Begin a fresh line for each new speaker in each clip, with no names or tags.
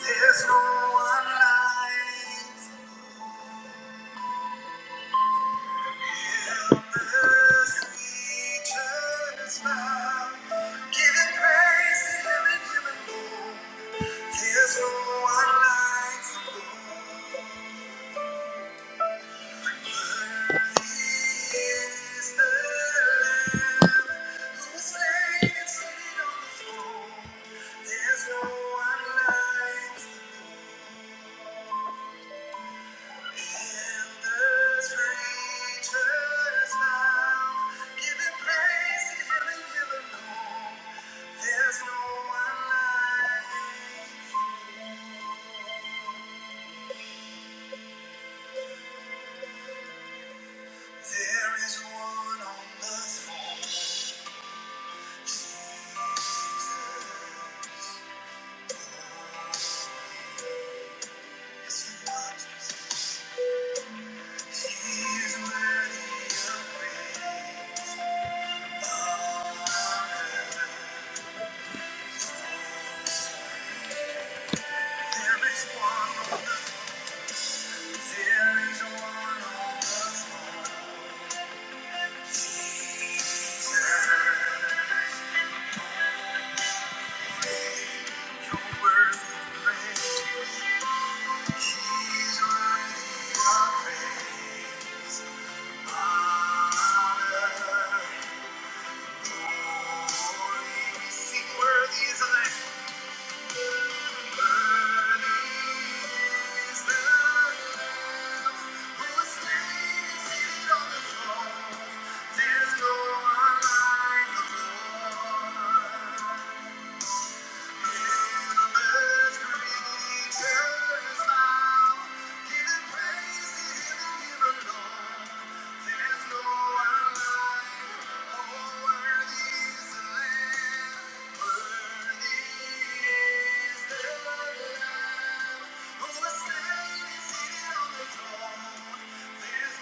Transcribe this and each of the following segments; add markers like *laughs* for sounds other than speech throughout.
There's no one like earth creatures bow, giving praise to Him and Him alone. There's no one like this. He is the Lamb who was slain and seated on the throne. There's no one like. There is one. There is no one on the throne, Jesus. You're He's worthy of praise. Honor, glory. We sing, Worthy is the Lamb. There's no one like the Lord. There's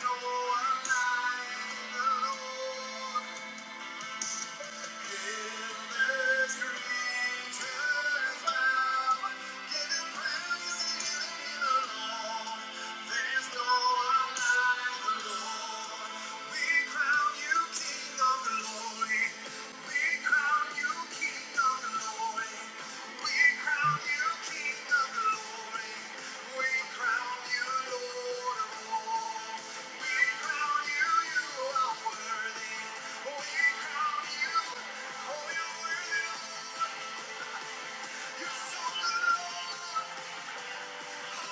no one like the Lord. In this creature's mouth, giving praise and giving him alone, there's no one like the Lord. We crown you King of Glory. We crown you. You're so alone. Thank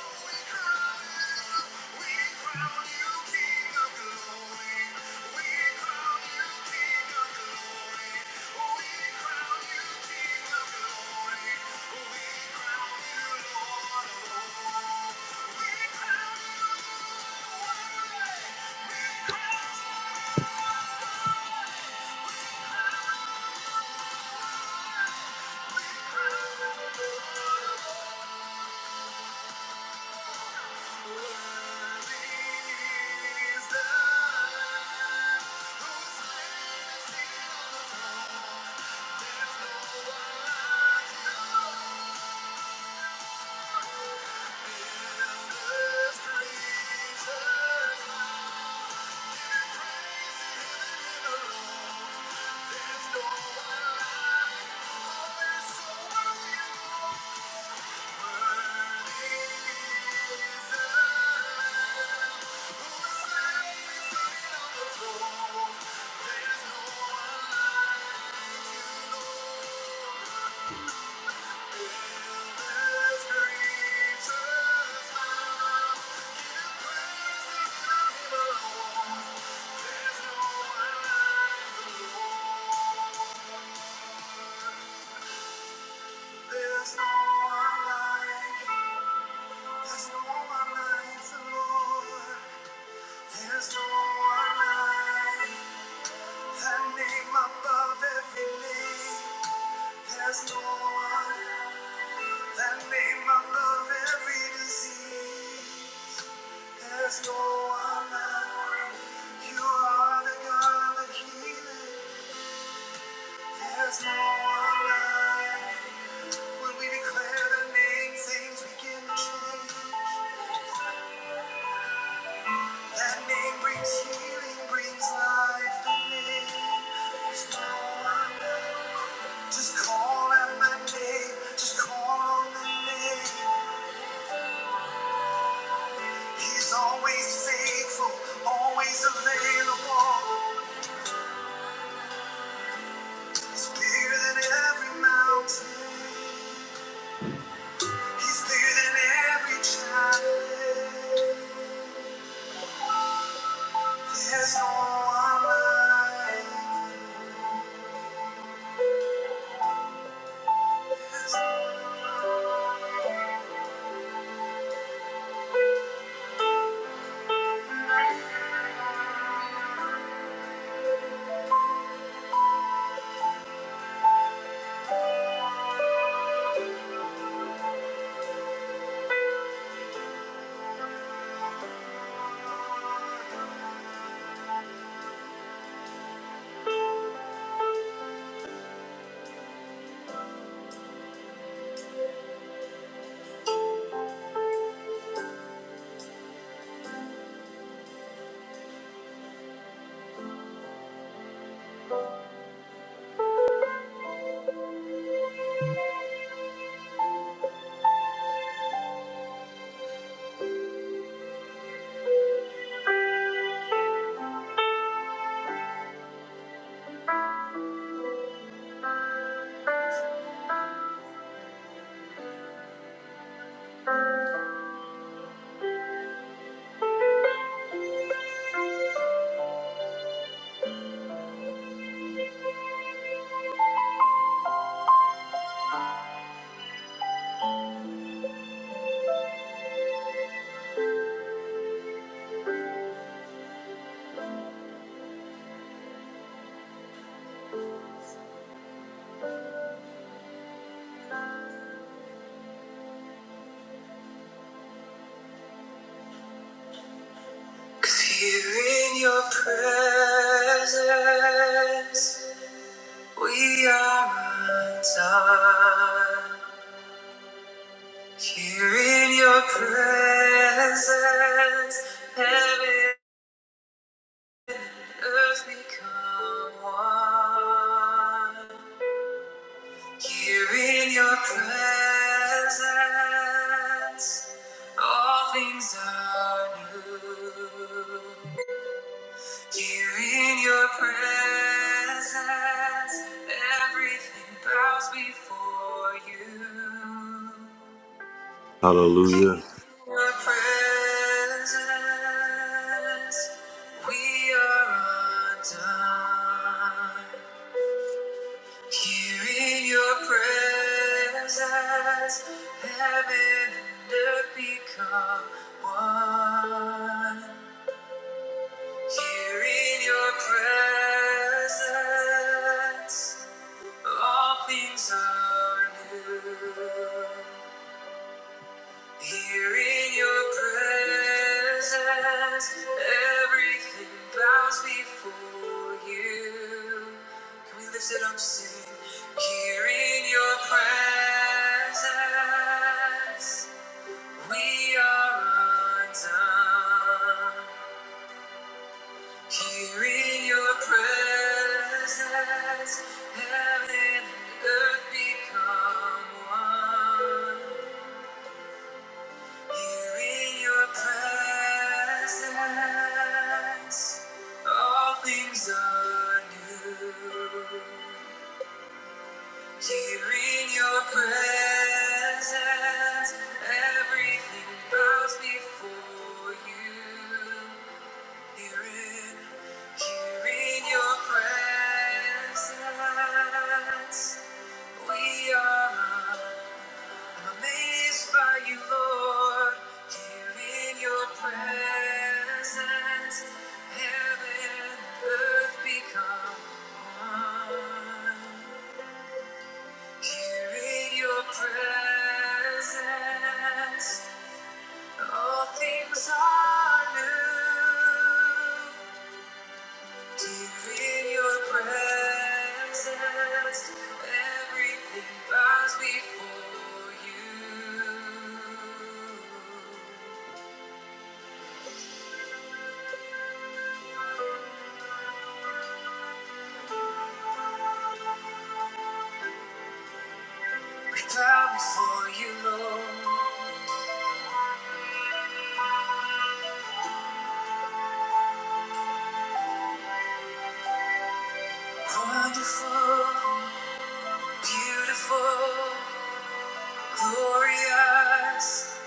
you. There's no one like you, Lord. There's no one like you. There's no one like the Lord. There's no one like the name above every name. There's no one, the name above every disease. There's no one like you. You are the God that healeth. There's no one like you. when we declare the name, things begin to change. That name brings healing, brings life. The name. There's no one like. Just call out my name. Just call on the name. He's always faithful, always available. It's bigger than every mountain. He's bigger than every challenge. There's no one like you. 'Cause here in your presence, we are undone. Here in your presence, heaven and earth become one. Here in your presence. All things are new. Here in your presence, everything bows before you.
Hallelujah.
Your presence, we are undone. Here in your presence, heaven and earth become one. Here in your presence, all things are new. Here in your presence, everything bows before you. Can we lift it up, sing? Here in your presence, we are undone. Here in your presence, heaven and earth become one. Here in your presence, all things are new. Here in your presence, everything bows before you. Here in here in your presence, we are amazed by you, Lord. Here in your presence, heaven and earth become one. Here in your presence, all things are new. Deep in your presence, everything bows before you. We bow before you, Lord. Wonderful, beautiful, glorious,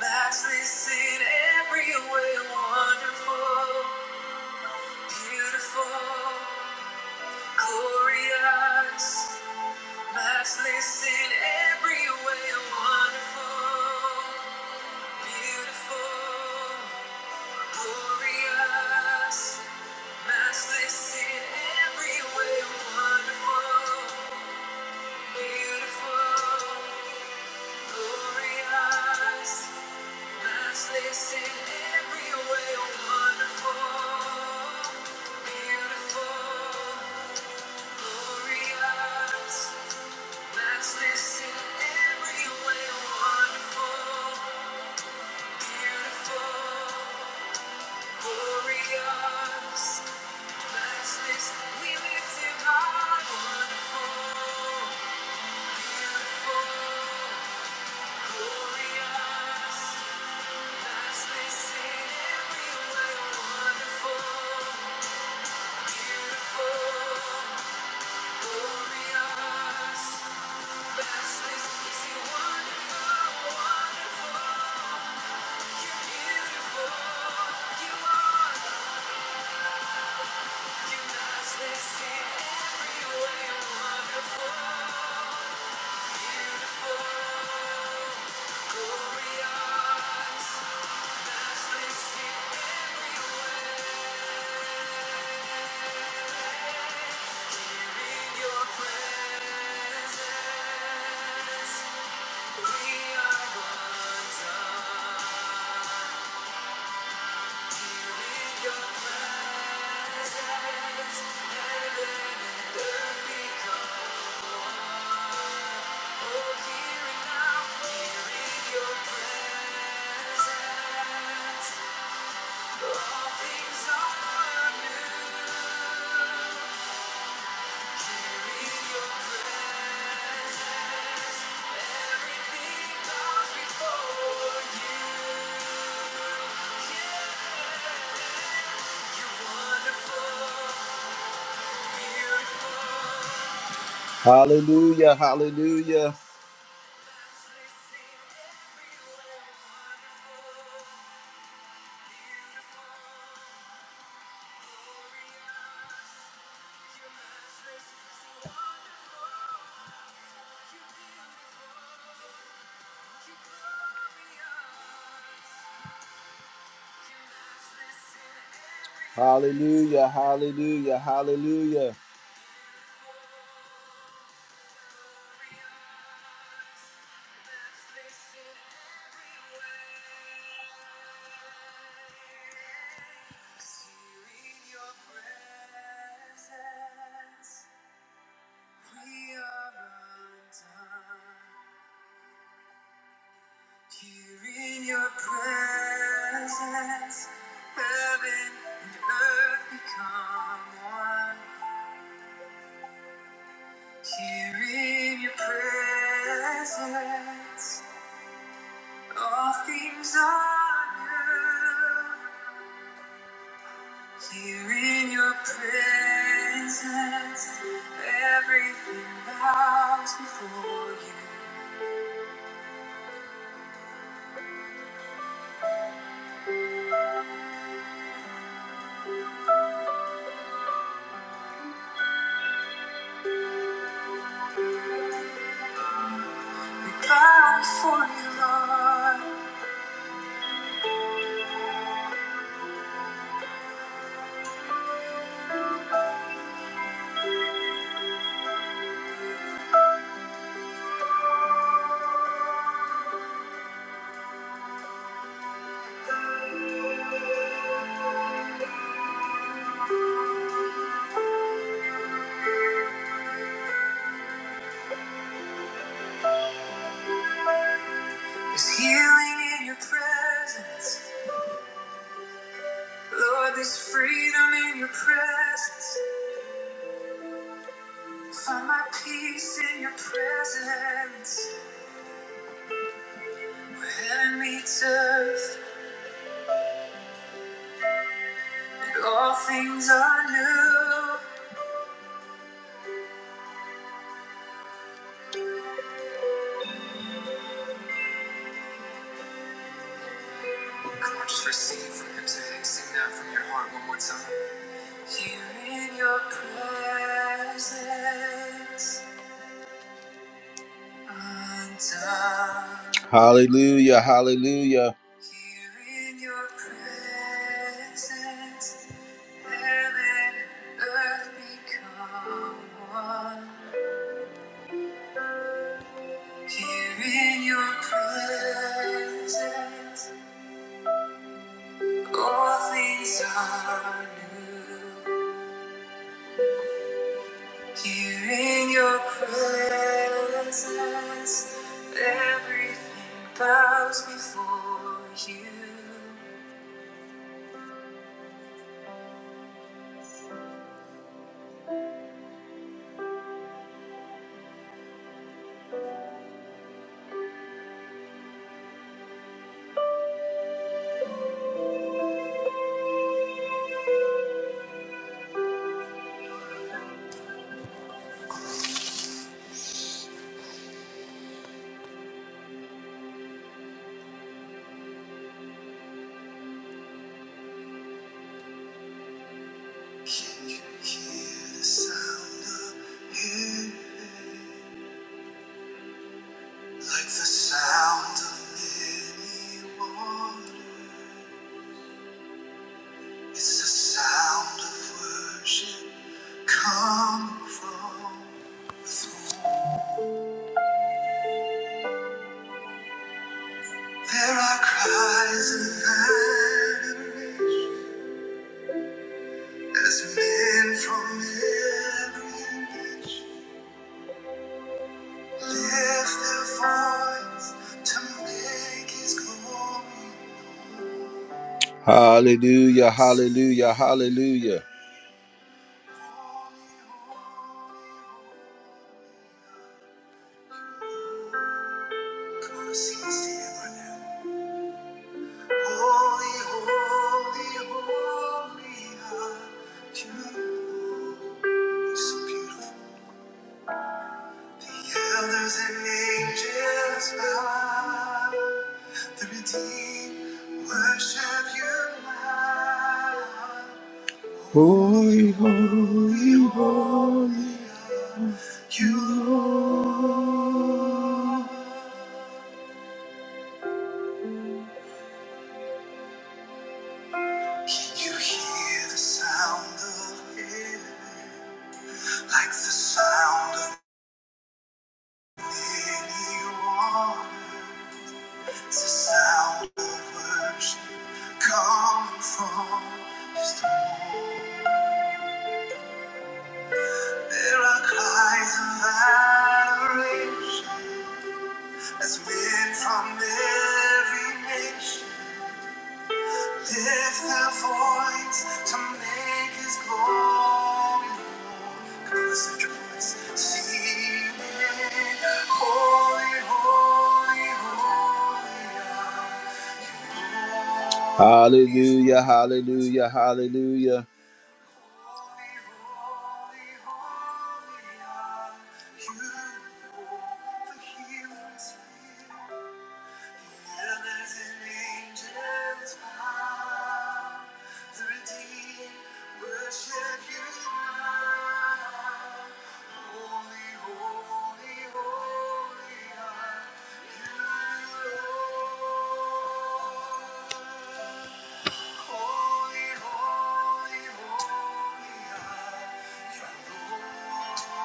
matchless in every way. Wonderful, beautiful, glorious. Matchless in every way, wonderful, beautiful, glorious. Matchless in every way, wonderful, beautiful, glorious. Matchless in every way, wonderful, beautiful, glorious. Matchless in every way, wonderful. Wonderful, wonderful, you're beautiful, you are. Hearing now, hearing your presence. Hallelujah, hallelujah. Hallelujah, hallelujah, hallelujah. We are undone. Here in your presence, heaven and earth become one. Here in your presence, all things are new. Here in your presence, everything bows before you. We bow before you, Lord. There's healing in your presence. Lord, there's freedom in your presence. Find my peace in your presence. Heaven meets earth, and all things are new. Come on, just receive from him today. Sing that from your heart one more time. Here in your presence, undone. Hallelujah, hallelujah. Here in your presence. Heaven earth become one. Here in your presence, all things are new. Here in your presence, everything bows before you. Can you hear the sound of heaven? Like the sound of many waters. It's the sound of worship come from the throne. There are cries of adoration as men from every nation lift their voice to make His glory. Hallelujah! Hallelujah! Hallelujah! Come on, sing this to right now. Holy, holy, holy are you. Lord. So beautiful. The elders and angels bow. The redeemed worship you now. Holy, holy, holy, you Lord. Can you hear the sound of heaven? Like the sound of many waters. It's the sound of worship coming from His throne. There are cries of adoration as men from every nation. Lift thy voice to make his glory known. Come on, let's lift your voice. Singing, holy, holy, holy. Hallelujah, hallelujah, hallelujah. Holy, holy, holy are you, Lord. The healer is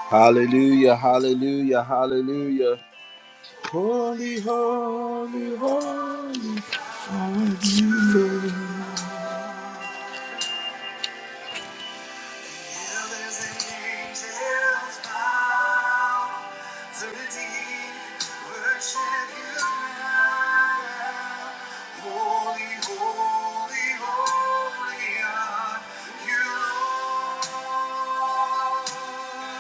Hallelujah, hallelujah, hallelujah. Holy, holy, holy. are you are. Angels and angels bow to redeem, worship you now. Holy, holy, holy are you, Lord.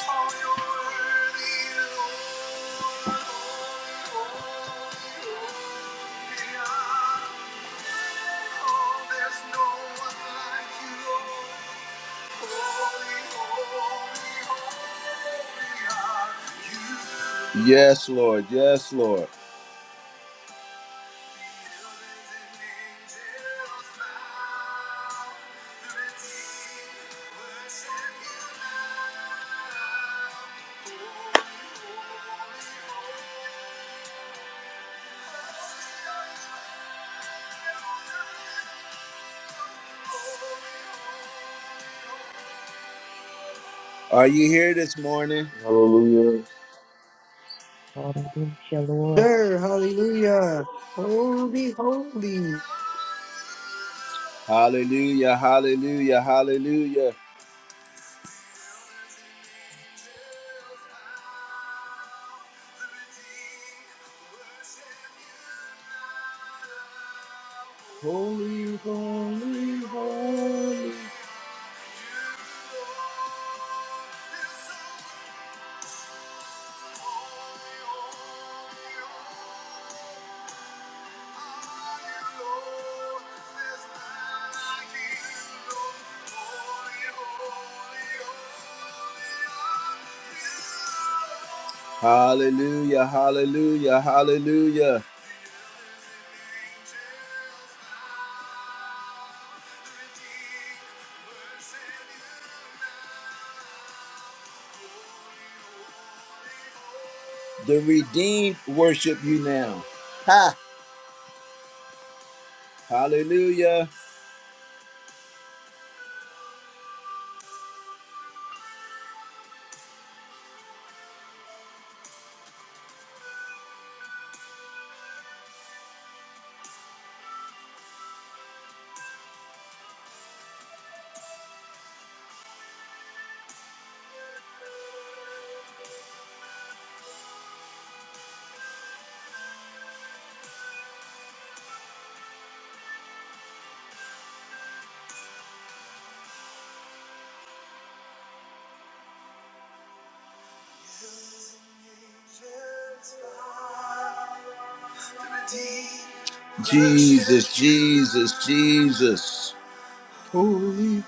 Oh, you worthy, you holy Oh, there's no one like you, Lord. Yes, Lord. Yes, Lord. Are you here this morning?
Hallelujah.
Hallelujah, Lord.
Sir, hallelujah. Holy, holy.
Hallelujah, hallelujah, hallelujah. Holy, holy, holy. Hallelujah, hallelujah, hallelujah. The redeemed worship you now. Hallelujah. Jesus, Jesus, Jesus. Holy.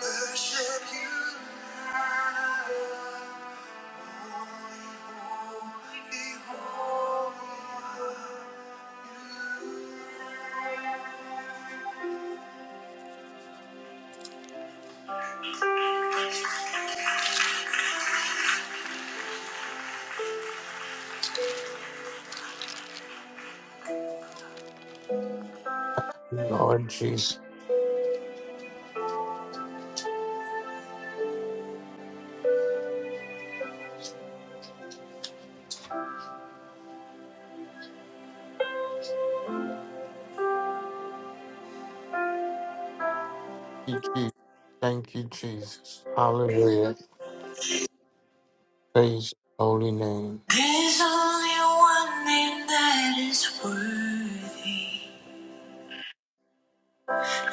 Worship you now.
Lord Jesus. Thank you, Jesus. Thank you, Jesus. Hallelujah. Praise your holy name.
There's only one name that is worthy.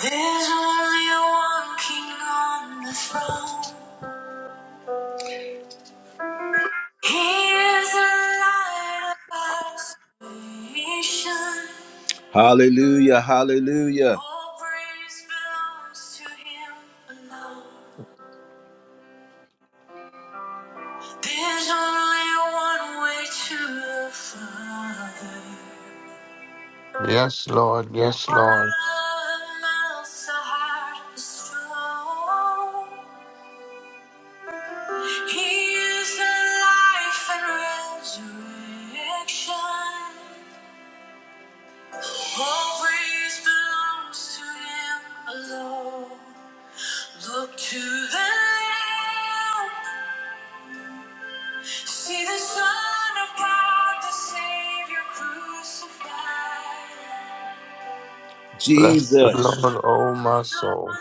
There's only one king on the throne. He is the light of our salvation. Hallelujah, hallelujah. All praise belongs to him alone. There's only one way to the Father.
Yes, Lord. Yes,
One
Lord.
love melts the heart of stone. He is the life and resurrection. All praise belongs to Him alone. Look to the Lamb. See the Son of God, the Savior crucified.
Bless the
Jesus.
Lord, O my soul.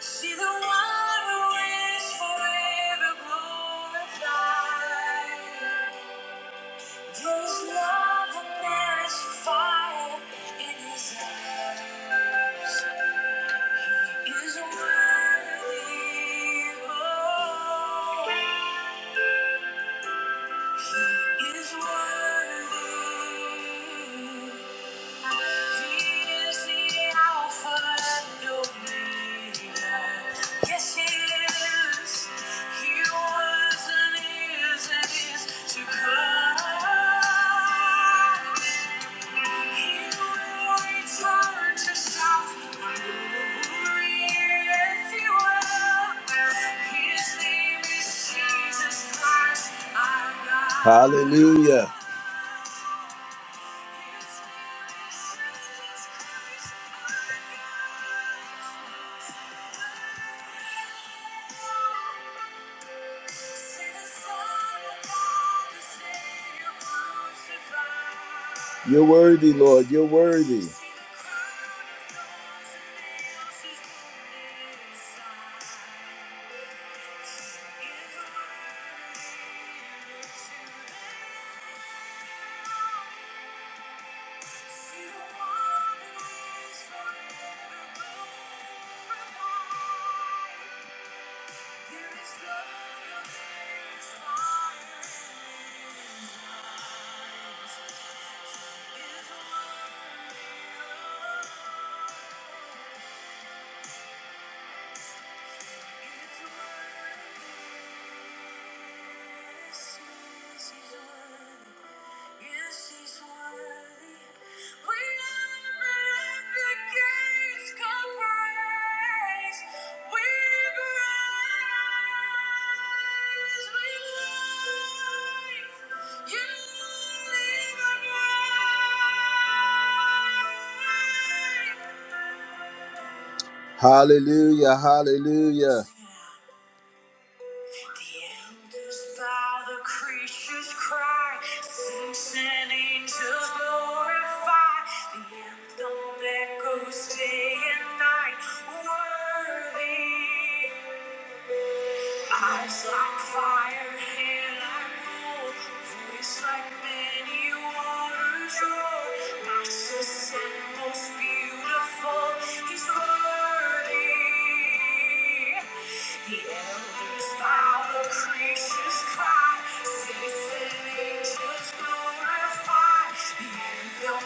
See the one who is forever glorified. There's love and there is fire in his eyes. He is worthy. Oh, he is worthy. He is the Alpha and Omega. Yes, he is. He was and is and is to come. Hallelujah. You're worthy, Lord. You're worthy. There is love, there is fire in me. Yes, yes, Yes, Hallelujah, hallelujah. The elders bow, the creatures cry, saints and angels glorify. The anthem echoes day and night. Worthy. Eyes like fire, hair like gold, voice like many waters roar. Nicest and most beautiful, he's worthy. The elders bow, the creatures cry, saints and angels glorify. The Thank you.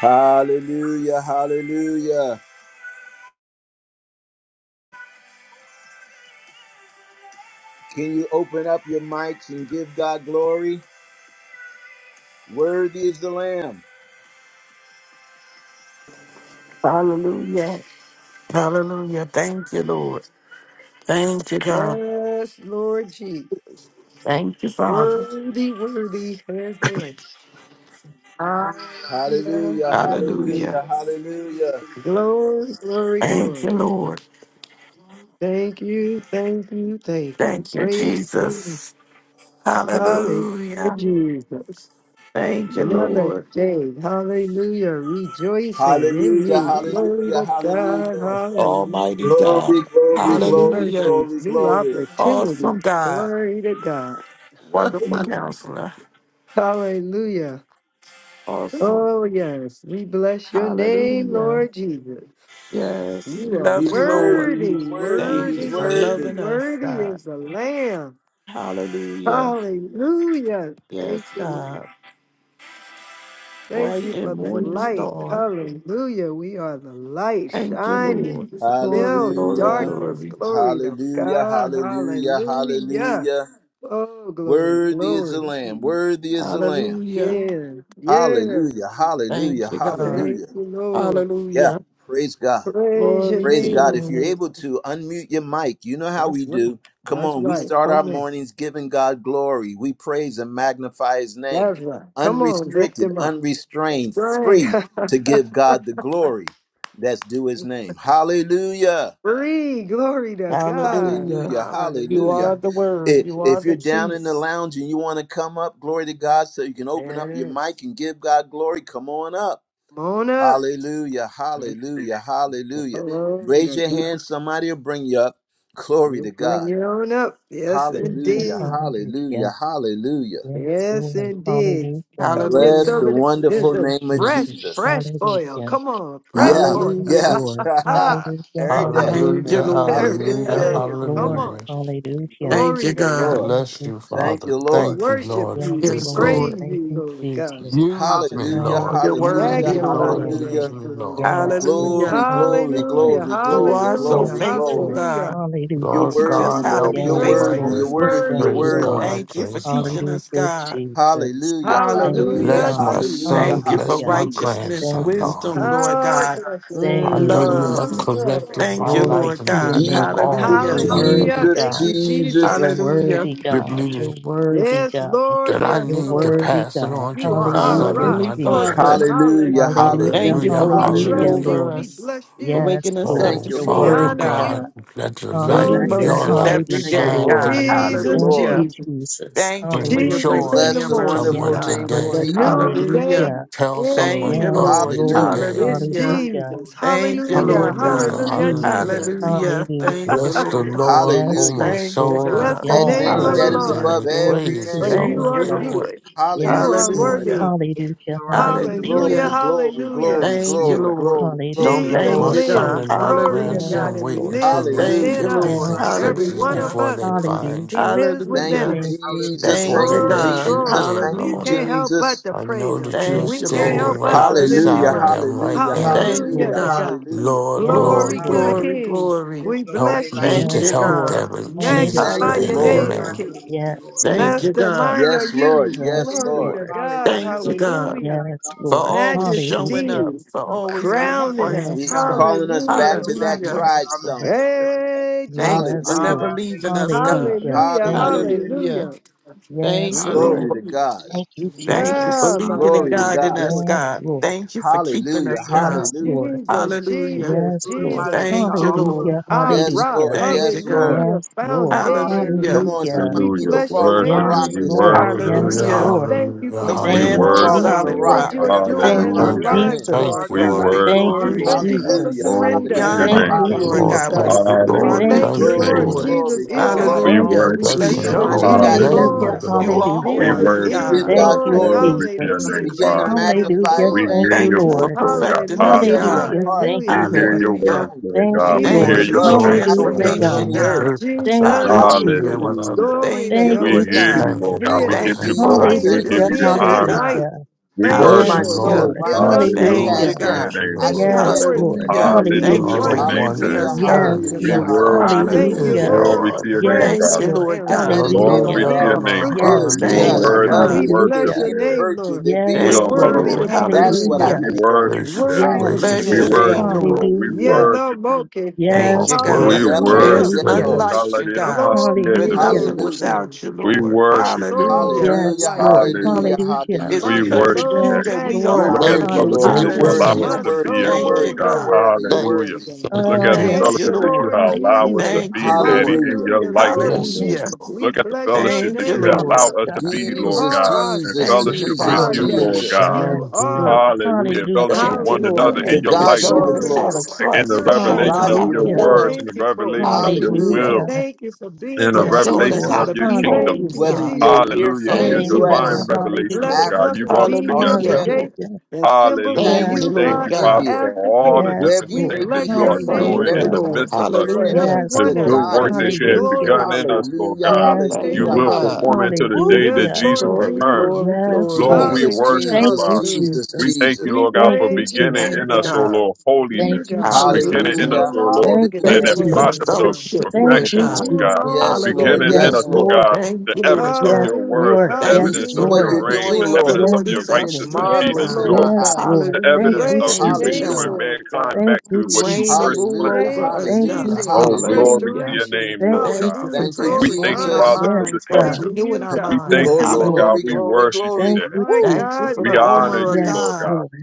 Hallelujah, hallelujah. Can you open up your mics and give God glory? Worthy is the Lamb.
Hallelujah. Hallelujah. Thank you, Lord. Thank you, God.
Yes, Lord Jesus.
Thank you, Father.
Worthy, worthy is the Lamb. Hallelujah,
Hallelujah,
hallelujah.
Hallelujah.
hallelujah, hallelujah.
Glory, glory,
Thank you,
glory.
Lord.
Thank you, thank you, thank you.
Thank you,
Praise Him.
Jesus.
Hallelujah,
Hallelujah.
Jesus.
Thank you,
Another
Lord.
day. Hallelujah. Rejoicing in
Hallelujah,
you. Glory
hallelujah,
to God.
hallelujah.
Hallelujah.
Almighty
Glory,
God.
glory,
New
glory,
Hallelujah.
mercy,
glory,
new
glory.
opportunity.
Awesome God.
Glory to God.
Wonderful
*laughs*
counselor.
Hallelujah.
Awesome.
Oh, yes. We bless your name,
Hallelujah.
Lord Jesus.
Yes.
You
We
are
love
He's
you, Lord.
worthy, he's
worthy,
worthy,
Thank
he's
you
worthy,
for
worthy,
worthy.
loving us,
worthy
God.
is the Lamb.
Hallelujah.
Hallelujah. Thank
Yes,
you.
God.
Lord. Thank
bright
you
and
for the
morning
light.
star.
Hallelujah. We are the light
Thank you,
shining.
Lord. Glory,
Still
glory,
Hallelujah,
darkness.
glory.
Glory to
hallelujah,
God.
hallelujah,
Hallelujah.
hallelujah.
Oh, glory,
Worthy is the
glory.
Lamb, worthy is the Lamb.
Hallelujah.
Yeah, yeah.
Hallelujah. Hallelujah.
Thank you, God.
Thank
Hallelujah.
you, Lord.
Yeah.
Hallelujah.
Praise God.
Praise your
Glory to
Praise
your
God.
name,
If you're
name.
Lord.
able to unmute your mic, you know how
That's
we
right.
do. Come
That's
on. We
right.
start our
Come on.
mornings giving God glory. We praise and magnify his name.
That's right. Come on, lift
Unrestricted,
them up. That's
unrestrained,
right.
free to
*laughs*
give God the glory that's due his name. Hallelujah.
Free. Glory to God.
Hallelujah.
Hallelujah.
You
Hallelujah.
are
Hallelujah.
the
I-
word. You are
If you're
the
down in the
truth.
lounge and you want to come up, glory to God, so you can open up your
Yes.
mic and give God glory, come on up.
Come on up.
Hallelujah, hallelujah, hallelujah.
Glory
Raise
to
your
God.
hand, somebody will bring you up. Glory to
Bring
God.
it on up. Yes,
Hallelujah,
Hallelujah,
indeed.
hallelujah,
hallelujah.
hallelujah.
Yes,
Yes,
Lord.
indeed.
Hallelujah.
Come get
Bless
some
Hallelujah.
the
of this.
Thank
This
wonderful
is
you,
name of
fresh,
Jesus.
Jesus.
fresh oil.
Hallelujah.
Come on, fresh
Yeah,
Yes,
oil. *laughs*
yeah.
Hallelujah.
Lord.
*laughs*
Ah,
Hallelujah,
Every day.
Thank you,
Hallelujah.
hallelujah.
Lord.
there it
Hallelujah.
Yes,
Hallelujah.
is. Come
Lord.
on.
Hallelujah.
Hallelujah.
Thank
Thank
you,
Glory
you,
to
God.
God.
Lord.
Thank
Bless
you,
you,
Thank
Father.
you,
Jesus.
We
Lord.
Thank you,
worship
Lord, for
you.
Yes,
We
this
Yes,
day.
Lord.
praise
Lord.
Thank
you,
you,
Lord God.
Jesus.
Use me,
Hallelujah,
Lord.
You're
Hallelujah,
Use
hallelujah,
me,
worthy,
Magnify
Lord.
Lord.
your
hallelujah.
Use
hallelujah.
name,
me,
glory to
Lord.
Yes,
God.
Lord.
Glory,
Hallelujah.
glory,
Hallelujah.
Hallelujah,
glory,
You
glory,
are so
hallelujah,
glory,
Yes,
faithful,
glory.
Lord.
hallelujah.
God.
You're
You
Hallelujah.
Lord
teach
worthy,
us
God,
how to
Lord.
help
be
You're
me in
Yes,
my
worthy,
faithful.
Lord.
you're
Worthy,
We
business.
worthy, you're
thank
worthy,
you,
Praise
Lord.
worthy.
God.
Lord.
Thank you for
Praise God.
teaching us,
Hallelujah,
God.
Jesus.
Hallelujah,
Thank you,
hallelujah,
Hallelujah,
Hallelujah.
Bless my
Father.
Jesus.
hallelujah,
son,
Thank you for
bless
Hallelujah.
my
hallelujah.
righteousness,
Thank
grandson,
you,
Lord.
wisdom, Lord
How
Jesus.
God,
bless your
Thank
name.
I
you,
know you
Mm.
love.
have
Glory,
Jesus.
corrected
glory.
Thank
my
you,
Glory
life
Lord
to
and
your
God.
given me
name,
all
God.
Jesus,
the
Hallelujah.
You're
love that
worthy,
I
Hallelujah.
Jesus,
need.
Thank
God.
you,
Jesus,
You're
Jesus.
Hallelujah.
worthy,
Jesus.
Give
God.
me
You're
the-
worthy,
Yes,
God.
Lord.
that I
Yes,
You're
need to
Lord.
worthy,
pass it
God.
on to
You
my
are our
Our
son
Hallelujah,
and
rock,
Heavenly
my
fortress.
Father,
Jesus.
grandson.
Hallelujah,
Hallelujah.
Hallelujah,
thank you
hallelujah,
Hallelujah,
for
You- We
watching
hallelujah,
trust
hallelujah.
you.
hallelujah.
over
Lord.
We
us,
bless
for
you.
Yes,
waking us up
Lord.
Thank
Oh,
you,
You're
this
We
Lord.
Father
morning,
honor
worthy,
God,
God.
God,
you.
let your
for
light,
new
Thank
Glory to
you,
Hallelujah,
your
God.
mercies
Lord.
light
every
Thank
hallelujah,
you,
day,
shine
Lord.
Lord.
God.
through
Thank you,
me.
Jesus,
Thank
Lord.
you,
Hallelujah.
Jesus.
Jesus.
Thank you for
Bring
your
Hallelujah.
Jesus
Hallelujah.
grace
joy
in
and
the
Bless
your
Thank
to
the
you.
mercy,
morning,
wonderful
someone
Yes,
God.
name of
the
today.
Lord.
Jesus.
Thank you,
Hallelujah.
noonday,
Hallelujah.
Jesus.
Tell
and the
Glory
Thank
someone
you,
to
evening.
Yes,
of
you.
you
Lord.
Lord.
Hallelujah,
today.
It's
You
Hallelujah.
worthy,
Hallelujah.
Jesus.
Lord.
Thank you,
You
Hallelujah.
Lord
worthy,
Jesus,
God.
Hallelujah,
Lord.
Hallelujah,
Jesus.
hallelujah.
You
Jesus.
Hallelujah.
worthy, Lord.
Thank
Hallelujah.
My
you,
Bless the
soul
Lord.
loves
Lord,
you.
Yes,
O
hallelujah.
my
Thank you,
soul,
Lord.
and
Bless
My
God.
the
Yes,
That
soul
all
name
loves
name
You.
of
that's
the
that
Lord.
is
within
Hallelujah.
Lord.
above
me.
Glory
every
Praise
to
his
your
For
name.
Thank
holy
you
My
name,
you,
are
soul
God.
Lord.
name.
loves
good.
you.
You
Jesus.
Yes,
are
Hallelujah.
Lord.
Hallelujah.
worthy.
From
Hallelujah.
The rising of the
Hallelujah.
sun,
Hallelujah,
Glory,
Hallelujah.
to the
glory,
going down of
hallelujah.
glory,
the
Yes,
Thank you,
same.
glory,
Lord.
Lord.
glory,
Don't
glory,
Your
Hallelujah,
let
Jesus
name
Thank
my
Lord.
you,
is
glory.
to
son
be
God.
and
lives.
my
praised.
Glory to
Yes,
Hallelujah.
God.
grandson
And
wait
he
Lord.
until
lives
With a
their
Thank
voice
within
you,
Hallelujah.
of
us.
50s
Lord.
and
Yes,
triumph,
Lord
Every
60s
one
God.
Hallelujah.
of
before
us,
I
they
will lift
find
he
you,
up
Hallelujah.
Lord,
lives
Thank
within
you,
Hallelujah.
a
Thank
us.
you,
Jesus.
hallelujah.
before
Thank
Thank
Jesus.
you,
they
you,
Glory,
Glory.
let
God.
you
glory.
Thank
Jesus.
in,
you,
Thank
We
you,
Lord.
can't
Hallelujah.
Thank
Jesus.
help
you.
but
Jesus.
to
I know
praise him.
that you are
Thank
We
you,
Yes,
can't
Thank
Lord.
standing
help
Lord.
you,
but
right
Lord.
to lift
Hallelujah.
him
beside
Hallelujah.
up.
them right
Hallelujah.
now.
Yes,
Thank you,
Hallelujah
Hallelujah.
to
Lord.
Hallelujah.
God.
God.
Hallelujah.
Lord,
Yes,
Glory,
Glory
Lord,
to
Lord.
the
Lord,
glory,
Hallelujah.
King.
glory.
There's
We
nobody
help
bless
like
you,
me
you,
Thank
to
you,
Yes,
Lord.
King.
help
God.
Lord.
them in Jesus'
Thank
Magnify
you,
Hallelujah.
your
name.
Lord.
Hallelujah.
name,
Nobody
Amen.
like
King.
you,
Yes,
Lord.
Thank
Lord.
you, God.
Nobody
Mastermind are
like
Yes,
you.
you.
Lord. Yes,
Yes,
Glory
Lord.
to
Lord.
God.
Hallelujah.
Thank you,
There's
God,
nobody
Hallelujah.
like
Yes,
our
for
Lord.
Lord.
always showing
Hallelujah.
Majesty
up, for
Nobody
always being
like our
crowning
present,
us.
Yes,
King.
He's
God.
God.
calling us
There's
back
Hallelujah.
to that
nobody
Hallelujah.
like
tried
Yes,
our
Lord.
stone.
Master.
Hey,
Thank you
Jesus.
for
Yes,
Hallelujah.
never
Lord.
leaving
Hallelujah.
us, God.
Hallelujah.
Hallelujah.
Thank you.
Hallelujah.
Hallelujah.
Hallelujah.
Hallelujah.
Thank
Yes,
you,
Lord.
Glory
Lord.
to
Ooh.
God.
Hallelujah.
Thank you,
Thank you for
Jesus.
No, my
leading and
Glory to
Hallelujah.
goodness.
guiding
God.
I
us,
Glory.
thank
Yes,
you.
God.
Lord.
Thank you for keeping
Hallelujah.
us,
Thank you,
God.
Yes,
Lord.
Hallelujah.
Lord.
Jesus,
With
Hallelujah.
the
Jesus,
Yes,
fruit of my
Lord.
Jesus.
lips, I
Thank you,
offer up
Lord.
Hallelujah.
a
Our
Yes,
sacrifice
rock.
of
Hallelujah.
Lord.
Thank
praise.
you,
Yes, Lord.
God.
Hallelujah.
Yes, Lord.
Foundation of
Come
Hallelujah.
you,
Hallelujah.
on,
God.
somebody
Hallelujah.
We
need
Hallelujah.
to
bless your
fall on the
Worship
name,
rock
you.
Yes,
We
Lord
this
Hallelujah.
Lord.
God.
morning.
worship you,
Yes,
Hallelujah,
Lord.
Hallelujah.
We
Lord.
thank you
hallelujah,
for
We
who
Somebody
We
Thank
need
you
stand
to
you,
on the
hallelujah.
fall
are,
worship
on the
you,
solid
Jesus.
rock,
Lord.
what
rock.
Hallelujah.
you're
Lord.
whatever
doing
Thank
You
time
in
you,
are
our
zone
Hallelujah.
Thank
you're
Hallelujah.
you,
God.
in.
lives,
You
Jesus.
thank
are
Lord
you,
We
God.
God.
Glory,
thank
You
you,
worship
Thank
are
We
you,
you,
glory.
God.
Lord
thank you for
God.
the
Hallelujah,
Jesus.
Glory
We
to
surrender,
your
honor
hallelujah,
You
Thank
thank
are
name.
you,
you,
you,
God
Lord
hallelujah.
Lord
Lord,
God,
alone.
with the
thank
Jesus.
God.
you,
fruit of
We
our
Lord,
Hallelujah to
Thank
thank
you,
your
you,
thank
lips,
you,
Glory,
name,
Lord.
Lord.
Lord.
Lord.
Jesus.
Jesus
glory,
You are
is
God
glory.
We
Thank
Lord.
Hallelujah.
alone.
you,
worship
We
you,
bless
Blessings
your
Jesus.
Lord.
Jesus
is
Somebody's
holy
the
is
Hallelujah.
got
name.
name
Hallelujah,
Lord.
of
Hallelujah.
the
heaviness on
You
them.
Lord.
are
Come
We
on,
hallelujah.
holy,
Jesus
begin to
worship
Hallelujah.
is
you,
give
God.
Thank
Lord.
God
you,
Lord.
Glory
glory.
to
You
your
are
Jesus.
the
Hallelujah.
name,
great
Begin to
Father.
Jesus
I
is
am
magnify
Hallelujah,
We
his
Lord.
thank
name.
hear
you,
Thank
your
you for
voice,
Lord.
Lord God.
perfecting us,
Hallelujah.
Set your
God.
Hallelujah.
Hallelujah,
heart,
thank
We
Hallelujah.
you,
set
hear
Lord.
your
your words,
Hallelujah.
mind
Lord
Thank
on
God.
you,
We
things
hear
Thank
Thank
Lord.
Jesus,
you
your
you,
for
you
above and
are
Lord.
spirit,
not on
Lord
I
Hallelujah,
King.
God.
things on
transformation,
God.
the
didn't
earth.
God.
hurt
Thank
myself
you,
Jesus,
yesterday
Hallelujah.
Hallelujah.
Jesus.
without
Hallelujah.
that.
glory
Thank
to
you,
Thank
We
God.
you,
Lord
Thank
hear
you
God.
you,
for
Thank
Lord
you,
Jesus.
God.
Thank
being
We
Lord,
you,
us.
give
Thank
you the
you
thank
for
you,
glory.
our
Jesus.
Lord,
Thank
We
you
Thank
for
give
Hallelujah,
you
thank
you,
the
you.
being
citizenship,
that
honor.
Jesus.
God.
light.
hallelujah.
We
Thank
Oh,
you,
Bless
my
worship
you,
Yes,
you,
Lord God,
Hallelujah.
soul,
for
Lord,
Lord.
Lord.
why am
giving
I
bless
us
you,
that
Thank
Lord,
Hallelujah
light.
you,
cast
Hallelujah.
to
down?
your
God.
bless you,
name,
I
Thank
Lord.
Lord.
shall
you,
yet
Yes,
Lord,
hope in
Lord.
for
God.
Hallelujah.
You
being
Thank
Hallelujah
are
you
Hallelujah.
to
the
for
one
star.
your
with
name,
one
using
Hallelujah,
and
Daddy.
us,
you,
God.
glory
Yes,
only
to
We
hallelujah,
true
Lord.
God.
God.
worship
There
you,
hallelujah.
Thank
Lord.
you,
is
Hallelujah.
Glory,
Hallelujah.
no
glory,
Lord,
Glory
for
to
other.
your name,
prayers
Thank
Yes,
you,
being
Father.
Lord.
Lord
I
God.
answered,
meditate
for
Glory
on
Hallelujah.
to
being
that
your
a
which
name,
is
Hallelujah,
fruit
Father.
good,
Yes,
You are
hallelujah,
Thank
producer.
just,
you,
Lord.
worthy of the
We
God.
lovely.
hallelujah.
If there
worship,
bless
be
Hallelujah.
your
any
Lord.
name,
virtue, if
Lord.
there be
We
You're
any
Yes,
are
Thank you,
Lord.
worthy
praise,
Lord.
to
vulnerable
be
to
that's
see.
what
praised,
I
Hallelujah.
Hallelujah.
Oh,
We
think on.
worship you,
gracious,
Daddy.
worthy to
Yes,
be
gracious
Bless
We
your
Hallelujah.
is
Lord.
the
lifted
worship
up.
name,
you,
Lord.
Lord.
Lord. We
Mm.
Hallelujah.
worship you.
Yanamoke.
You
Thank
are
Yes,
you,
We
worthy
Lord.
God.
Yeah,
to
Lord.
be
Hallelujah.
There's
worship
Yeah,
you,
none
Lord.
Hallelujah.
Lord.
We
like
praised.
you, God. We're
Glory,
Hallelujah.
nothing
glory,
Hallelujah.
glory.
without you, Lord.
My
worship you, Lord
soul
Hallelujah.
God.
Yes,
Hallelujah,
delights in
Lord.
you,
hallelujah,
Hallelujah.
Lord.
Hallelujah.
It's
We
My
hallelujah.
because
Mm.
worship
of
you,
you
soul
Daddy.
Yes,
that we
You're
Lord.
Look
magnifies
are.
at the
you,
Thank
worthy,
you,
Lord.
Lord.
fellowship
You're
that
thank you,
you
Hallelujah.
thank
worthy.
allow
you,
us
You're
My
Hallelujah.
to
worthy.
be
You're
in,
Thank
Lord
you,
soul
worthy.
God.
You're
God.
yearns to
worthy.
be
You're
thank
with
Hallelujah.
you,
you,
worthy.
God.
thank
Look
you,
Oh,
at the
thank
yes,
Thank
Thank
you,
God.
you,
fellowship that you
Lord.
Lord
have allowed us to
Jesus.
Hallelujah.
Thank
be,
you,
Daddy,
Lord.
in
Hallelujah.
your
Hallelujah,
light,
you.
Lord
oh
Bless,
Lord.
Hallelujah.
Yes,
Jesus.
you.
Lord.
We
Look at the
bless your
fellowship
Thank
that
you,
you
name,
have
bless,
Lord.
Yes,
Papa.
allowed us to
God.
be,
You
Lord
Jesus,
God,
are our,
in
Jesus,
Thank
let
you,
fellowship with
Jesus,
our
your
you,
Father.
light
daddy.
Lord
Jesus.
God.
You
shine
Yes,
through
are
Lord.
me.
Hallelujah. In fellowship with
Hallelujah.
Thank you,
one
Lord,
another in
To
Hallelujah.
Thank
your
for
you,
God
life,
be
oh
the
showing us
Lord.
Glory
how
glory.
to
to
Jesus.
God.
In
You
the
trust, for
To
are
showing
revelation
us
God
of
how
Abba.
be
to
your
the
Hallelujah.
words,
love.
glory.
in
Thank
the
you for it,
revelation of
God.
your
Hallelujah.
Hallelujah.
will,
Hallelujah.
Thank you for
in
being
the
for
there
Yes,
for
showing
us,
us
revelation
how
Lord.
of
to
God.
your
be
kingdom.
holy,
Thank you,
Whether
Hallelujah.
God.
you're
Jesus.
here
Hallelujah.
from
In
the
your
Thank
Thank
you,
you,
Hallelujah.
divine
God.
Lord,
US,
God, for
revelation, Lord
Hallelujah.
blessing
God,
us
you
Africa,
to
brought us
be here
together,
Hallelujah.
Lord.
today
Australia,
Hallelujah.
and assembled
Hallelujah.
with
Thank
Yes,
We
you,
you,
thank
Pakistan,
Lord
you,
God,
Lord.
God.
Father,
India,
for
as the
all the
King.
Yes,
wherever
different
you
We
may
Lord.
things that
be
bless
you
here
are
your
from,
name,
doing
Thank you,
in
whatever
Hallelujah.
Lord
the
God,
time
Lord.
midst
zone
of us,
you're
for
in,
Hallelujah.
Yes,
the
everyone
to
good
that's
Lord.
God
work
be
that
the
present.
you have
glory.
Glory
Hallelujah.
begun
to
in us,
God.
Lord
Hallelujah,
God.
We
Yes,
You
thank
Thank
hallelujah,
you,
you,
Lord.
will
Lord.
God.
perform it
hallelujah.
until the day
Woo!
that
Yes,
Hallelujah.
Jesus
Lord
Mm.
Glory,
returns.
Jesus.
glory,
Yes,
glory.
Lord,
Lord.
we
Jesus,
Hallelujah,
worship you,
Thank
Jesus,
you,
Father.
hallelujah.
Jesus,
We
Jesus.
thank you,
Jesus.
We
Lord God,
Thank
for
you,
praise your
beginning
Jesus.
name,
Thank
in
you,
us, O
Daddy.
God.
Lord,
Thank
You,
holiness,
you,
God,
Jesus.
beginning
and
in
you
Hallelujah.
us,
Hallelujah,
O Lord,
alone
Thank
get
you,
the
that,
Thank
that
Thank
hallelujah.
you for
you,
the
glory,
Jesus.
process of
thank
yeah.
you,
fellowship,
Thank
thank
Lord
you,
perfection,
God.
Lord
You
God,
Jesus.
Yes,
alone,
Lord.
beginning
glory to
Yes,
in
Hallelujah.
Yes,
us,
God.
Lord
Lord.
Lord.
God,
Thank
the
you,
evidence
Lord
of
Yes,
God.
your word,
Hallelujah,
the
Lord.
We
Thank
Yes,
you
evidence
see
of
hallelujah,
for
what
your
Lord.
you're
the
reign,
doing,
the
joy
hallelujah.
of the
Lord,
evidence of
Yes,
Lord
your
is
and
our
it's
Lord.
righteousness,
strength,
peace,
Yes,
and
marvelous
God.
in
joy
our
Lord
Yes,
God.
eyes.
Lord.
the
Thank
evidence
Hallelujah.
you,
of
Praise your
you
Thank you,
name,
Jesus.
God.
restoring
Hallelujah.
Lord
mankind
God.
Thank
back
you,
to what you
Reign and
first
Jesus.
rule
Hallelujah.
planned.
over
Thank you,
us,
Thank you,
Hallelujah.
God.
Jesus.
Oh,
The
Jesus.
Hallelujah.
glory to
Hallelujah.
your
Restoration,
name,
Thank
Lord
you,
Thank
God.
you for
hallelujah,
Thank you,
We
Jesus.
glory,
thank
transforming
you,
our
honor.
Jesus.
Father, for
Yes,
this
minds, God,
God.
fellowship.
Praising
renewing
you,
our
God,
We
for
minds.
thank you,
it.
Yes,
Glory,
Lord
Lord.
God.
glory,
We
Hallelujah.
glory,
worship you,
Thank
glory.
Daddy.
you,
My
Woo!
Thank you
Jesus.
God,
for
We
the
my
honor
God.
armor
Mm.
of
you,
Yes,
Lord
God.
God.
Lord.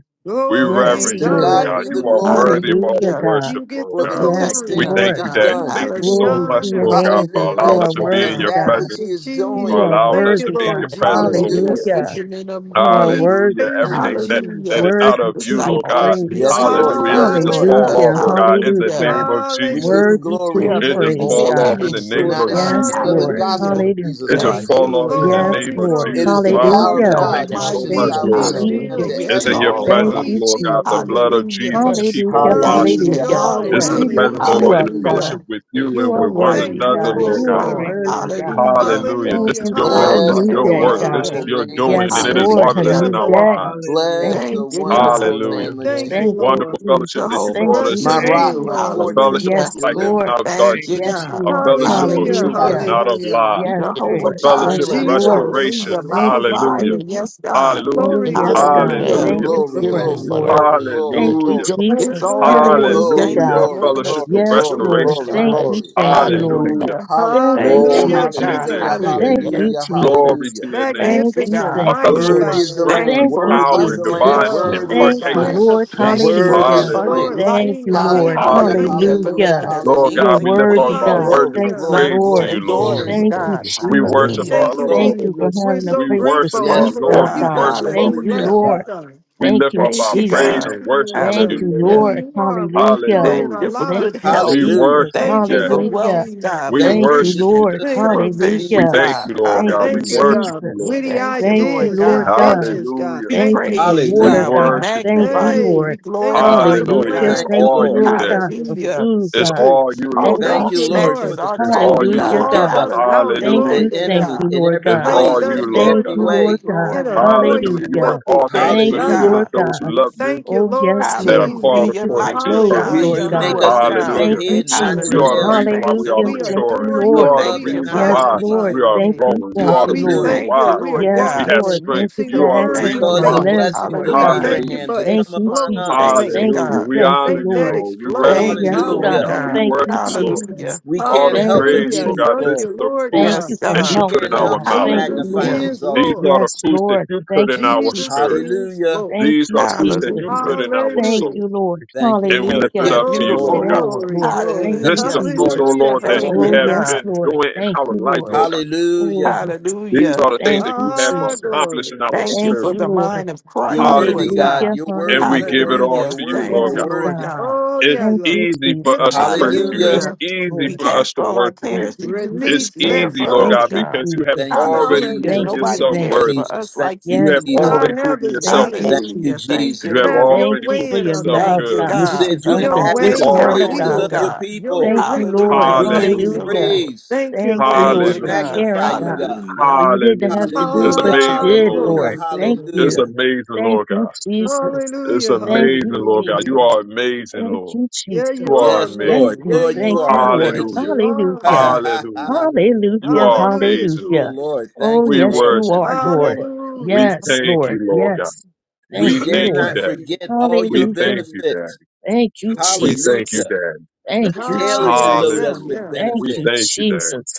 We
Yes,
Glory,
reverend
Thank
To
you,
you, Lord
Lord.
God
Lord.
God.
be the
You are
hallelujah.
worthy
glory
of all
Hallelujah,
the
Hallelujah.
God.
worship,
You get
Lord
for
the
For
the
God.
great
Yes,
We
protecting
glory.
things
us,
he
thank
Lord.
you,
has
God.
Daddy.
You
done.
Thank you
get the
you,
so
Glory
Hallelujah.
to
much,
your
honor.
Lord God,
name
for
because you
allowing
Hallelujah.
are
us
Thank
to
you,
thank
be in
And
worthy,
your
God,
that
God.
Thank
which
presence,
he
you,
is
You
for
doing.
Jesus.
are
allowing
Thank
us
you,
to
worthy,
be in
Lord
your
God.
for
Jesus.
you,
presence, oh
making
Lord.
us
Hallelujah.
Hallelujah.
fishermen of
Lord,
You are
We
men.
Hallelujah.
worthy,
praise
God.
Mm.
you,
Everything that, that
Hallelujah.
is
Jesus.
not
worthy
of you,
to be
Lord
all
God.
Disciples, we
praised.
are
Yes,
your
Lord.
Hallelujah. It
Yes,
just
disciples,
Lord.
fall
God.
Yes,
off,
Hallelujah,
of
Hallelujah.
Lord
Lord.
God, in the
Hallelujah.
name
hallelujah.
of
We
Jesus.
give you
Hallelujah.
Worthy to
We
the
glory.
are
be
It just
made in
praised,
your
fall
whole
off
God.
in the
kingdom
image,
We're
name
Lord
not
of
God.
Yes,
ashamed of the
Jesus.
Lord.
gospel
Hallelujah.
Hallelujah.
of
will
Jesus
It
Hallelujah.
just
turn
Thank
Christ.
you,
to
fall off
Lord
in the
realize
Yes,
God.
name
Glory,
of
Lord.
It
glory,
Jesus.
is the
that
You
Father,
glory.
are
power
we
of
the
just
Hallelujah.
thank
God
you so
religiosity
unto
Thank
much,
Almighty.
Peace
that
you,
be
we
Lord.
are
salvation
in
Hallelujah.
still.
unto
the
Jesus.
You're
We
It's in
thank
your
kingdom
everyone
you
of
for
that
Thank
presence,
God.
sovereign.
you,
peace
Lord
believes.
God.
being
The
Jesus.
blood
still.
of
Hallelujah.
Jesus
Yes,
keep
Hallelujah,
on
Love
Thank
washing.
and
you,
Hallelujah,
hallelujah.
joy.
It's in
glory,
Yahweh.
the
We
hallelujah,
lift
presence, oh
glory,
you
Lord, in
up,
Hallelujah.
hallelujah.
Hallelujah.
God.
fellowship with you
please,
You
and
The
are
with
Lord.
one
bright
Thank
worthy,
and
you
another,
God.
morning
for
Lord
it,
You are
God.
glory,
star.
God.
worthy,
glory.
God.
Hallelujah.
Hallelujah.
Thank
This
Hallelujah.
is
you
your
Hallelujah.
for a
will. This
Bless
Alpha
is
new
Hallelujah,
the
your
and
day,
work.
God.
This is
Jesus.
wonderful
Omega.
your
name
Hallelujah.
of
doing,
Yes,
and it is
Lord,
Jesus.
a
marvelous
Yeah,
Hallelujah.
in
new
our
Lord.
day.
eyes.
Hallelujah.
Thank
Lord,
Bless
you,
the
Thank you,
yes,
Jesus.
God.
wonderful
Hallelujah.
name
Lord,
of
yes.
Thank
Jesus.
Thank
you,
Thank
you,
you,
wonderful
Jesus.
Lord.
fellowship that
Jesus.
you
Jehovah
Thank
to
brought
you,
Bless
us
seek
your
My
Thank
into
rock,
name,
you.
you,
Jesus.
my
a
Lord.
Jesus.
fortress,
fellowship of
Yes,
my
Hallelujah.
light and
Lord.
not
deliverer.
of
Thank
Thank
you,
darkness,
you,
Yes,
God.
Jesus.
a
you are.
In
fellowship
you
of
Hallelujah.
truth
shall I
Hallelujah.
and
Hallelujah.
not of
trust.
Hallelujah.
lie,
Yes,
Keep it
Thank
Jehovah
Lord.
a
you, Jesus.
Yes,
fellowship of
Jireh,
Hallelujah.
Lord.
Jesus.
restoration.
hallelujah, my
Thank
Hallelujah.
you,
Hallelujah!
provider.
Jesus.
Yes, God,
Hallelujah!
Oh,
Glory,
pushing
yes,
Glory,
glory,
God.
Glory,
and
glory,
hallelujah.
glory.
Thank
Hallelujah!
glory,
you
It's
glory,
for
give
glory.
breath,
me
glory,
Lord.
what
Lord.
I
glory,
need to
glory,
Thank
let
you,
Hallelujah!
you
glory.
It's
Jesus.
all
Hallelujah.
yours.
Hallelujah,
Glory,
Thank you
Hallelujah!
God.
A
for
glory,
making
go.
us
fellowship
glory,
of
good
Yes,
glory,
Lord.
Let
stewards,
restoration.
glory,
your
Thank
God.
light
you,
glory.
thank you,
shine in
Lord.
the
Hallelujah!
Hallelujah.
Thank you,
Thank
Hallelujah,
you,
Glory
Hallelujah,
Lord
to your
God.
Jesus.
hallelujah,
name.
Jesus.
Hallelujah.
Thank
Yes,
you,
Hallelujah.
hallelujah,
Glory
Jesus.
hallelujah.
to your name.
Thank
Thank
you,
you,
Magnificent,
God.
A
thank you,
mighty
fellowship of
Worthy
Lord.
God
is
are
the
strength
Thank
Lamb,
you.
you
and
Thank
for
you,
worthy
power
is
and
the
Jesus.
abundant
Lamb,
divine
yes,
love,
Lord.
worthy
Lord
is
Thank
the
you,
God.
impartation.
Prince
Yes,
Lamb,
of
Lord.
yes,
Thank you
peace,
for an
worthy
Lord
is
Hallelujah.
yes.
of
the
abundant
Lamb.
Hallelujah.
lords,
Thank
life,
King
you,
of
God.
Lord.
kings.
Hallelujah,
Hallelujah.
Thank
Hallelujah.
you,
For
Lord
hallelujah,
Hallelujah.
making
God.
us
Lord
You're
God,
kings
hallelujah.
we
and
lift up
worthy,
our
God.
queens,
worship
Glory,
Thank
and
you,
Hallelujah.
glory,
praise
sons
to
glory,
Lord.
you,
and
Lord God.
glory.
daughters,
You,
Thank
Lord,
you,
God.
it's
We worship
only
Jesus.
you.
Hallelujah.
Thank
Yes,
our
you,
Lord.
Thank you for
Jesus. We're
having a
so
We
place to
worship
grateful,
our
Yes,
sleep,
Yes,
humble to
Lord.
Lord
Lord.
We
We
you,
God.
God.
bless
worship
your
God. We
our
Thank
holy
you,
Hallelujah.
name,
King.
bless you,
Lord.
God.
God.
We
Thank
lift
you,
up
Thank
our
We
you,
praise
Jesus.
thank
God.
and
you,
worship
Lord
to
Thank
you,
God,
you,
for
Lord.
Mm,
who
Hallelujah.
Lord.
you are, what you're doing
Hallelujah.
in
Thank
Hallelujah.
our
you for
Thank
good
lives,
you,
God.
We
health.
Hallelujah.
Jesus.
worship you,
Thank
Thank
you
you,
Daddy.
for
Lord
Hallelujah.
wealth, God,
Jesus.
We
for
Thank
Thank you,
you,
worship you,
vision,
Lord.
Daddy.
Jesus.
Thank
Thank
you,
you,
Jesus.
We
provision,
Hallelujah.
thank
God.
Jesus.
you, Lord
Thank
God.
you,
We
Thank you,
Hallelujah.
worship
God.
you,
Jesus.
Lord.
Witty
Thank you,
Thank
Lord
you,
ideas,
Lord
God.
God.
inventions, God.
Hallelujah.
We
Thank
Thank you
you,
for
praise
Lord
you,
We
Hallelujah.
God.
water,
God. We
God.
worship you,
Thank
magnify
you,
Lord.
you.
Hey,
We
Lord.
thank you
Thank you,
for
glorify
the
you,
Lord.
Hallelujah.
Hallelujah.
It's
Thank
God.
plans
you,
that
Thank
all
you,
you've
Lord.
you,
Lord
given
Daddy.
us
God,
to
for
be,
Hallelujah.
food,
to
It's
God.
do.
all you,
We
Our
Lord
Thank
God.
Thank
you,
thank
walk
you,
you,
Lord, for
matches
Jesus.
Lord.
the
our
It's all
talk,
you,
You've
strategies you
Hallelujah,
Lord
God.
God.
called
give
God.
us
us
to
out.
Hallelujah.
defeat
Thank
Hallelujah.
Glory
you,
the
Thank
to
you,
thank
enemy
God.
God.
you,
in
Lord
every
It's
God.
all
Placed
place and
us,
you,
in
Lord
Hallelujah.
Lord,
Thank
every
God.
in
you,
a
Glory,
way.
Lord God.
in a
glory.
moist,
Hallelujah. You work
Hallelujah.
wealthy
all things
place.
Thank
Thank
for
you,
the
you,
God,
good
you
God.
Hallelujah.
of
Lord
thank
those
you.
God.
who
We
love you
Thank you,
Oh,
Lord
yes,
and that are
Lord.
Hallelujah.
Jesus.
called
Thank
Your
you for
according
light
to your
clothes,
You,
purpose.
shines
Lord
Hallelujah.
you
God.
make
through
us
us,
to be
God.
the
Hallelujah.
Thank
Hallelujah.
you,
head,
Thank you,
not the
You
Lord
Jesus.
are the
God.
Hallelujah.
tail,
reason why
Thank
we
you,
are
Hallelujah.
We
Thank
Lord.
maturing.
you,
adore
You
Lord.
you.
are the
Thank
above
We
and
you,
reason
not
Yes,
why
Father.
magnify
Lord.
beneath.
we
your
are
Thank
name.
you.
growing. You
Thank
are
you,
the
We
reason
Lord.
Hallelujah.
thank
Thank
you.
you,
why
We are
Lord
Yes,
we
God.
have
walking
Lord.
and
Thank
strength.
you
mixing
for
the
the
You are the
word
You
access
reason
Thank
with
of
you,
cause
my
why.
the
faith.
Lord.
limbs,
blessings
Lord
of
We
God.
Hallelujah.
thank you
Hallelujah.
Abraham
for
to
Thank
come
you,
upon
exploded
Jesus.
us.
Thank
faith.
you,
Thank
Hallelujah.
you.
God.
We
The
Thank you,
honor
faith
you,
that
Lord.
Lord. We reverence
Oh,
explodes.
Thank
yes,
you,
you, Lord
Lord
Hallelujah.
God.
God. We
God.
Thank
Hallelujah.
worship
you,
you, Lord.
Hallelujah.
Jesus.
*laughs*
We
All
can't
the
Thank
help
you,
but
praise,
give
Hallelujah.
Lord
you
God. This
Jesus.
Thank
is
you,
glory.
the
Lord
fruits
Thank you
Yes,
God.
that
for
We
you
God.
help,
put in
can't
Because
our
help
God.
but
mouth.
Thank you,
Jesus
magnify and
Hallelujah.
Lord.
is
exalt
These
you.
are
Lord.
the
Yes,
fruits that
Lord.
you put
Thank
in
you,
our
Jesus
Jesus.
spirit.
is
Hallelujah.
Lord.
Thank
These
you,
are fruits that you
Jesus.
Hallelujah.
put in our
Thank
Hallelujah.
soul,
you, Lord.
Thank you,
and we
Lord.
lift it
You're
Hallelujah.
Thank
up to
you,
you,
Glory,
Lord
beautiful,
Lord.
Yes,
God.
Lord.
glory,
Lord. Thank
glory.
Thank
This
you,
is
you,
the
Hallelujah.
fruits,
Lord.
oh
Jesus.
Thank
Hallelujah,
Lord,
you,
that
Thank
Lord.
you
you,
Oh,
have
hallelujah.
yes,
God.
been
Lord.
doing in
Thank
our
you,
life,
Lord.
Lord God.
Hallelujah.
Oh, yeah.
These
Hallelujah.
are the things
Thank
that
you,
you have
Ah,
Jesus.
accomplished in
glory.
our
Thank you
Thank
for
spirit.
you,
the
Lord.
mind of
You're
Christ,
worthy,
Lord
Hallelujah.
God.
God.
Hallelujah.
You're
And
worthy.
we
You're
Hallelujah.
give it
worthy.
all
Hallelujah.
You're
to you,
worthy.
Thank
Lord
You're
you,
Yes,
God.
Lord
worthy.
God.
God.
Oh,
It's
yeah,
Thank
Lord.
you,
easy for
Jesus.
Giving
us to
it to
praise
you,
you.
Hallelujah.
It's
Yes,
Lord.
Hallelujah.
easy
We
Lord.
for us
cast
to
all our
worship
Thank
you.
cares
you,
to you
Jesus.
because you
It's
Release,
care
let
easy,
for
Lord
Thank
us,
go.
God,
you,
God.
because you have
Jesus.
Thank you,
already
Hallelujah.
Thank
proven
Jesus.
you.
Thank
Nobody
Hallelujah.
yourself
you,
Thank
cares
worthy.
you.
for
Jesus.
us
Thank
like
you,
you
You have
Yes,
do,
Jesus.
God.
already
Lord.
God, have
proven
his
yourself
Thank
way.
you,
Thank
holy.
you,
Hallelujah.
Jesus.
Thank you,
You
Jesus.
have
Have
Lord.
your
Thank
already
you
way
proven
for
in
your
our
yourself
love,
Thank you,
minds.
good.
God,
You
which
God.
is
said you
We can
Your
inhabit
And
the
way,
always
unconditional
your
and
count
always,
on
praises
you,
Lord
will,
of your
agape.
God.
God.
your
people.
Thank you,
direction.
Lord.
Hallelujah.
We give you
Thank
Hallelujah.
you,
Hallelujah.
Hallelujah.
Lord.
praise.
Thank you,
Thank you,
Lord.
Thank
We
Lord,
you,
for
Jesus.
Hallelujah.
God.
magnify
caring,
you,
God.
God.
Hallelujah.
For you didn't have
Hallelujah.
to do
It's
it, but
Hallelujah.
you
Ah,
amazing,
did,
Lord God.
Hallelujah.
Lord.
glory,
Thank
glory.
It's
you.
Hallelujah.
amazing,
Thank
Lord
you,
God.
Mm.
Jesus.
It's
Hallelujah,
Thank
amazing,
you,
Lord God. You
Jesus.
hallelujah.
are amazing,
Thank
Lord.
you,
Yeah,
Jesus.
You
you
are
are
Yes,
Thank
Lord.
amazing.
amazing.
you.
Yeah,
Lord,
you
you
Thank
are
you,
are.
Lord.
Yes,
Hallelujah.
amazing.
you are
*laughs* Ha ha
Hallelujah.
amazing.
ha ha.
Hallelujah.
Thank
Hallelujah.
You
Hallelujah,
are
Hallelujah,
amazing,
you,
Lord.
hallelujah.
Jesus.
Lord.
Oh,
Thank you,
We
yes,
Lord.
you
Thank
worship
Hallelujah.
are,
you,
you,
Dad.
Lord.
Lord.
We
Hallelujah.
Yes,
thank you,
Lord.
Glory to
Lord
God.
God.
Yes.
We
We
Thank you,
dare
thank you,
not
Lord.
Daddy.
Glory to
forget
God.
all your
We
Hallelujah.
thank
Glory
you,
to God.
benefits.
Daddy.
Thank you,
We
Glory to God.
thank you,
Jesus.
Hallelujah.
Daddy.
*laughs*
Thank you,
Ah,
Daily you
yeah,
Thank
load
Jesus.
you,
yeah,
us
Hallelujah.
Jesus.
with
yeah.
Thank
We
you,
thank
benefits.
you, Daddy.
Jesus.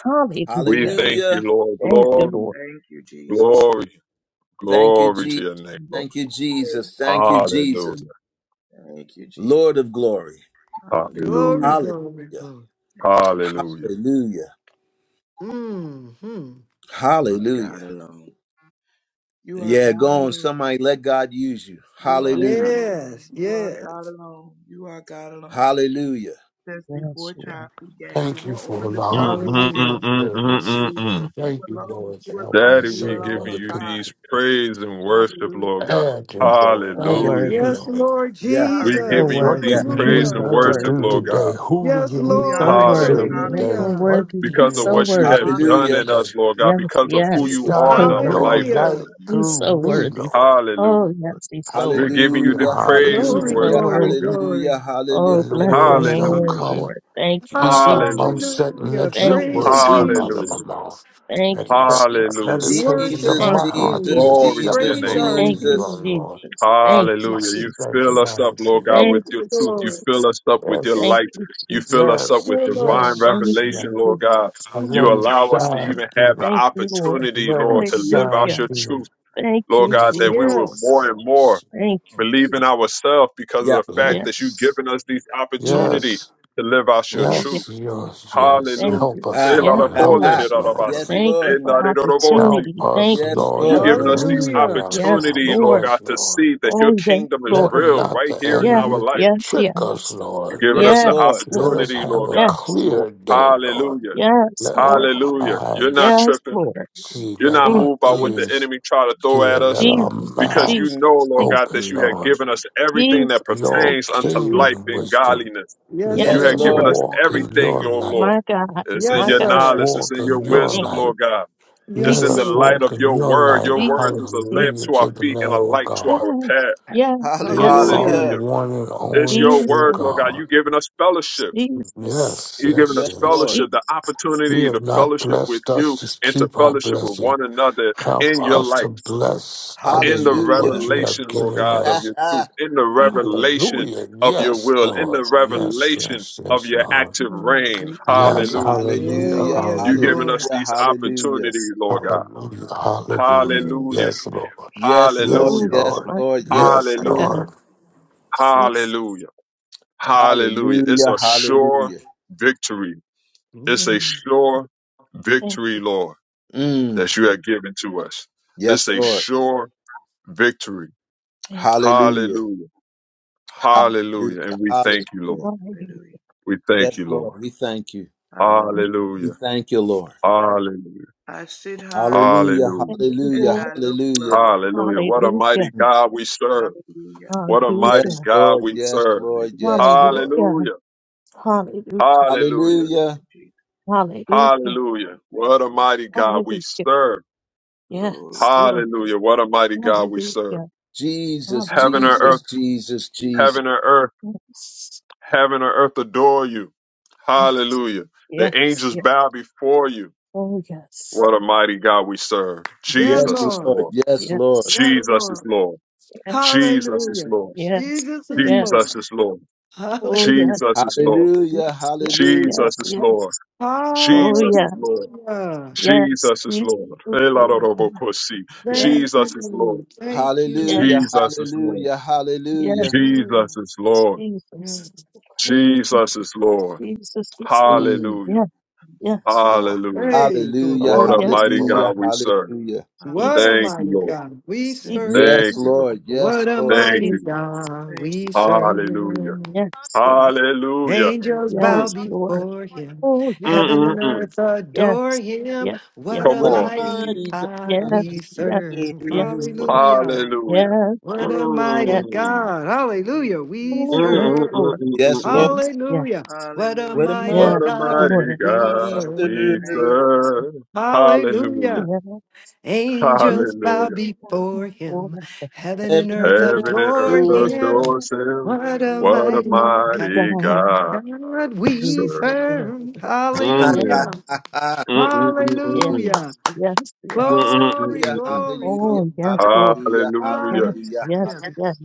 We
Hallelujah.
thank you,
Hallelujah.
Lord.
Thank
Thank
you,
you,
Lord.
Glory,
Lord.
Thank you, Jesus.
glory.
Thank
Thank you,
you,
Glory
Jesus.
to
Jesus.
your name, Lord.
Thank you,
Thank you,
Jesus. Thank
Jesus.
you, Jesus.
Hallelujah.
Thank you, Jesus.
Lord of glory.
Hallelujah.
Glory,
Hallelujah.
Hallelujah.
glory, glory.
Thank you, Jesus.
Hallelujah.
Hallelujah.
hmm
You are God
Hallelujah.
alone. You are
Yeah,
God
go on.
alone.
Somebody let God use you.
You are God
Hallelujah.
alone.
Yes,
You are
yes.
God alone. You are God alone.
Hallelujah.
Since
Yes,
before
you are.
time began, you
Thank you
were
for
on the
allowing
Mm,
throne.
me to be
mm, mm,
of
Hallelujah.
mm, mm,
service.
mm,
Hallelujah.
mm.
You
Thank you,
alone.
Lord, for
You
helping me
alone.
Daddy,
You
we
serve
alone
giving
other
are
you
people.
God.
these praise and worship,
Hallelujah.
Lord God.
Add
You're
me, Lord.
so
Yeah,
Add
Hallelujah.
me,
Hallelujah.
worthy.
Yes,
Lord.
Lord
yeah,
You're
We
so
Jesus.
giving
Hallelujah.
you
worthy.
What
these
yeah.
do you need
You're
praise and
Hallelujah.
so
me to
worship,
do
worthy.
Lord
Hallelujah.
today?
God.
Who do
Yes,
you
You're
We
need
so
me
Lord.
honor
to
you.
worthy.
We
serve
Hallelujah.
honor
You're
today?
you.
so
Hallelujah.
What
worthy.
do
You're
you
Because of
so
what
want
you
me
We
have
to
worthy.
honor
do
done
you.
Hallelujah.
in
today?
us, Lord God,
Yes,
We
because of
honor
who
yes.
you
You're
are in
so
Shine
our
your
worthy.
life,
Hallelujah.
Daddy.
light
He's so
through
you.
me,
worthy.
Lord.
Hallelujah.
Oh, yes, he's so
We're
worthy.
giving you
Hallelujah,
the
Hallelujah.
praise and
He's
Glory,
hallelujah.
so
Hallelujah.
worship,
glory,
Lord God.
worthy.
Hallelujah.
glory.
Oh,
When the
Hallelujah.
bless the
words don't
Hallelujah.
name,
come,
Lord. Thank you,
Keep my mouth
Hallelujah.
Jesus.
shut and
Hallelujah.
let your
Thank you,
Praise you,
Hallelujah.
words come out of
Hallelujah.
Jesus.
my
Jesus.
mouth.
Thank you,
And let my
Hallelujah.
Jesus.
meditations
Worship
of
Jesus,
Thank
our
my
you,
heart be
King.
Jesus,
Jesus.
Glory to your
Jesus,
Praise
name,
acceptable
our
unto
Thank
Lord.
you,
you,
O
Jesus.
King.
Lord.
Jesus. Thank you,
I
Hallelujah. You
stand
fill
in
Jesus.
my
us up, Lord
redeemer.
God,
Thank
Thank
with your
you,
you,
truth. You
Lord.
fill
Jesus.
us up with your
Yes,
Thank
light.
you,
You fill
Jesus.
us up
yes,
with
Good
divine
Lord.
yes,
Thank
yes,
you,
yes.
revelation, Lord God.
Jesus.
And
You
let it
Hallelujah.
allow us to
shine
even have
through.
the
Thank you, Lord.
opportunity,
Let
Lord,
it
to live
shine
out
Hallelujah.
your
through.
truth,
Thank
Lord
you,
God,
Yes,
that we will
Lord.
Jesus.
more
Yes.
and more
Yes,
Thank you,
believe
Jesus.
in ourselves because of
Yeah.
the fact
Yes.
that you've
yes,
given us this
Yes.
opportunity
yes,
to live out your
Oh,
truth.
yes, yes, yes.
Thank
Hallelujah.
you.
Help us,
Ah,
Yes,
Lord.
ah,
Help
ah.
Lord.
us, Lord.
Yes,
Thank you
Lord.
for
Help
opportunity.
us,
Thank you.
Yes,
Lord,
Thank
You're
to
Lord.
you,
giving us
Lord.
these
believe in
Hallelujah.
Yes,
opportunity,
ourselves.
Lord
Lord.
God,
Yes,
to
Lord.
see that your
Oh, yes,
kingdom is
Let
Lord.
real
not
right
the
here in
Yes,
our
enemy
life.
yes,
trick us,
yes.
Lord.
You're giving
Yes,
us the
Lord.
Yes,
Let
Lord.
us
opportunity,
have
Lord
a
God.
Yes, Lord.
clear day, Lord.
Hallelujah.
Yes,
Let our
Lord.
Hallelujah. You're not
eyes
Yes,
tripping.
Lord.
see,
You're
let
not
Mm.
our
moved by what the
ears
enemy try to throw
hear,
at us
let our
Jesus,
because you
Jesus,
mouths
know, Lord
Jesus,
God, that
open,
you had
Lord.
given us
Jesus,
With
everything that
Jesus,
your
Jesus,
pertains unto
Jesus.
life
kingdom
and
wisdom,
godliness.
Yes,
You
let
Yes,
Yes,
had
sir.
us
given us
Lord.
Lord.
walk in
everything,
your
your
light.
Lord.
My God,
It's in
my
Yes,
your
Let
God.
us
sir.
knowledge. It's
walk
in your
in your
wisdom,
Thank
light.
you.
Lord God. It's
Let
Yes,
in
Jesus,
the
us
sir.
light of
walk in
your
your
word.
light.
Your word is a
Jesus,
lamp
Hallelujah
Jesus.
to our
to the
feet and a
Lamb of
light to
God.
our
Yes,
path.
yes,
You
yes.
are the
Hallelujah.
Hallelujah.
Hallelujah.
one and
It's
only
your
true
word,
Jesus.
Lord God.
God.
You giving us fellowship.
Jesus,
Yes,
You giving
yes,
us
Yes,
yes.
Lord.
fellowship, the
Jesus,
You
opportunity
have
to
not
fellowship with
blessed us
you
to
and to
keep our
fellowship with
blessing.
one another
Help
in your
us
light,
to
Jesus,
bless
in
others
the
with what
Hallelujah.
you
revelation,
have
Lord
given
God, of
Ah,
us.
your
ah.
truth, in the
Jesus,
revelation
Hallelujah.
of your
Yes,
will, in the
Lord.
Jesus,
Yes,
revelation
yes,
of
yes,
your
Lord.
active reign.
Hallelujah.
Yes,
Jesus,
Hallelujah.
hallelujah,
Oh,
Hallelujah.
yes,
You giving
hallelujah,
Lord.
us
Hallelujah.
these
Hallelujah.
Jesus.
opportunities, Lord God.
hallelujah, hallelujah.
Mm.
Hallelujah.
Yes, Lord.
Yes, Lord.
Yes,
Hallelujah.
Oh,
Mm.
Yes,
Lord.
my
Lord.
God,
Yeah.
Yes,
my
Hallelujah.
God,
Lord.
Jesus.
Hallelujah. Hallelujah. It's
Hallelujah.
a sure
Hallelujah.
victory. It's a
Yeah.
Thank
sure
you, thank
victory,
you,
Lord,
Mm.
that you
thank
have
you,
given to us. It's
Yes,
a
thank
Lord.
you,
sure victory.
thank you.
Hallelujah.
Hallelujah.
Oh,
Hallelujah.
Hallelujah.
And we thank you,
Hallelujah.
Lord.
Hallelujah.
Hallelujah,
We thank
Yes,
you,
Lord.
Lord.
We thank you.
Hallelujah.
thank you,
We
Hallelujah.
thank you, Lord.
Hallelujah.
I sit high
Hallelujah,
Hallelujah.
thank you,
hallelujah,
and
Lord.
I look
hallelujah.
low.
Hallelujah. What a
Hallelujah,
mighty
Mm.
God we serve.
Hallelujah.
What a mighty
Yes,
hallelujah,
God
Lord,
we
yes,
serve.
Lord,
Hallelujah,
yes,
Jesus.
Lord.
hallelujah,
Hallelujah.
hallelujah,
Hallelujah.
Hallelujah.
Hallelujah, Jesus.
hallelujah,
Hallelujah.
Hallelujah,
What a
Jesus.
mighty God we
hallelujah.
serve.
Glory,
Yes, Lord.
glory, glory.
Hallelujah. What a mighty God we serve.
Hallelujah,
Jesus,
Heaven and
hallelujah.
Jesus,
earth,
Jesus,
to you.
Jesus.
heaven and earth,
Yes,
heaven and earth adore you.
yes.
Hallelujah.
Yes,
The
yes,
angels bow before you.
Oh, yes.
What a mighty God we serve.
yeah,
Yes,
Jesus is
Lord.
Lord,
Lord.
yes,
Yes.
Lord.
Yes.
Yeah,
Jesus is
Lord.
Lord.
Yes.
Jesus is
Hallelujah.
Lord.
Yes.
Jesus is Lord.
Yes.
Jesus is Lord.
Oh,
Hallelujah.
yes.
Jesus is
Yes.
Lord.
Hallelujah,
Yes. Yes.
hallelujah,
Jesus
Yes.
is Lord.
Yes. Oh,
Jesus
yeah.
is Lord.
Hallelujah.
Yes.
Jesus is
He's a
Lord.
good Lord.
Jesus is Lord.
Yes,
Thank
Jesus is Lord.
you. Thank
hallelujah,
you.
Yes.
Jesus is Lord.
hallelujah,
Yes.
hallelujah.
Mm,
Jesus is Lord.
yeah.
Jesus.
Mm,
Jesus is Lord.
Jesus is Lord.
mm.
Hallelujah.
Yeah. Yes, you are.
Hallelujah.
Hey, glory.
Hallelujah,
What
Oh,
a
yes,
Hallelujah.
mighty
Lord.
hallelujah,
God we serve.
hallelujah.
Hallelujah.
What a
Thank
Jesus.
you,
mighty
Lord.
God we
Thank you.
serve.
Yes,
Thank
Jesus.
you, Lord.
Lord, yes,
What a
Lord.
Thank
mighty
you,
Jesus.
God
Thank
we
you,
Lord.
Jesus.
serve.
Hallelujah.
Yes, Lord.
Hallelujah.
Thank
Angels bow
you,
Yes,
Mm,
Lord.
Lord.
before him.
Oh, yes,
mm,
Heaven
mm,
and
Lord.
mm.
earth adore
Yes.
him.
Yes. yes.
What
Come
a
What a
Thank
on.
you,
mighty
mighty
Jesus.
Yes,
God
God
we
we
yes,
serve.
yes,
serve.
Lord.
Hallelujah.
Thank you. Jesus.
Hallelujah.
Yes,
What a
Lord. Yes.
mighty
Mm,
God.
Thank
Hallelujah.
you, Jesus.
We
mm,
Oh, yes,
mm, mm,
serve.
Lord.
mm, mm,
Yes, Lord.
Yes,
mm.
yes,
Hallelujah. What a
What a
Hallelujah.
mighty
mighty
What
yes,
a
God
God
Lord.
mighty
we
we
God we
serve.
Thank you,
serve.
Jesus.
So,
serve. Hallelujah.
Hallelujah.
yes,
Angels
Hallelujah.
bow
angels bow
before
before
him.
the
Heaven
Heaven and
and earth
heaven
earth
Heaven
of
and
the
earth
adore
adore
him.
him.
Lord,
adores him.
What a
Hallelujah.
what
What
a
a
mighty
mighty
mighty
God.
God
God
God
we
we
we
serve.
serve.
serve.
*laughs*
Yes,
Hallelujah.
Mm. Mm, mm, mm, mm,
yes,
mm.
Hallelujah.
yes, yes.
Mm,
hallelujah,
mm, mm, mm, mm.
Glory,
mm,
glory,
hallelujah,
glory.
Oh, yes,
mm.
Lord.
hallelujah,
Yes,
Hallelujah.
hallelujah,
yes,
Hallelujah.
hallelujah.
yes,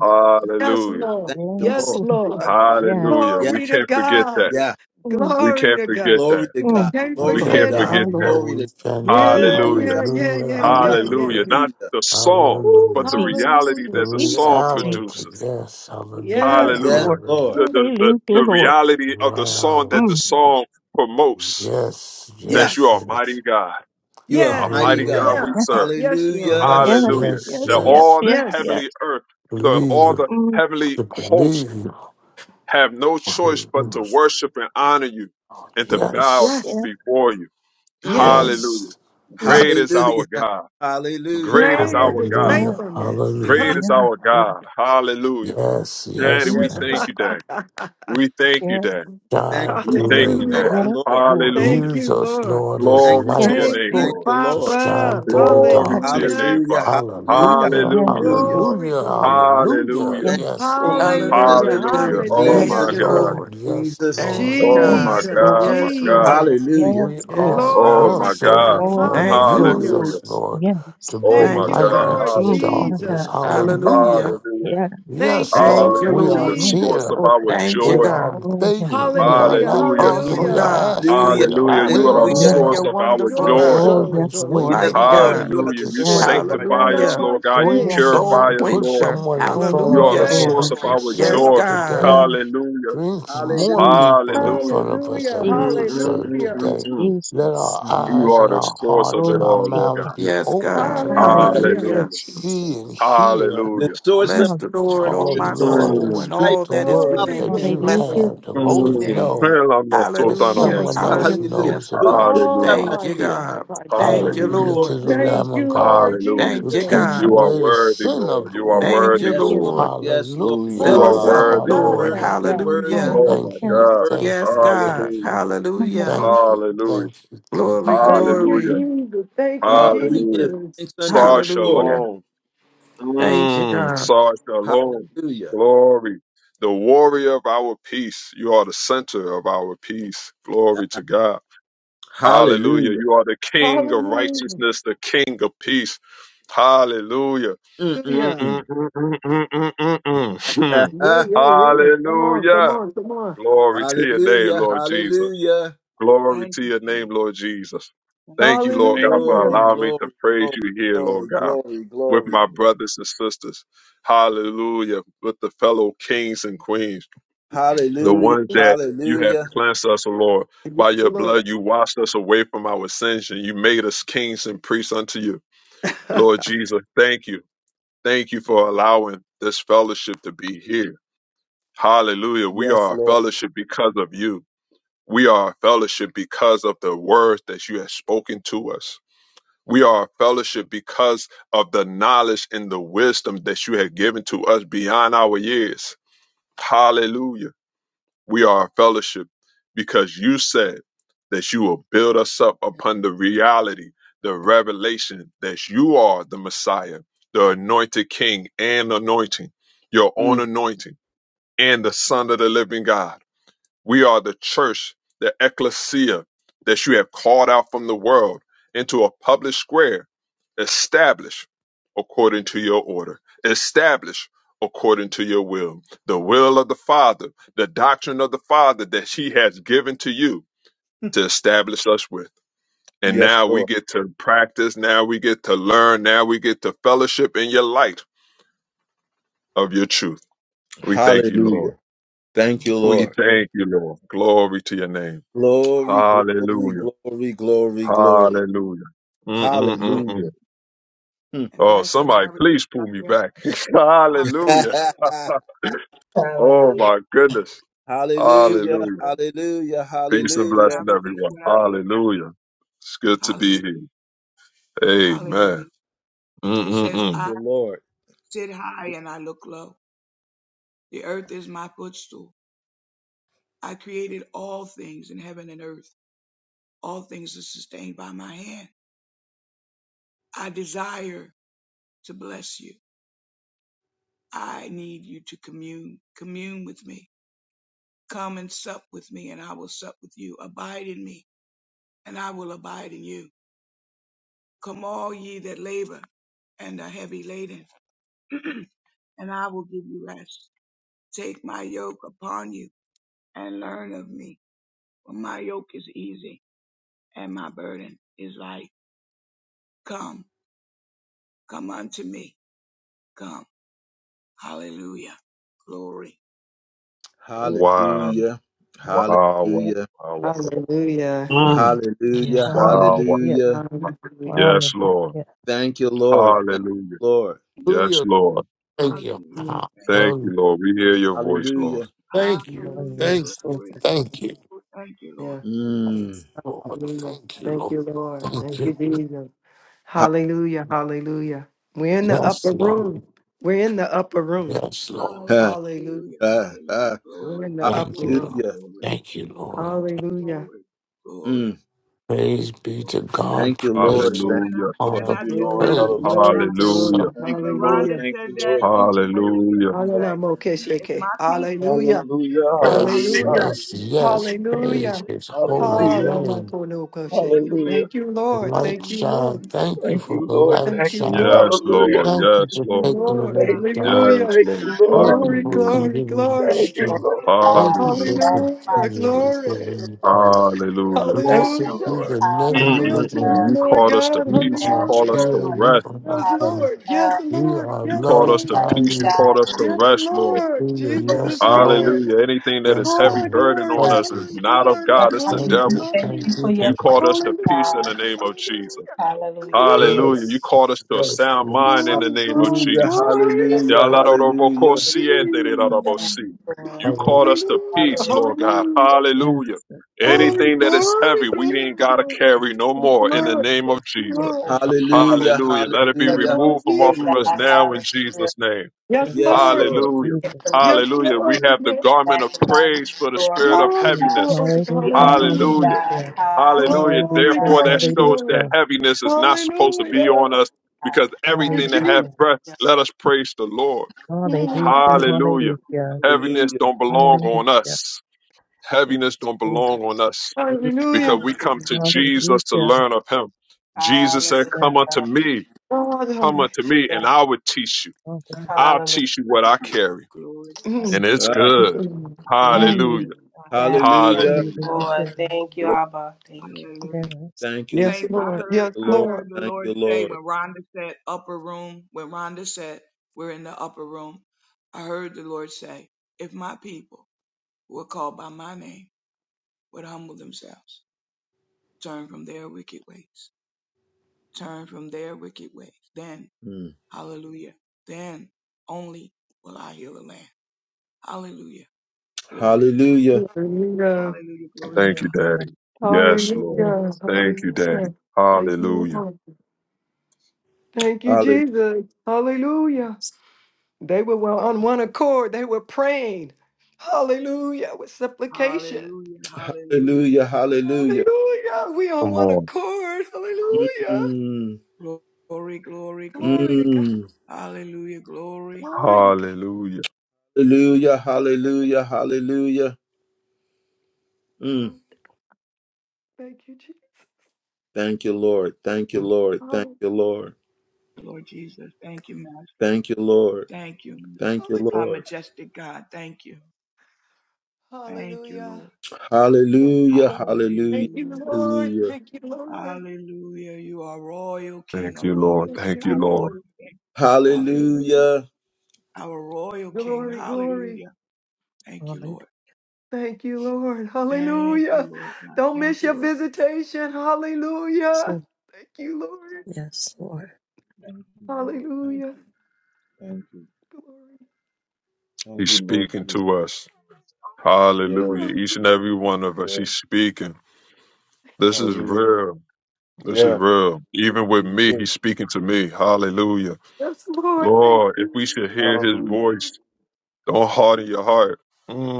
Yes,
Hallelujah.
Lord.
Thank you,
Yes,
yes,
Lord.
Lord.
Lord.
Yes.
Hallelujah.
Hallelujah.
Yeah,
We
Glory to
can't forget
God.
that.
yeah.
Mm,
We
Glory
can't
to
forget
God.
Glory
that.
to
Thank
mm.
God.
you,
Can't
My
We
Lord
We
Glory to
Lord,
can't
forget it.
God.
my
forget
cannot,
Lord.
that.
no,
Glory to
we
God.
cannot.
Jesus,
Yeah,
Hallelujah.
Hallelujah,
yeah, yeah,
Hallelujah,
Jesus,
yeah,
hallelujah,
yeah,
Jesus,
yeah,
Hallelujah.
hallelujah,
yeah.
Jesus,
Not
hallelujah.
the song,
Ooh,
but the
hallelujah.
reality
Jesus,
Hallelujah.
The
that the
Jesus,
song
reality,
produces.
Jesus.
yes,
Yeah.
Yes,
hallelujah,
Yes,
Hallelujah.
Lord.
Lord.
The,
hallelujah.
the, the,
Hallelujah,
the
Lord.
reality of the song that the
Mm,
Reality,
song promotes
yes,
Yeah,
that you
yes,
are a
Yes.
mighty
yes,
God,
you are
a
Yeah.
mighty
mighty
God.
God
hallelujah.
Yeah.
we
yes,
serve.
Yes, you are.
Hallelujah.
yes,
Yes,
Hallelujah.
yes,
yes,
That
Mm,
yes,
yes.
all the
yes, yes.
Yes.
heavenly earth, the, all
Believe,
the
Mm,
heavenly
to
hosts
believe.
have no choice but to worship and honor you and to bow
Yes,
Yes.
yes,
before you.
Yes.
mm.
Hallelujah.
yes,
Great is
yes,
our
Hallelujah.
God.
*laughs* Hallelujah.
Great is
Great is
our
his
God.
yes,
hallelujah,
faithfulness. *laughs*
hallelujah.
Great is
yes,
our
Lord.
God. Hallelujah.
Yes,
Daddy,
yes,
we
Yes,
Yes,
thank
Lord.
yes.
you, Daddy. We thank you,
yes,
Daddy.
Thank
God,
you,
We
do
Lord.
thank you,
it,
Thank
Dad.
Lord.
you,
yes,
Hallelujah.
Lord.
Lord.
Hallelujah.
Thank
Use
you,
us,
Lord.
Lord, as
Thank
Glory to
you,
Yes,
your
lights
Lord.
Thank
name,
Thank
Lord.
you,
Lord.
you,
to
Lord.
shine
Papa.
through the
Glory to your
darkness.
Hallelujah.
name,
Hallelujah.
Father.
Hallelujah.
Hallelujah,
Yes,
Hallelujah.
yes,
Hallelujah.
Lord.
Glory,
hallelujah,
glory, glory.
hallelujah.
Hallelujah.
Thank
Yes,
Yes,
you,
Lord.
Lord.
Jesus.
Hallelujah,
Hallelujah.
Thank you,
Hallelujah. Oh
Yes,
Yes,
Jesus.
Thank
my
you,
hallelujah.
God.
Lord.
Lord.
Lord. Yes,
Jesus.
Thank
Lord.
you,
Oh my
God.
Yes,
Yes,
Jesus,
Lord.
God.
Lord.
My
Yes,
God.
Jesus.
Lord.
Hallelujah.
We
Yes, Lord.
Yes,
are
Oh
your
Father.
Glory,
my God.
glory.
servants,
Oh,
Lord.
yes,
Thank you,
Lord.
Use
Hallelujah.
Hallelujah.
us,
Lord.
Lord, to
Yes.
Oh
bring
Thank
my
Thank you,
you,
light
God.
God.
Lord
into
Mm, my
Hallelujah.
darkness.
Jesus.
God.
Hallelujah.
Hallelujah.
Hallelujah.
Yes.
Thank
Yes,
you,
Thank
Lord.
you,
Lord
We
Hallelujah.
are
The
Lord.
Yes,
Jesus.
source
here.
of
Lord.
our
Thank you,
We
joy.
are
God.
Oh, yes,
begging. We
Lord.
are
Hallelujah,
not
Hallelujah.
begging.
Yes,
Awesome
We are
hallelujah.
God.
asking.
Hallelujah.
We are
Hallelujah. You are the
waiting.
Hallelujah.
yes.
We
Hallelujah.
source
You're
are
of
Glory,
our
wonderful
your
glory,
joy.
God.
Oh,
glory,
servants
yes, Lord.
glory.
waiting
Yes,
Mighty
on
Lord.
God.
You
you
are
Hallelujah.
the
to
You
Yes,
source of
serve
our
you.
sanctify
joy.
us,
Hallelujah.
Lord God. You
Bring
yes.
Elamashe.
Soul
purify
someone,
us,
put
Lord.
quencher.
someone in
Oh,
front
You
yes,
of
are the
Hallelujah.
us
Glory,
that
Lord.
source
we
of
can
our
Yes,
hallelujah.
serve
joy.
God.
today.
Yes,
Hallelujah.
Bring more
Jesus,
Hallelujah.
people in
Hallelujah.
front of us
Hallelujah,
that we
Jesus,
Mm,
can
mm,
serve
mm,
hallelujah.
mm,
today.
mm.
Let
Jesus.
our
You
Mhm.
eyes
are
and
the
our
source of
hearts
it
and
Glory
our
all,
to
Lord
you.
mouths
God.
be
Yes,
open
God.
so that we can
Hallelujah.
Hallelujah,
Hallelujah.
Hallelujah.
Jesus.
see and hear
The
Hallelujah.
source of
Bless
Hallelujah,
the Lord,
joy,
oh
Oh
the
my
strength
Jesus.
Lord, and
soul,
Mm,
and
of life.
speak
all
the
that is
word
Glory,
within
that
thee.
Hallelujah.
you
glory,
Hallelujah,
Bless his
have
glory.
that we'll
holy
Jesus.
mm.
name.
know
Feel like my soul
that
down on my
Hallelujah.
someone
feet.
else
Hallelujah,
Hallelujah.
Hallelujah.
Jesus.
knows
Who, who
about you,
shall
Oh
Hallelujah.
I
God.
Thank
my
you,
fear?
God,
God.
my
Thank
God.
you,
Hallelujah.
Hallelujah
Glory
to
Lord.
the
to God.
Thank
We
Lamb of
you, Lord
God
Hallelujah.
Thank
who
you,
Jesus.
takes
You
God.
are
Hallelujah,
away the
worthy,
sin
Lord.
of the
You are
world.
Thank
worthy,
you,
Yes,
hallelujah,
Lord.
Lord.
Lord.
Yes, Lord. Yes.
You
Fill
are
Oh
us
Hallelujah,
up,
my
worthy,
hallelujah,
Your
Lord.
God,
Lord.
word,
my
hallelujah.
your
God.
word,
Hallelujah.
your
Oh
hallelujah,
word,
my
Thank
your
you,
God.
word.
thank
Yes,
you,
God.
thank
Hallelujah.
you,
Hallelujah.
hallelujah,
thank you,
Hallelujah.
thank you,
Glory,
thank you.
Thank you,
Hallelujah.
glory.
Jesus. Thank you,
Oh, we give
Hallelujah.
Jesus.
thanks unto
Sar
the Lord.
Hallelujah.
Shalom.
Thank you,
Mm,
God.
Sar Shalom.
Hallelujah.
Glory. The warrior of our peace. You are the center of our peace. Glory to God. Hallelujah.
Hallelujah.
You are the king of
Hallelujah.
righteousness, the king of peace. Hallelujah. Mm,
Yeah,
mm,
Mm-mm-mm.
mm, mm, mm, mm, mm, mm. Hmm.
*laughs*
*laughs*
yeah, yeah. Come on, come
Hallelujah.
on, come on.
Glory
Jesus.
to your name,
hallelujah.
Lord Jesus.
Hallelujah.
Glory
Thank
to
you,
your name,
Jesus.
Lord Jesus.
Thank
Thank
you,
you, Lord God, for
Glory,
Hallelujah.
allowing me to
glory,
praise
glory,
you here, Lord
glory,
God,
glory,
with
glory.
my
Jesus.
brothers and sisters. Hallelujah. With the fellow kings and queens, the
Hallelujah.
ones
Yes,
that you have
Hallelujah.
cleansed us, O Lord. By
the
your
Lord.
blood, you washed us away from our sins and you made us kings and priests unto you.
*laughs*
Lord Jesus, thank you. Thank you for allowing this fellowship to be here. Hallelujah. We
Yes,
are a
Lord.
fellowship because of you. We are a fellowship because of the words that you have spoken to us. We are a fellowship because of the knowledge and the wisdom that you have given to us beyond our years. Hallelujah. We are a fellowship because you said that you will build us up upon the reality, the revelation that you are the Messiah, the anointed King and anointing, your own
Mm,
anointing, and the Son of the living God. We are the church, the ecclesia that you have called out from the world into a public square, established according to your order, established according to your will, the will of the Father, the doctrine of the Father that He has given to you to establish us with. And
yes,
now we
Lord.
get to practice, now we get to learn, now we get to fellowship in your light of your truth. We thank you, Lord.
Hallelujah. Thank you,
We
Lord.
thank you, Lord. Glory to your name.
Glory, glory,
Hallelujah.
glory, glory, glory.
Hallelujah.
Hallelujah.
Hallelujah.
Mm-mm-mm-mm.
Mm.
Oh,
Ambassador, may I
somebody,
release
please
what I
pull me
hear?
back. *laughs* Hallelujah.
Hallelujah.
*laughs*
Oh,
Hallelujah.
my goodness.
hallelujah.
Hallelujah.
Ambassador,
Hallelujah.
Peace and
can
Hallelujah.
I
blessing,
release
everyone.
what I hear?
Hallelujah. It's good to be here.
Hallelujah.
Amen.
Hallelujah. It says,
Mm-mm-mm.
I
you, Lord.
sit high and I look low. The earth is my footstool. I created all things in heaven and earth. All things are sustained by my hand. I desire to bless you. I need you to commune, commune with me. Come and sup with me and I will sup with you. Abide in me and I will abide in you. Come all ye that labor and are heavy laden, *clears throat* and I will give you rest. Take my yoke upon you and learn of me, for my yoke is easy and my burden is light. Come, come unto me. Come. Hallelujah. Glory.
Wow.
Hallelujah.
Wow. Wow.
Hallelujah.
Wow. Wow. Wow.
Hallelujah.
Yes.
Mm.
Yes.
Hallelujah.
Wow. Wow.
hallelujah,
Hallelujah.
Hallelujah.
Yes, Lord.
hallelujah.
Thank you, Lord. Thank
Hallelujah.
you, Lord.
Yes,
Hallelujah,
Lord.
Lord. Thank
Thank
you.
Hallelujah.
you,
Thank you.
Thank you,
Hallelujah.
Lord. We hear your voice, Lord.
Hallelujah.
Thank
Jesus.
you,
Oh,
Hallelujah.
thank
yes.
you,
Oh,
Glory.
thank you.
Thank you, Lord.
Yeah.
Mm.
Lord,
Hallelujah.
thank you,
Thank
Lord.
you, Lord.
Thank
Thank
you.
you, Jesus.
Ha-
Hallelujah. Hallelujah. We're in the
Yes,
upper
Lord.
room. We're in the upper room.
Yes, Lord.
Hallelujah.
ha-
Hallelujah.
ha- ha.
Hallelujah.
We're in
Glory.
the
Thank
upper
you,
Glory.
room.
Lord.
Hallelujah.
Glory.
Thank you, Lord.
Hallelujah.
Glory. Glory.
Mm.
Praise be to
Glory.
God.
Thank you,
We're in
Lord.
Praise
Hallelujah.
And
Thank
then I,
Hallelujah.
you,
on
Lord.
then
the
I
Thank you,
just
Lord.
heard
glory,
praise.
when
Hallelujah.
glory,
Rhonda,
So,
Hallelujah.
glory.
Thank
when
you, Lord.
Rhonda
Hallelujah.
Thank
said
you,
that,
Lord. Thank you,
I
Lord.
just heard
Thank
Hallelujah.
him
you,
say,
Lord.
Hallelujah.
Thank you.
if
Mokesheke.
my people,
Hallelujah.
Hallelujah. Hallelujah.
yes,
hallelujah,
Hallelujah.
yes, yes.
glory, glory,
Praise
Hallelujah.
His holy
glory,
Hallelujah.
glory,
name.
Hallelujah.
Hallelujah.
glory, glory,
Hallelujah.
Thank you,
The
Lord.
light
thank
Thank you,
you,
shine.
Lord.
Jesus,
Thank you
Thank
for
you,
the
Lord.
light
Thank
Thank
you,
you.
shining.
Lord.
thank
Yes,
you,
Hallelujah.
Lord.
Jesus,
Thank you
Yes,
Thank
for
you,
Lord.
taking
glory to
Lord.
away
Thank
the
God,
you,
dark.
Lord.
Yes,
Hallelujah.
Thank
Lord.
you,
Thank
Lord.
you
Glory,
for
Hallelujah.
glory,
continuing
glory.
Thank you,
strength.
Lord.
Thank you for
Hallelujah.
Hallelujah.
continuing to give
Glory.
me courage.
Hallelujah.
Thank
Blessed
Hallelujah.
you,
be
Lord.
the
We
name of the
yield to
Lord.
Mm-mm-mm.
you,
You
Thank
Lord
called us to
God.
you.
You
peace. You
are
Yes,
called us
Hallelujah.
to
still, you
Lord.
rest.
Ah,
are
Yes,
here.
Lord. Yes,
Hallelujah.
We
Lord.
are
You
Yes,
called us
loved
to
Thank
Lord.
by
you,
peace. You
you.
God.
called us to
We
Yes,
rest, Lord.
Lord. Jesus
Hallelujah.
is
Yes, Lord.
Lord.
Hallelujah. Anything that is
Yes,
heavy
Oh,
Lord.
burden
glory,
on
Thank
us is
you.
glory,
not of
glory,
love
God. It's the
you.
Thank
We
glory,
you.
devil.
Thank
Thank
glory.
you for
you.
You
your
Thank
called
you.
us
presence,
to peace
God.
in the
Hallelujah.
name of
Hallelujah.
Jesus.
Hallelujah.
Hallelujah.
Hallelujah. You called us
Yes.
to a
Yes.
sound mind
Yes.
in the
Glory,
name of
glory,
Hallelujah.
Jesus.
glory.
Hallelujah. Hallelujah.
yes. Oh,
Yes,
Glory.
Yalarabokosiyendererarabosi.
Lord.
You
yes.
Hallelujah.
called us to
Hallelujah.
peace, Lord
Hallelujah.
God.
Hallelujah.
Hallelujah.
Yes.
Yes,
Hallelujah.
Glory,
Anything that is
glory,
heavy, we ain't
glory,
got to
Yes.
glory.
carry no
Yes, Lord. Yes,
more in the
Lord,
name of Jesus.
yes, Lord.
Hallelujah.
Hallelujah. Let it be
Yes,
Yes,
Hallelujah.
Lord
removed from off
Lord,
Jesus.
of
God.
Hallelujah.
us now in
Hallelujah.
Jesus' name.
Yes,
Yes,
Yes,
Yes.
Lord.
Lord.
In
Lord.
Hallelujah.
From
Jesus'
you,
name.
Yes,
Hallelujah. We
Lord.
have the garment of
magnify you,
praise for the spirit
glorify
of
you,
Glory,
Yes.
heaviness.
God.
glory,
Hallelujah.
We honor you,
hallelujah.
Hallelujah.
God.
Hallelujah.
Hallelujah.
Hallelujah.
Glory,
Hallelujah.
Therefore, that
glory,
shows that
glory.
Hallelujah.
heaviness is not supposed to be
Hallelujah.
on us
God.
because
You
everything that have
Hallelujah.
breath,
Jesus.
let us praise the Lord.
Hallelujah.
Mm.
Hallelujah.
glory,
Hallelujah.
Hallelujah. Hallelujah.
glory to
Heaviness
God,
Hallelujah.
don't belong on
Hallelujah.
us.
Yes,
Heaviness don't belong on
Jesus.
us
Mm.
glory,
because
Hallelujah.
we come
hallelujah.
to Jesus to
Hallelujah.
learn of him. Jesus
Hallelujah.
said,
Yes.
come unto me,
Father.
come unto me and
Yes.
I will teach you.
Hallelujah.
I'll
Hallelujah.
teach you what I carry
glory
Mm.
and it's
Ah,
good.
Mm.
Yes.
Hallelujah.
mm.
to God,
Yes.
glory,
yes,
hallelujah.
Hallelujah.
Lord.
Yes.
Thank you, Abba. Thank you.
hallelujah.
Yes.
Thank you,
Yes,
Saints,
Lord.
I
Thank
Lord.
heard,
Yes,
you,
I
Lord.
heard
Lord.
the
Thank
Lord
you,
say
Lord.
when Rhonda said upper room, when Rhonda said we're in the upper room, I heard the Lord say, if my people, who are called by my name would humble themselves, turn from their wicked ways, turn from their wicked ways. Then,
Mm.
hallelujah, then only will I heal the land. Hallelujah. Glory to God.
Hallelujah.
Hallelujah.
Hallelujah. Glory to
Thank you,
God.
Daddy. Yes, Lord.
Hallelujah.
Thank you, Daddy.
Hallelujah. Thank you,
Hallelujah.
Lord. Thank you,
Hallelujah.
Jesus. Hallelujah. They were well on one accord. They were praying. Hallelujah. With supplication.
Hallelujah. Hallelujah.
Hallelujah. Hallelujah.
Hallelujah. We on
Come
one
on.
accord. Hallelujah.
Mm.
Glory, glory,
Glory
glory.
to God.
Mm.
Hallelujah. Glory.
Glory to God.
Hallelujah.
Hallelujah.
Glory to God.
Hallelujah. Hallelujah. Mm.
Glory to- Thank you, Jesus.
Thank you, Lord. Thank you, Lord. Thank
Hallelujah.
you, Lord.
Lord Jesus. Thank you, Master.
Thank you, Lord.
Thank you.
Thank you,
Our
Lord.
majestic God. Thank you. Thank you,
Hallelujah.
Lord.
Thank you,
Hallelujah.
Lord.
Hallelujah.
Thank you,
Hallelujah.
Lord.
Hallelujah.
Thank you, Lord.
Hallelujah. You are royal king,
Thank
a
you,
royal
Lord.
Yes,
king,
Thank you,
our
you are.
Lord.
royal king.
Thank you,
Hallelujah.
Lord.
Hallelujah.
Our royal king.
Glory, glory.
Hallelujah. Thank you,
Hallelujah.
Lord.
Thank you, Lord.
Thank you,
Hallelujah.
Lord God.
Don't
Thank
miss
you,
your
Lord
visitation. Hallelujah.
So,
Thank you, Lord.
yes, Lord.
Thank you, Lord. Thank
Hallelujah.
you. Thank you.
Glory.
Thank
He's
you, Lord,
speaking
for this.
to us. Hallelujah.
Yes.
Each and
Hallelujah.
every one of us,
Yes.
He's speaking.
Thank
This
you,
is
Hallelujah.
real. This is
Yeah.
Jesus.
real.
Thank
Even
you.
with
This is
me,
it.
He's speaking to me. Hallelujah.
Yes, Lord. Thank
Lord, if we
you.
should hear
Thank
His
Hallelujah.
you.
voice, don't harden your heart.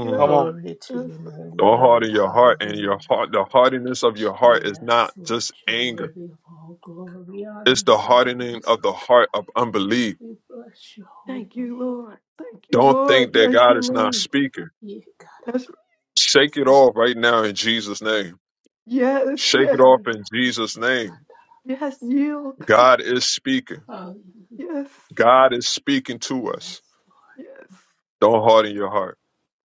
Yes,
Come on.
Glory to
yes.
your name,
Don't
Lord.
harden your heart, and your
Hallelujah.
heart, the
Thank
hardiness
you,
of your
Jesus.
heart is
Yes,
not
Lord,
just
you're
anger.
worthy of all glory, honor,
It's the
and
Thank
hardening
praise.
of the
Oh God,
heart of unbelief.
we bless your holy
thank
name.
you, Lord. Thank you,
Don't think
Lord.
that
Thank
God
you,
is not
Lord.
speaking.
Ye God,
That's right.
Shake
That's-
it
I
off right now
adore
in Jesus' name.
Yes,
Shake it
yes,
off in
you.
Jesus' name.
yes. Yield. Come on.
God is speaking.
Hallelujah.
Yes,
God is speaking to us.
Yes, Lord.
yes.
Don't harden your heart.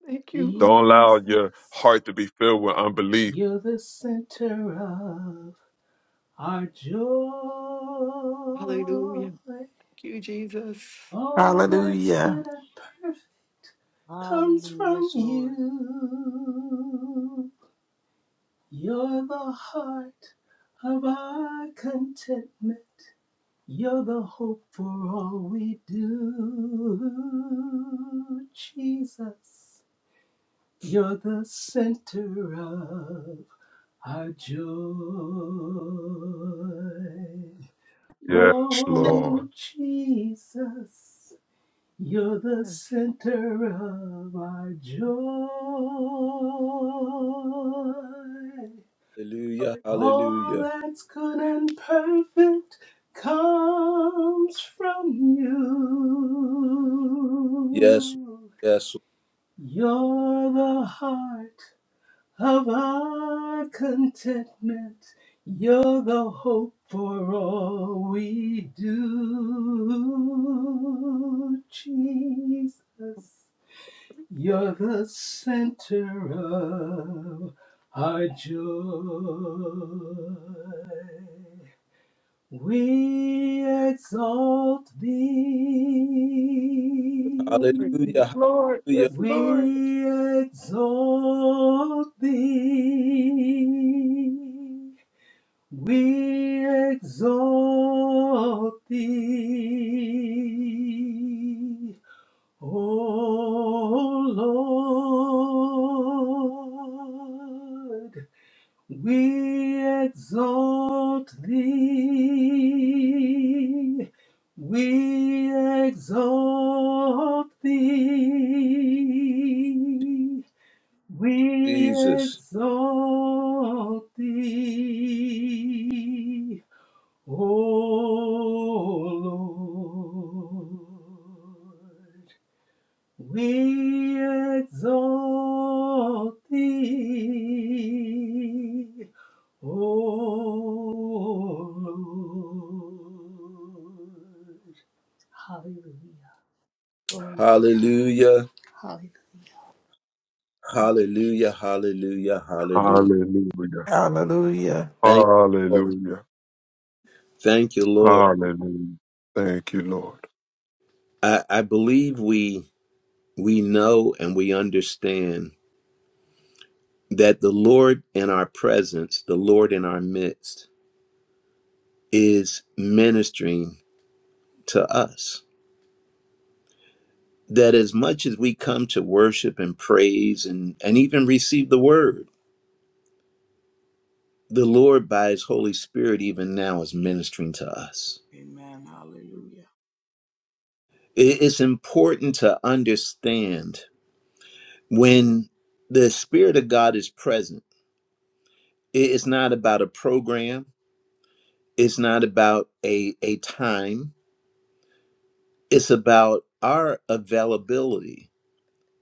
Thank you, Lord.
Don't allow your
Jesus,
heart to be filled with unbelief.
you're the center of our joy.
Hallelujah. Thank you, Jesus.
All that's
Hallelujah.
good and perfect
God.
comes
Hallelujah.
from
Yes, Lord.
you. You're the heart of our contentment. You're the hope for all we do. Jesus, you're the center of our joy.
Yes,
Oh,
Lord.
Jesus. You're the center of our joy.
Hallelujah.
All
Hallelujah.
that's good and perfect comes from
Yes.
you.
Yes.
You're the heart of our contentment. You're the hope for all we do, Jesus. You're
Glory.
the center of our joy. We exalt
Lord,
thee.
Hallelujah.
Lord, yes,
Hallelujah.
Lord.
We exalt thee. We exalt thee. O Lord, we exalt thee, we exalt thee, we
Jesus.
exalt thee, O Lord. We exalt thee, O Lord. Hallelujah. Glory to God.
Hallelujah.
Hallelujah. Thank you, Jesus.
Hallelujah. Hallelujah. Hallelujah.
Hallelujah.
Hallelujah.
Thank you, Lord.
Hallelujah.
Thank you, Lord.
Hallelujah. Thank you, Lord.
I, I believe we we know and we understand that the Lord in our presence, the Lord in our midst, is ministering to us. That as much as we come to worship and praise and, and even receive the word, the Lord by his Holy Spirit even now is ministering to us.
Amen. Hallelujah.
It- It's important to understand when the spirit of god is present it is not about a program it's not about a a time it's about our availability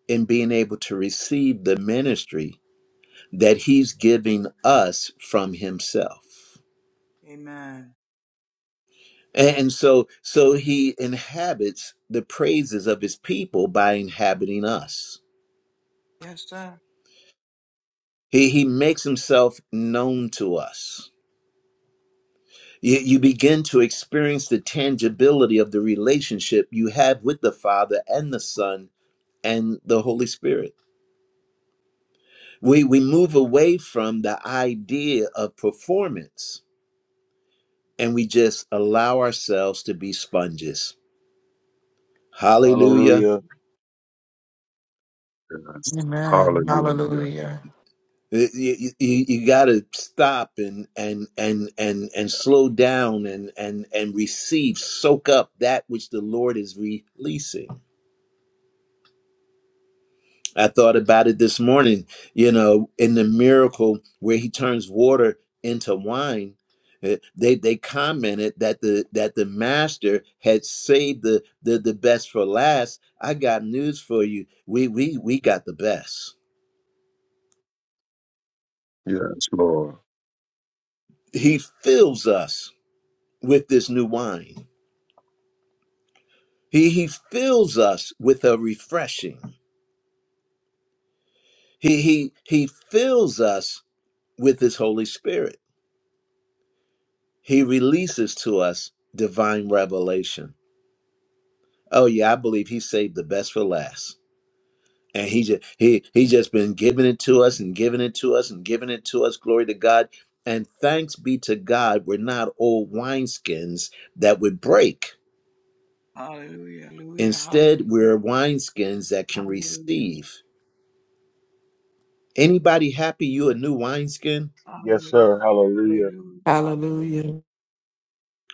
in being able to receive the ministry that he's giving us from himself
Amen.
and, and so so he inhabits the praises of his people by inhabiting us
Yes, sir.
he he makes himself known to us You, you begin to experience the tangibility of the relationship you have with the Father and the Son and the Holy Spirit. We, we move away from the idea of performance and we just allow ourselves to be sponges. Hallelujah.
Hallelujah.
Yes.
Amen.
Hallelujah.
Hallelujah.
You, you, you got to stop and and and and and slow down and and and receive, soak up that which the Lord is releasing. I thought about it this morning, you know, in the miracle where he turns water into wine. eh, They they commented that the that the master had saved the the, the best for last. I got news for you. We we we got the best.
Yes, Lord. *laughs*
He fills us with this new wine. He he fills us with a refreshing. He he he fills us with his Holy Spirit. He releases to us divine revelation Oh yeah, I believe he saved the best for last. And he just he he just been giving it to us and giving it to us and giving it to us. Glory to God. And thanks be to God, we're not old wineskins that would break.
Hallelujah. Hallelujah.
Instead,
Hallelujah.
we're wineskins that can
Hallelujah. Hallelujah.
receive. Anybody happy you a new wineskin?
Yes, sir. Hallelujah.
Hallelujah.
Hallelujah.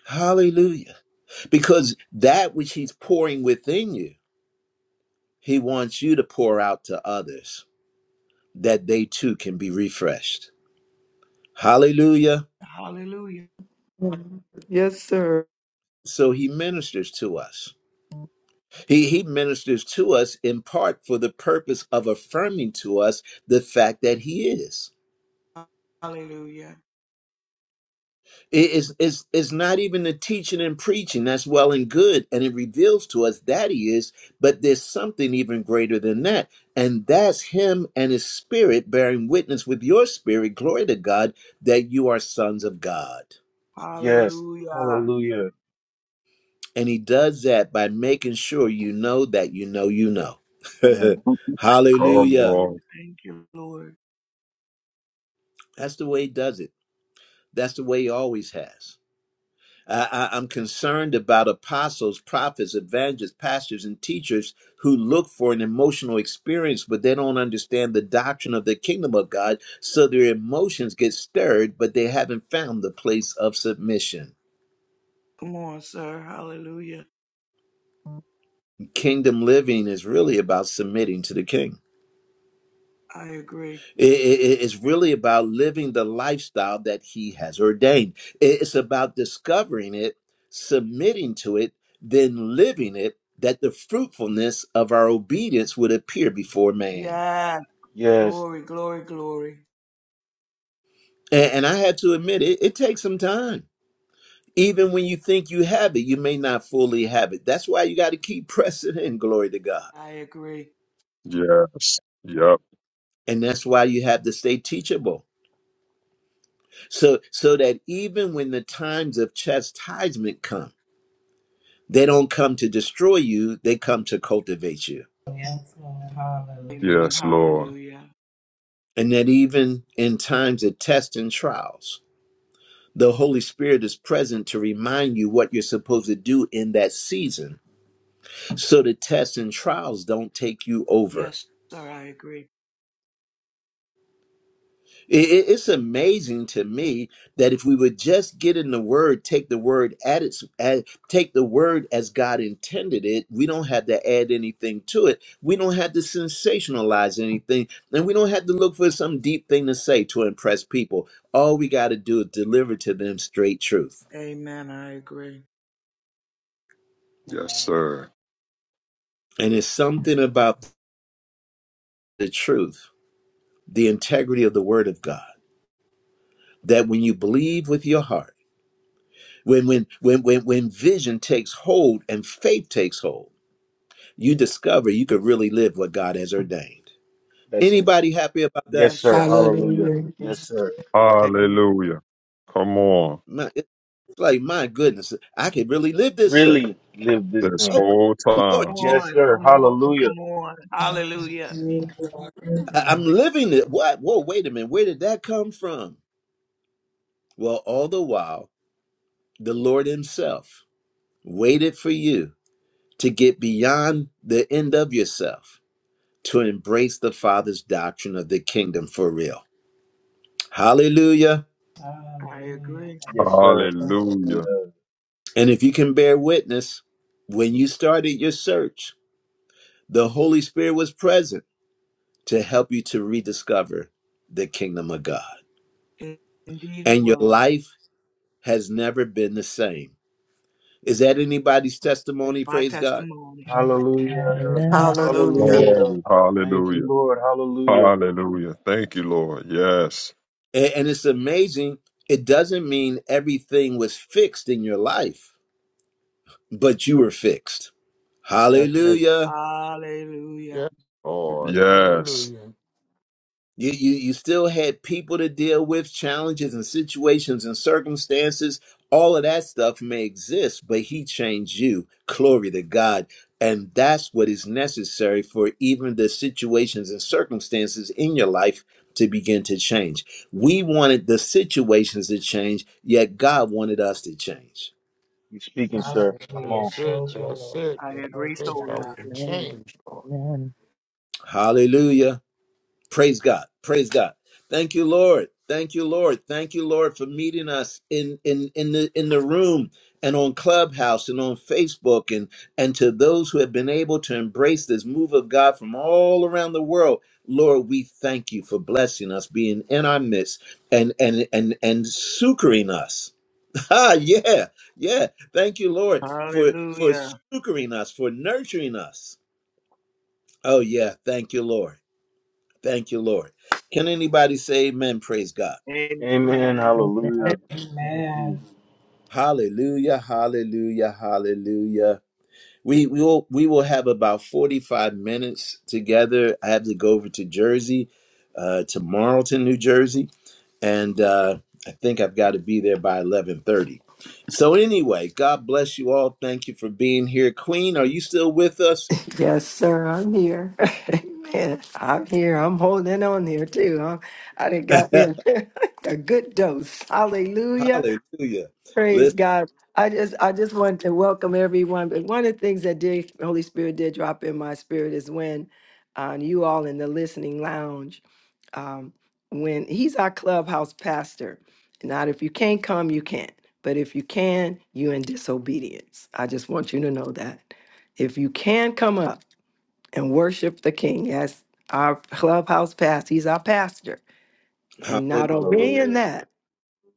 Hallelujah. Because that which he's pouring within you, he wants you to pour out to others that they too can be refreshed. Hallelujah.
Hallelujah. Hallelujah.
Yes, sir.
So he ministers to us. He, he ministers to us in part for the purpose of affirming to us the fact that he is.
Hallelujah.
It is is is not even the teaching and preaching that's well and good, and it reveals to us that he is, but there's something even greater than that, and that's him and his spirit bearing witness with your spirit, glory to God, that you are sons of God.
Yes.
Hallelujah.
Hallelujah.
And he does that by making sure you know that you know you know.
Come
*laughs*
on.
Thank
Come
you,
Hallelujah.
on.
Lord. Thank you, Lord.
That's the way he does it. That's the way he always has. I, I, I'm concerned about apostles, prophets, evangelists, pastors, and teachers who look for an emotional experience, but they don't understand the doctrine of the kingdom of God. So their emotions get stirred, but they haven't found the place of submission.
Come on, sir. Hallelujah.
Kingdom living is really about submitting to the king.
I agree.
It- it- it's really about living the lifestyle that he has ordained. It's about discovering it, submitting to it, then living it, that the fruitfulness of our obedience would appear before man.
Yes.
Yes.
Glory, glory, glory.
And, and I have to admit, it, it takes some time. Even when you think you have it, you may not fully have it. That's why you got to keep *laughs* pressing in, glory to God.
I agree.
Yes. Yep.
And that's why you have to stay teachable. So so that even when the times of chastisement come They don't come to destroy you, they come to cultivate you.
Yes, Lord. Hallelujah.
Amen.
Yes, Lord.
Hallelujah.
And that even in times of tests and trials, the Holy Spirit is present to remind you what you're supposed to do in that season so the tests and trials don't take you over.
Yes, sir. I agree.
It- it- It's amazing to me that if we would just get in the word, take the word at its, at, take the word as God intended it. We don't have to add anything to it. We don't have to sensationalize anything, and we don't have to look for some deep thing to say to impress people. All we got to do is deliver to them straight truth,
Amen. I agree.
Yes,
Amen.
sir.
and it's something about the truth, the integrity of the Word of God, that when you believe with your heart, when when when when when vision takes hold and faith takes hold you discover you could really live what God has ordained.
That's it.
Anybody happy about
Yes,
that?
Yes,
sir.
sir. I
Hallelujah.
agree.
Hallelujah.
Yes,
Yes,
sir.
*laughs* Amen.
Hallelujah. Come on.
My, it's like, my goodness, I could really live this thing.
Really live this
This
Oh,
thing.
whole
my Lord
Come
time.
Jesus,
Yes,
on.
sir.
Come on.
Hallelujah.
Come on. Hallelujah.
Thank you, Lord. Thank you,
I- I'm
Lord.
living it. What? Whoa, wait a minute. Where did that come from? Well, all the while, the Lord Himself waited for you to get beyond the end of yourself to embrace the Father's doctrine of the kingdom for real. Hallelujah.
I
Hallelujah.
agree.
Thank you.
Yes, sir.
Lord.
Hallelujah.
Hallelujah.
And if you can bear witness, when you started your search, The Holy Spirit was present to help you to rediscover the kingdom of God.
Indeed,
And your
was.
life has never been the same. Is that anybody's
That's
testimony?
my
Praise God.
testimony.
Amen.
Hallelujah.
Amen.
Hallelujah.
Hallelujah.
Hallelujah.
Glory.
Thank you,
Hallelujah.
Lord. Hallelujah.
Hallelujah. Thank you, Lord. Yes.
A- And it's amazing. It doesn't mean everything was fixed in your life, but you were fixed.
Yes, yes.
Hallelujah.
Hallelujah.
Yes, Lord.
Yes.
Hallelujah.
You, you, you still had people to deal with, challenges and situations and circumstances. All of that stuff may exist, but He changed you. Glory to God. And that's what is necessary for even the situations and circumstances in your life to begin to change. We wanted the situations to change, yet God wanted us to change.
You're speaking, sir. Come
Hallelujah.
on.
That's it.
Change me,
That's
Lord.
it.
I
Glory
agree
to
That's it. Help
totally.
God.
and
Amen.
change, Lord.
Amen.
Hallelujah. Praise God. Praise God. Thank you, Lord. Thank you, Lord. Thank you, Lord, for meeting us in in in the in the room and on Clubhouse and on Facebook and and to those who have been able to embrace this move of God from all around the world. Lord, we thank you for blessing us, being in our midst and and and and succoring us. *laughs* Ah, yeah, yeah. Thank you, Lord, for for
Hallelujah.
succoring us, for nurturing us. Oh yeah, thank you, Lord. Thank you, Lord. Can anybody say amen? Praise God.
Amen.
Amen.
Hallelujah. Thank
Amen.
you.
Hallelujah, hallelujah, hallelujah. We, we will we will have about 45 minutes together. I have to go over to Jersey, uh, to Marlton, New Jersey, and uh, I think I've got to be there by 11:30. So anyway, God bless you all. Thank you for being here, Queen. Are you still with us?
Yes, sir. I'm here. *laughs* Amen. I'm here. I'm holding on here too. Huh? I done
*laughs*
got me a, *laughs* a good dose. Hallelujah.
hallelujah.
Praise
Listen,
God. I just I just wanted to welcome everyone. But one of the things that did Holy Spirit did drop in my spirit is when um, you all in the listening lounge. um, when he's our clubhouse pastor. Not if you can't come, you can't. But if you can, you in disobedience. I just want you to know that. If you can come up and worship the King as our clubhouse pastor, he's our pastor, and not
hallelujah,
obeying
Hallelujah.
that,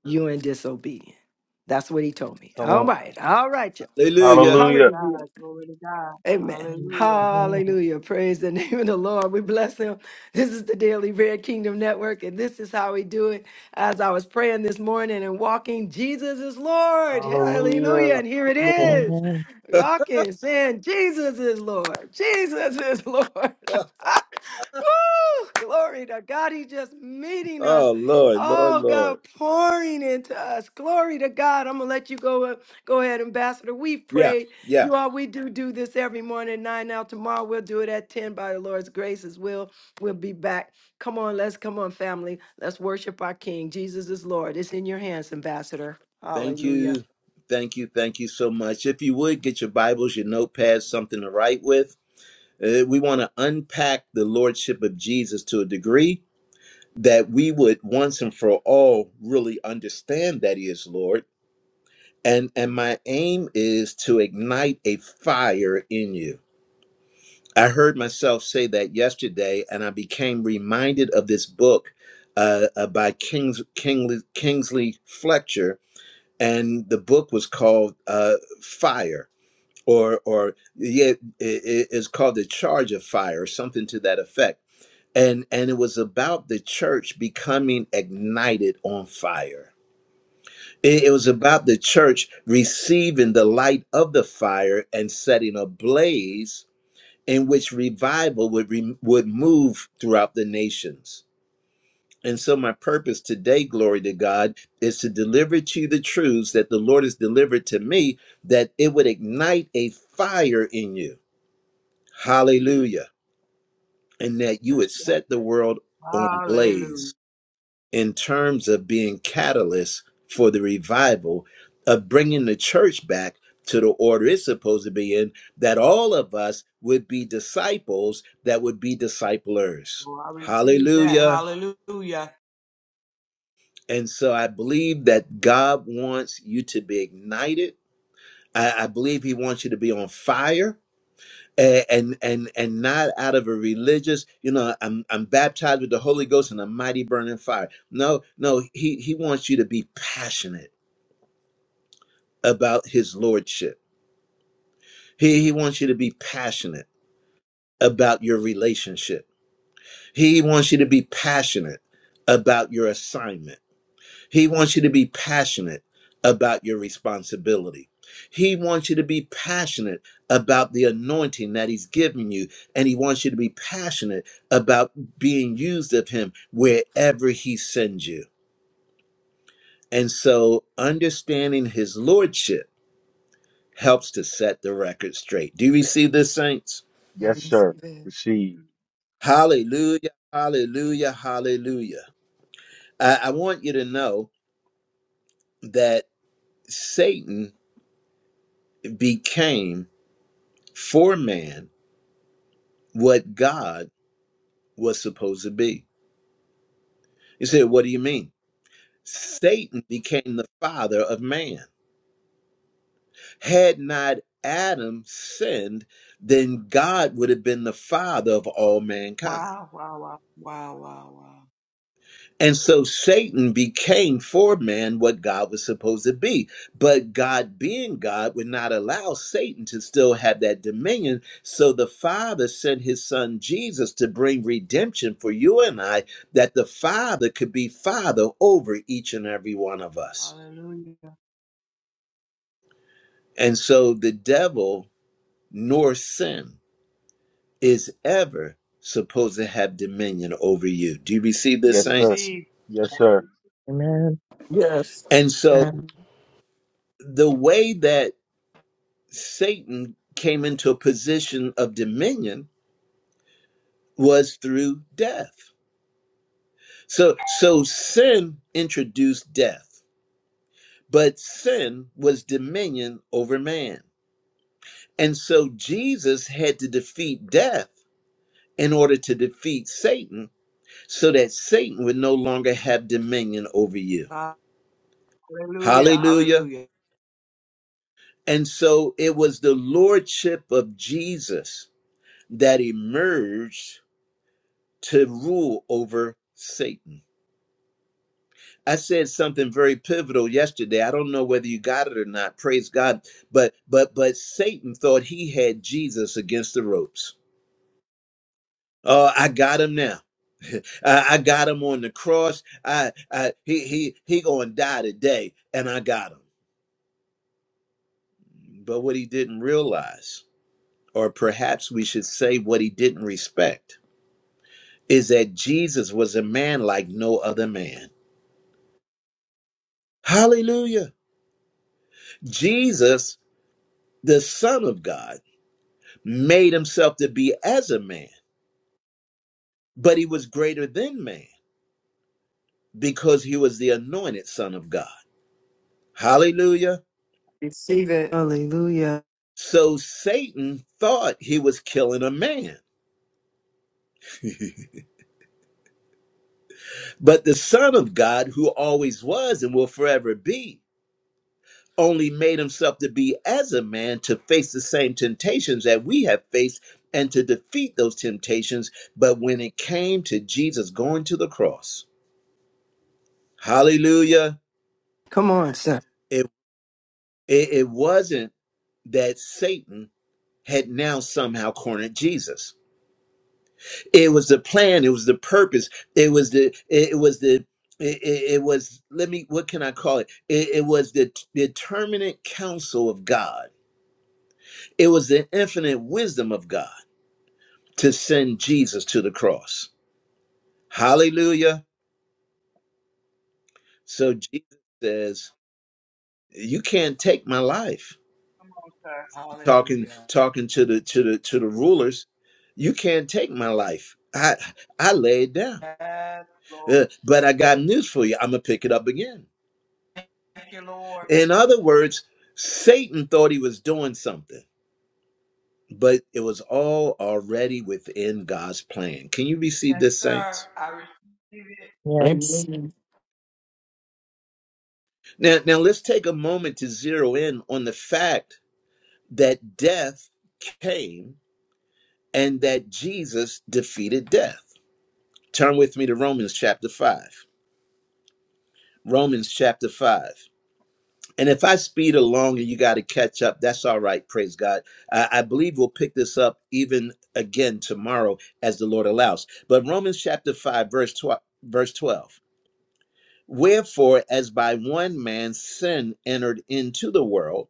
you in disobedience. That's what he told me.
Come
All
on.
right, all right, y'all.
hallelujah.
Glory to
Hallelujah.
hallelujah.
God. Glory to God.
Amen.
Amen.
Hallelujah.
Amen.
Hallelujah. Praise the *laughs* name of the Lord. We bless him. This is the Daily Bread Kingdom Network, and this is how we do it. As I was praying this morning and walking, Jesus is Lord.
Hallelujah.
Hallelujah.
Oh,
And here it
come
is.
Amen.
on.
Walking, saying, Jesus is Lord. Jesus is Lord. *laughs*
*laughs*
Woo! Glory to God. He's just meeting us.
Oh Lord, Lord,
Oh God,
Lord.
pouring into us. Glory to God. I'm gonna let you go. uh, Go ahead, Ambassador. We've
Yeah,
prayed.
yeah.
You all, we do do this every morning at nine. Now tomorrow we'll do it at ten by the Lord's grace as well. We'll be back. Come on, let's come on, family. Let's worship our King. Jesus is Lord. It's in your hands, Ambassador.
Thank
Hallelujah.
you. Thank you. Thank you so much. If you would get your Bibles, your notepads, something to write with. Uh, we want to unpack the Lordship of Jesus to a degree that we would once and for all really understand that He is Lord. And and my aim is to ignite a fire in you I heard myself say that yesterday, and I became reminded of this book uh, uh, by Kings, Kingsley, Kingsley Fletcher, and the book was called uh, "Fire," or or yeah, it, it's called "The Charge of Fire," or something to that effect. And and it was about the church becoming ignited on fire. It, it was about the church receiving the light of the fire and setting ablaze in which revival would re- would move throughout the nations. And so my purpose today, glory to God, is to deliver to you the truths that the Lord has delivered to me that it would ignite a fire in you. Hallelujah. And that you
yes,
would
yes,
set the
yes. yes.
world on blaze
Hallelujah.
in terms of being catalysts for the revival of bringing the church back to the order it's supposed to be in that all of us would be disciples that would be disciplers
Oh, I receive that.
hallelujah
Hallelujah.
and so i believe that god wants you to be ignited i, I believe he wants you to be on fire a- and and and not out of a religious you know i'm i'm baptized with the holy ghost and a mighty burning fire no no he he wants you to be passionate about his lordship. He, he wants you to be passionate about your relationship. He wants you to be passionate about your assignment. He wants you to be passionate about your responsibility. He wants you to be passionate about the anointing that he's given you, and he wants you to be passionate about being used of him wherever he sends you. And so, understanding his lordship helps to set the record straight. Do you receive this, saints?
I
Yes, sir.
receive it.
Receive.
Hallelujah, hallelujah, hallelujah. I, I want you to know that Satan became for man what God was supposed to be. You say, what do you mean? Satan became the father of man. Had not Adam sinned, then God would have been the father of all mankind.
Wow, wow, wow, wow, wow, wow.
And so Satan became for man what God was supposed to be. But God, being God, would not allow Satan to still have that dominion. So the Father sent his son Jesus to bring redemption for you and I, that the Father could be Father over each and every one of us.
Hallelujah.
And so the devil nor sin is ever supposed to have dominion over you. Do you receive this,
Yes, sir.
saints?
Receive.
Yes, sir.
Amen.
Yes.
And so
Amen.
the way that Satan came into a position of dominion was through death. So so sin introduced death, but sin was dominion over man. And so Jesus had to defeat death in order to defeat Satan so that Satan would no longer have dominion over you.
Hallelujah.
Hallelujah.
Hallelujah.
And so it was the lordship of Jesus that emerged to rule over Satan. I said something very pivotal yesterday. I don't know whether you got it or not. Praise God. But but but Satan thought he had Jesus against the ropes. Oh, I got him now. *laughs* I, I got him on the cross. I, I he he he gonna die today, and I got him. But what he didn't realize, or perhaps we should say what he didn't respect, is that Jesus was a man like no other man. Hallelujah. Jesus, the Son of God made himself to be as a man, but he was greater than man because he was the anointed son of God. Hallelujah.
Receive it. Hallelujah.
So Satan thought he was killing a man, *laughs* but the son of God, who always was and will forever be, only made himself to be as a man to face the same temptations that we have faced and to defeat those temptations. But when it came to Jesus going to the cross, hallelujah,
Come on, sir.
it, it, it wasn't that Satan had now somehow cornered Jesus. It was the plan, it was the purpose, it was the it was the it, it- it was let me what can I call it? It, it was the determinate counsel of God. It was the infinite wisdom of God to send Jesus to the cross. Hallelujah. So Jesus says, you can't take my life.
Come on, sir.
Talking
Hallelujah.
talking to the to the to the rulers, you can't take my life. I I lay it down.
Yes, Lord.
Uh, but I got news for you. I'm going to pick it up again.
Thank you, Lord.
In other words, Satan thought he was doing something, but it was all already within God's plan. Can you receive
Yes,
this,
sir.
saints?
I receive it.
Yes.
Amen.
Now, now let's take a moment to zero in on the fact that death came and that Jesus defeated death. Turn with me to Romans chapter 5. Romans chapter 5. And if I speed along and you got to catch up, that's all right. Praise God. I, I believe we'll pick this up even again tomorrow as the Lord allows. But Romans chapter 5, verse 12, verse 12. Wherefore, as by one man sin entered into the world,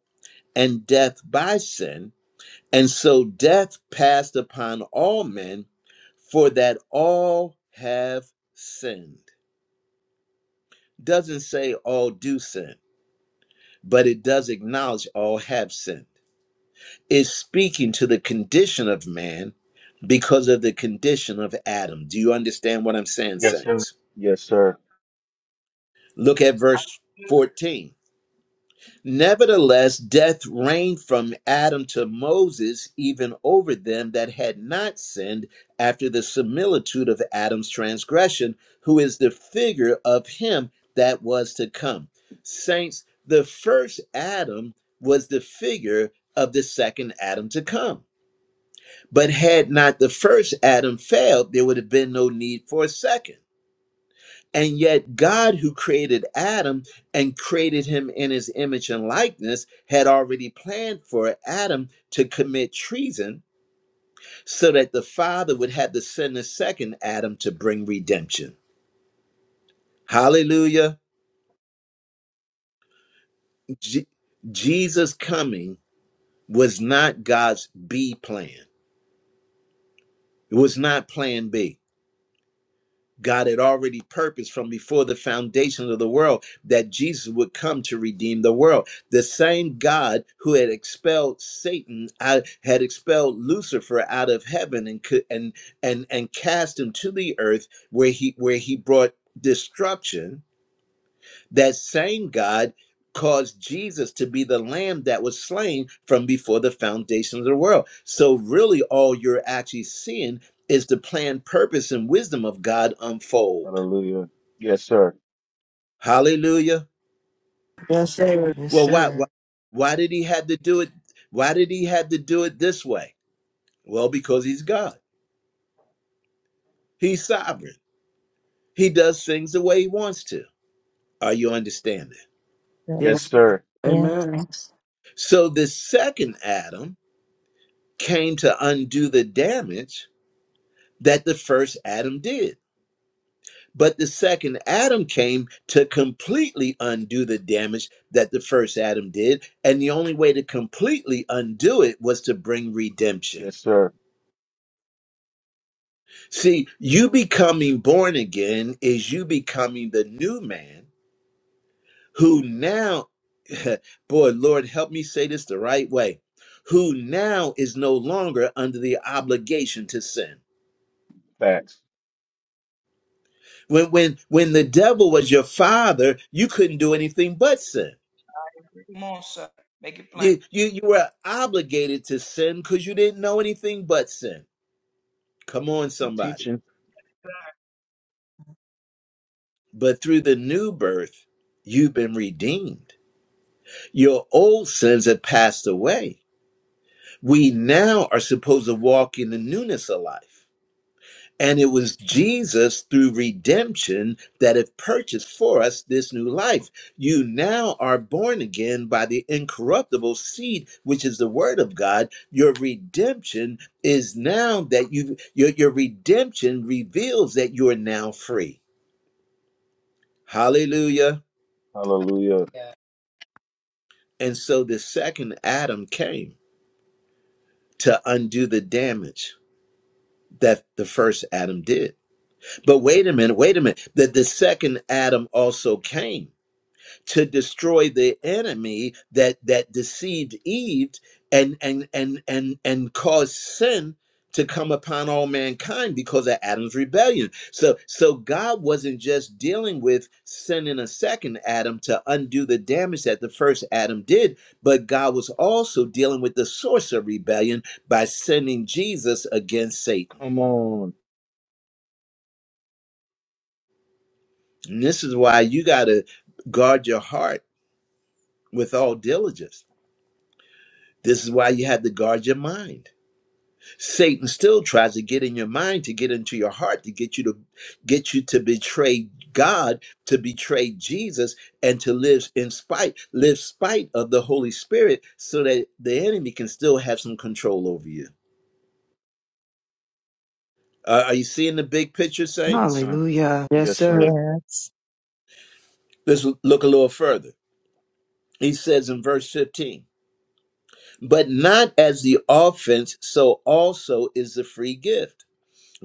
and death by sin, and so death passed upon all men, for that all have sinned. Doesn't say all do sin, but it does acknowledge all have sinned. is speaking to the condition of man because of the condition of Adam. Do you understand what I'm saying,
Yes, sir.
saints?
Yes, sir.
Look at verse 14. Nevertheless, death reigned from Adam to Moses, even over them that had not sinned, after the similitude of Adam's transgression, who is the figure of him that was to come. Saints, the first Adam was the figure of the second Adam to come. But had not the first Adam failed, there would have been no need for a second. And yet, God, who created Adam and created him in his image and likeness, had already planned for Adam to commit treason so that the Father would have to send a second Adam to bring redemption. Hallelujah. Je- Jesus' coming was not God's B plan, it was not plan B. God had already purposed from before the foundation of the world that Jesus would come to redeem the world. The same God who had expelled Satan out, had expelled Lucifer out of heaven and could, and and and cast him to the earth where he where he brought destruction. That same God caused Jesus to be the lamb that was slain from before the foundation of the world. So really all you're actually seeing is the plan, purpose, and wisdom of God unfold.
Hallelujah. Yes, sir.
Hallelujah.
Yes, sir. Yes,
Well, why, why
sir.
why did he have to do it? Why did he have to do it this way? Well, because he's God. He's sovereign. He does things the way he wants to. Are you understanding?
Yeah.
Yes,
Yes.
sir.
Yes,
Amen.
So the second Adam came to undo the damage that the first Adam did. But the second Adam came to completely undo the damage that the first Adam did. And the only way to completely undo it was to bring redemption.
Yes, sir.
See, you becoming born again is you becoming the new man who now, *laughs* boy, Lord, help me say this the right way, who now is no longer under the obligation to sin.
Facts.
When when when the devil was your father, you couldn't do anything but sin.
Come on, sir. Make it plain.
You you, you were obligated to sin because you didn't know anything but sin. Come on,
You
somebody.
teaching.
Sir.
But through the new birth, you've been redeemed. Your old sins have passed away We now are supposed to walk in the newness of life. And it was Jesus through redemption that have purchased for us this new life. You now are born again by the incorruptible seed, which is the word of God. Your redemption is now that you your, your redemption reveals that you are now free. Hallelujah.
Hallelujah.
Yes.
And so the second Adam came to undo the damage that the first Adam did. But wait a minute, wait a minute. That the second Adam also came to destroy the enemy that that deceived Eve and and and and and caused sin to come upon all mankind because of Adam's rebellion. So so God wasn't just dealing with sin in a second Adam to undo the damage that the first Adam did, but God was also dealing with the source of rebellion by sending Jesus against Satan.
Come on.
And this is why you got to guard your heart with all diligence. This is why you had to guard your mind. Satan still tries to get in your mind, to get into your heart, to get you to get you to betray God, to betray Jesus, and to live in spite, live spite of the Holy Spirit, so that the enemy can still have some control over you. Uh, are you seeing the big picture, saints?
Mm.
Hallelujah. Yes,
Yes, sir.
sir.
yes.
Let's look a little further. He says in verse 15. But not as the offense, so also is the free gift.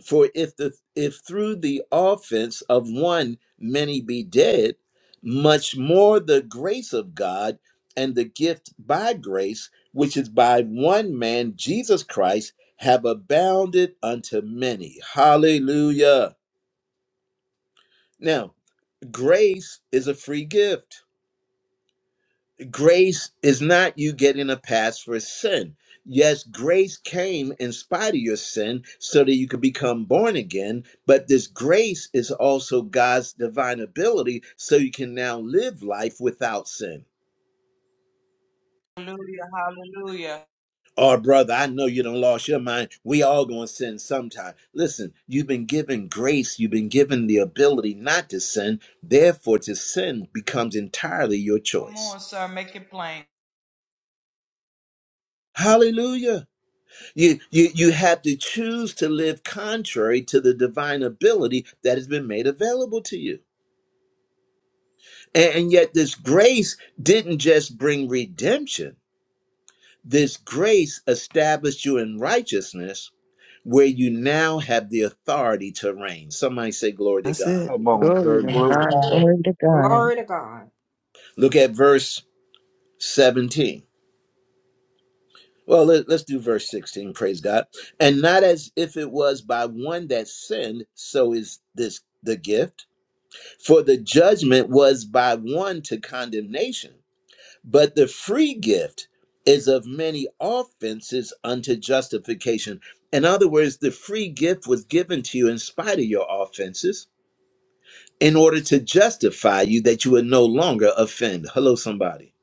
For if the if through the offense of one many be dead, much more the grace of God and the gift by grace, which is by one man Jesus Christ, have abounded unto many. Hallelujah. Now, grace is a free gift Grace is not you getting a pass for sin. Yes, grace came in spite of your sin so that you could become born again, but this grace is also God's divine ability so you can now live life without sin.
Hallelujah. Hallelujah.
Oh, brother, I know you don't lost your mind. We all gonna sin sometime. Listen, you've been given grace. You've been given the ability not to sin. Therefore, to sin becomes entirely your
Come
choice.
on, sir. Make it plain.
Hallelujah. You, you, you have to choose to live contrary to the divine ability that has been made available to you. And, and yet, this grace didn't just bring redemption, this grace established you in righteousness where you now have the authority to reign. Somebody say, Glory to
That's
God.
it.
Come on,
Glory
sir.
to
Glory to
God.
God.
God.
Glory to God.
Glory to God.
Look at verse 17. Well, let, us do verse 16, praise God. And not as if it was by one that sinned, so is this the gift For the judgment was by one to condemnation, but the free gift is of many offenses unto justification. In other words, the free gift was given to you in spite of your offenses in order to justify you that you would no longer offend. Hello, somebody.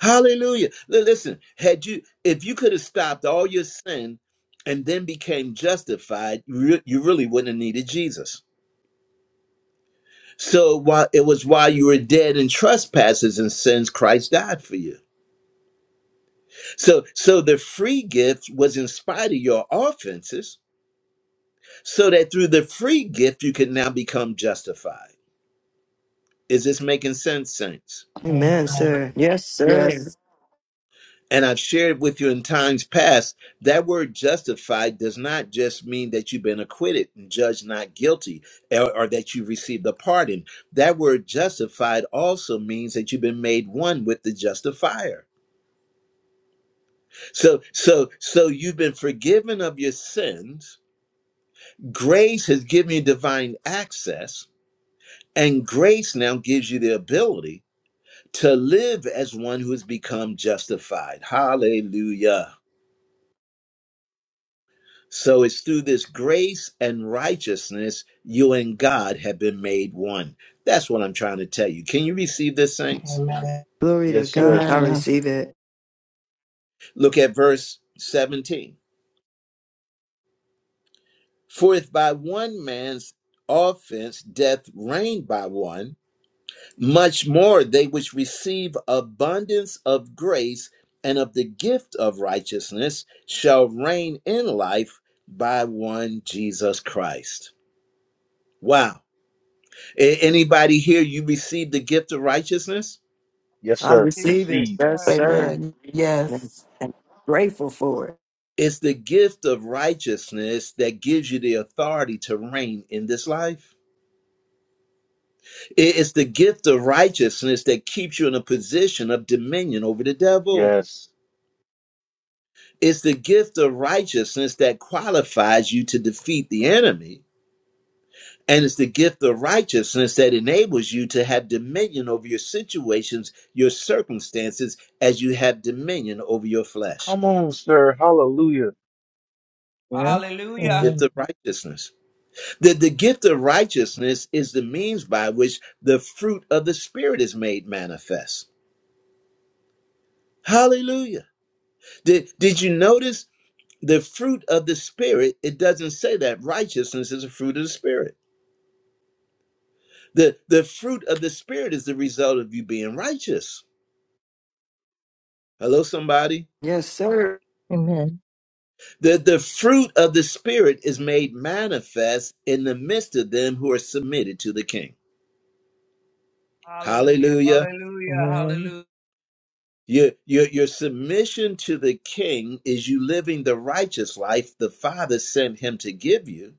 Hallelujah. Li- Listen, had you, if you could have stopped all your sin and then became justified, you re- you really wouldn't have needed Jesus. So while it was while you were dead in trespasses and sins, Christ died for you. So so the free gift was in spite of your offenses, so that through the free gift you can now become justified. Is this making sense, saints?
Amen,
Amen.
sir. Yes, sir.
Yes.
And I've shared with you in times past that word justified does not just mean that you've been acquitted and judged not guilty or, or that you received a pardon. That word justified also means that you've been made one with the justifier So so so you've been forgiven of your sins. Grace has given you divine access, and grace now gives you the ability to live as one who has become justified. Hallelujah. So it's through this grace and righteousness you and God have been made one. That's what I'm trying to tell you. Can you receive this, saints?
Amen.
Glory to
Yes, sir.
God. I
Amen.
receive it.
Look at verse 17. For if by one man's offense death reigned by one, Much more, they which receive abundance of grace and of the gift of righteousness shall reign in life by one Jesus Christ. Wow. A- Anybody here, you received the gift of righteousness?
Yes,
I
sir.
receive
Yes,
it.
Receive.
Yes,
sir.
sir.
Amen.
And
Yes.
I'm grateful for it.
It's the gift of righteousness that gives you the authority to reign in this life. I- It's the gift of righteousness that keeps you in a position of dominion over the devil.
Yes.
It's the gift of righteousness that qualifies you to defeat the enemy. And it's the gift of righteousness that enables you to have dominion over your situations, your circumstances, as you have dominion over your flesh.
Come on, sir. Hallelujah.
Yeah.
The
Hallelujah.
gift
Amen.
of righteousness. The, the gift of righteousness is the means by which the fruit of the Spirit is made manifest. Hallelujah. Did, did you notice the fruit of the Spirit? It doesn't say that righteousness is a fruit of the Spirit. The the fruit of the spirit is the result of you being righteous. Hello, somebody.
Yes, sir.
Amen.
The the fruit of the spirit is made manifest in the midst of them who are submitted to the king.
Hallelujah.
Hallelujah.
Hallelujah.
Amen.
Hallelujah.
Your, your, your submission to the king is you living the righteous life the Father sent him to give you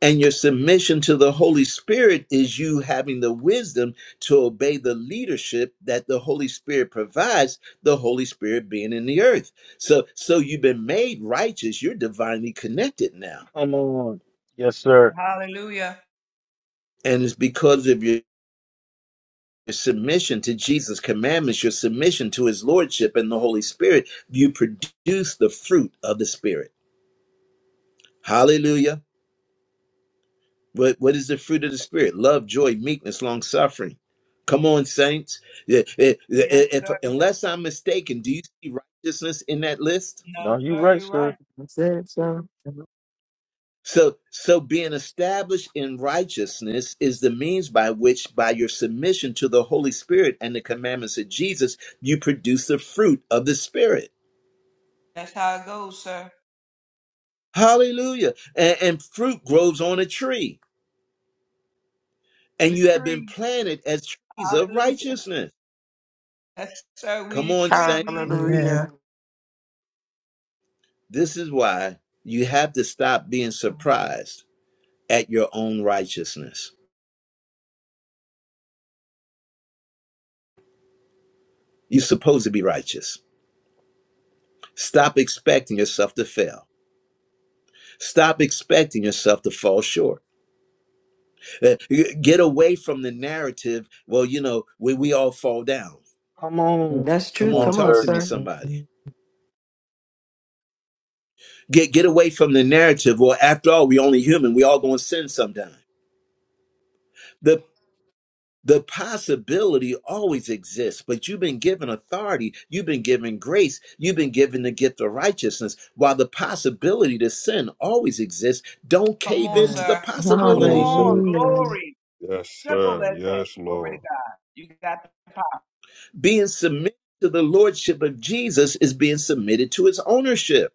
And your submission to the Holy Spirit is you having the wisdom to obey the leadership that the Holy Spirit provides, the Holy Spirit being in the earth. So so you've been made righteous, you're divinely connected now.
Come on. Yes, sir.
Hallelujah.
And it's because of your submission to Jesus' commandments, your submission to his lordship and the Holy Spirit, you produce the fruit of the Spirit. Hallelujah. What what is the fruit of the spirit? Love, joy, meekness, long suffering. Come on, saints. Yeah, eh, eh,
Yes,
eh,
sir.
If,
Yes,
unless
sir.
I'm mistaken, do you see righteousness in that list?
No,
No, you
sir,
right,
you're right.
sir.
I said so.
Amen.
So so being established in righteousness is the means by which by your submission to the Holy Spirit and the commandments of Jesus, you produce the fruit of the Spirit.
That's how it goes, sir.
Hallelujah. And, and fruit grows on a tree,
We
and
the
you have been
tree.
planted as trees of
Hallelujah.
righteousness.
Yes, sir. We
Come
the
on,
tree.
saints.
We the tree.
Hallelujah.
This is why you have to stop being surprised at your own righteousness. You're supposed to be righteous. Stop expecting yourself to fail. Stop expecting yourself to fall short. Uh, Get away from the narrative, well, you know, we, we all fall down.
Come on.
Amen.
That's
Come
Come
true.
on,
on,
Come on,
talk to
sir.
me,
sir.
somebody. Get, get away from the narrative, well, after all, we're only human. We all going to sin sometime The The possibility always exists, but you've been given authority, you've been given grace, you've been given the gift of righteousness. While the possibility to sin always exists, don't
Come
cave
on,
Yeah.
into the
sir.
Come
Come
on,
possibility.
on.
sir.
Hallelujah.
Glory.
Yes,
Simple
sir.
as that.
Yes,
Glory to
Lord.
God. You got the power.
Being submitted to the lordship of Jesus is being submitted to his ownership.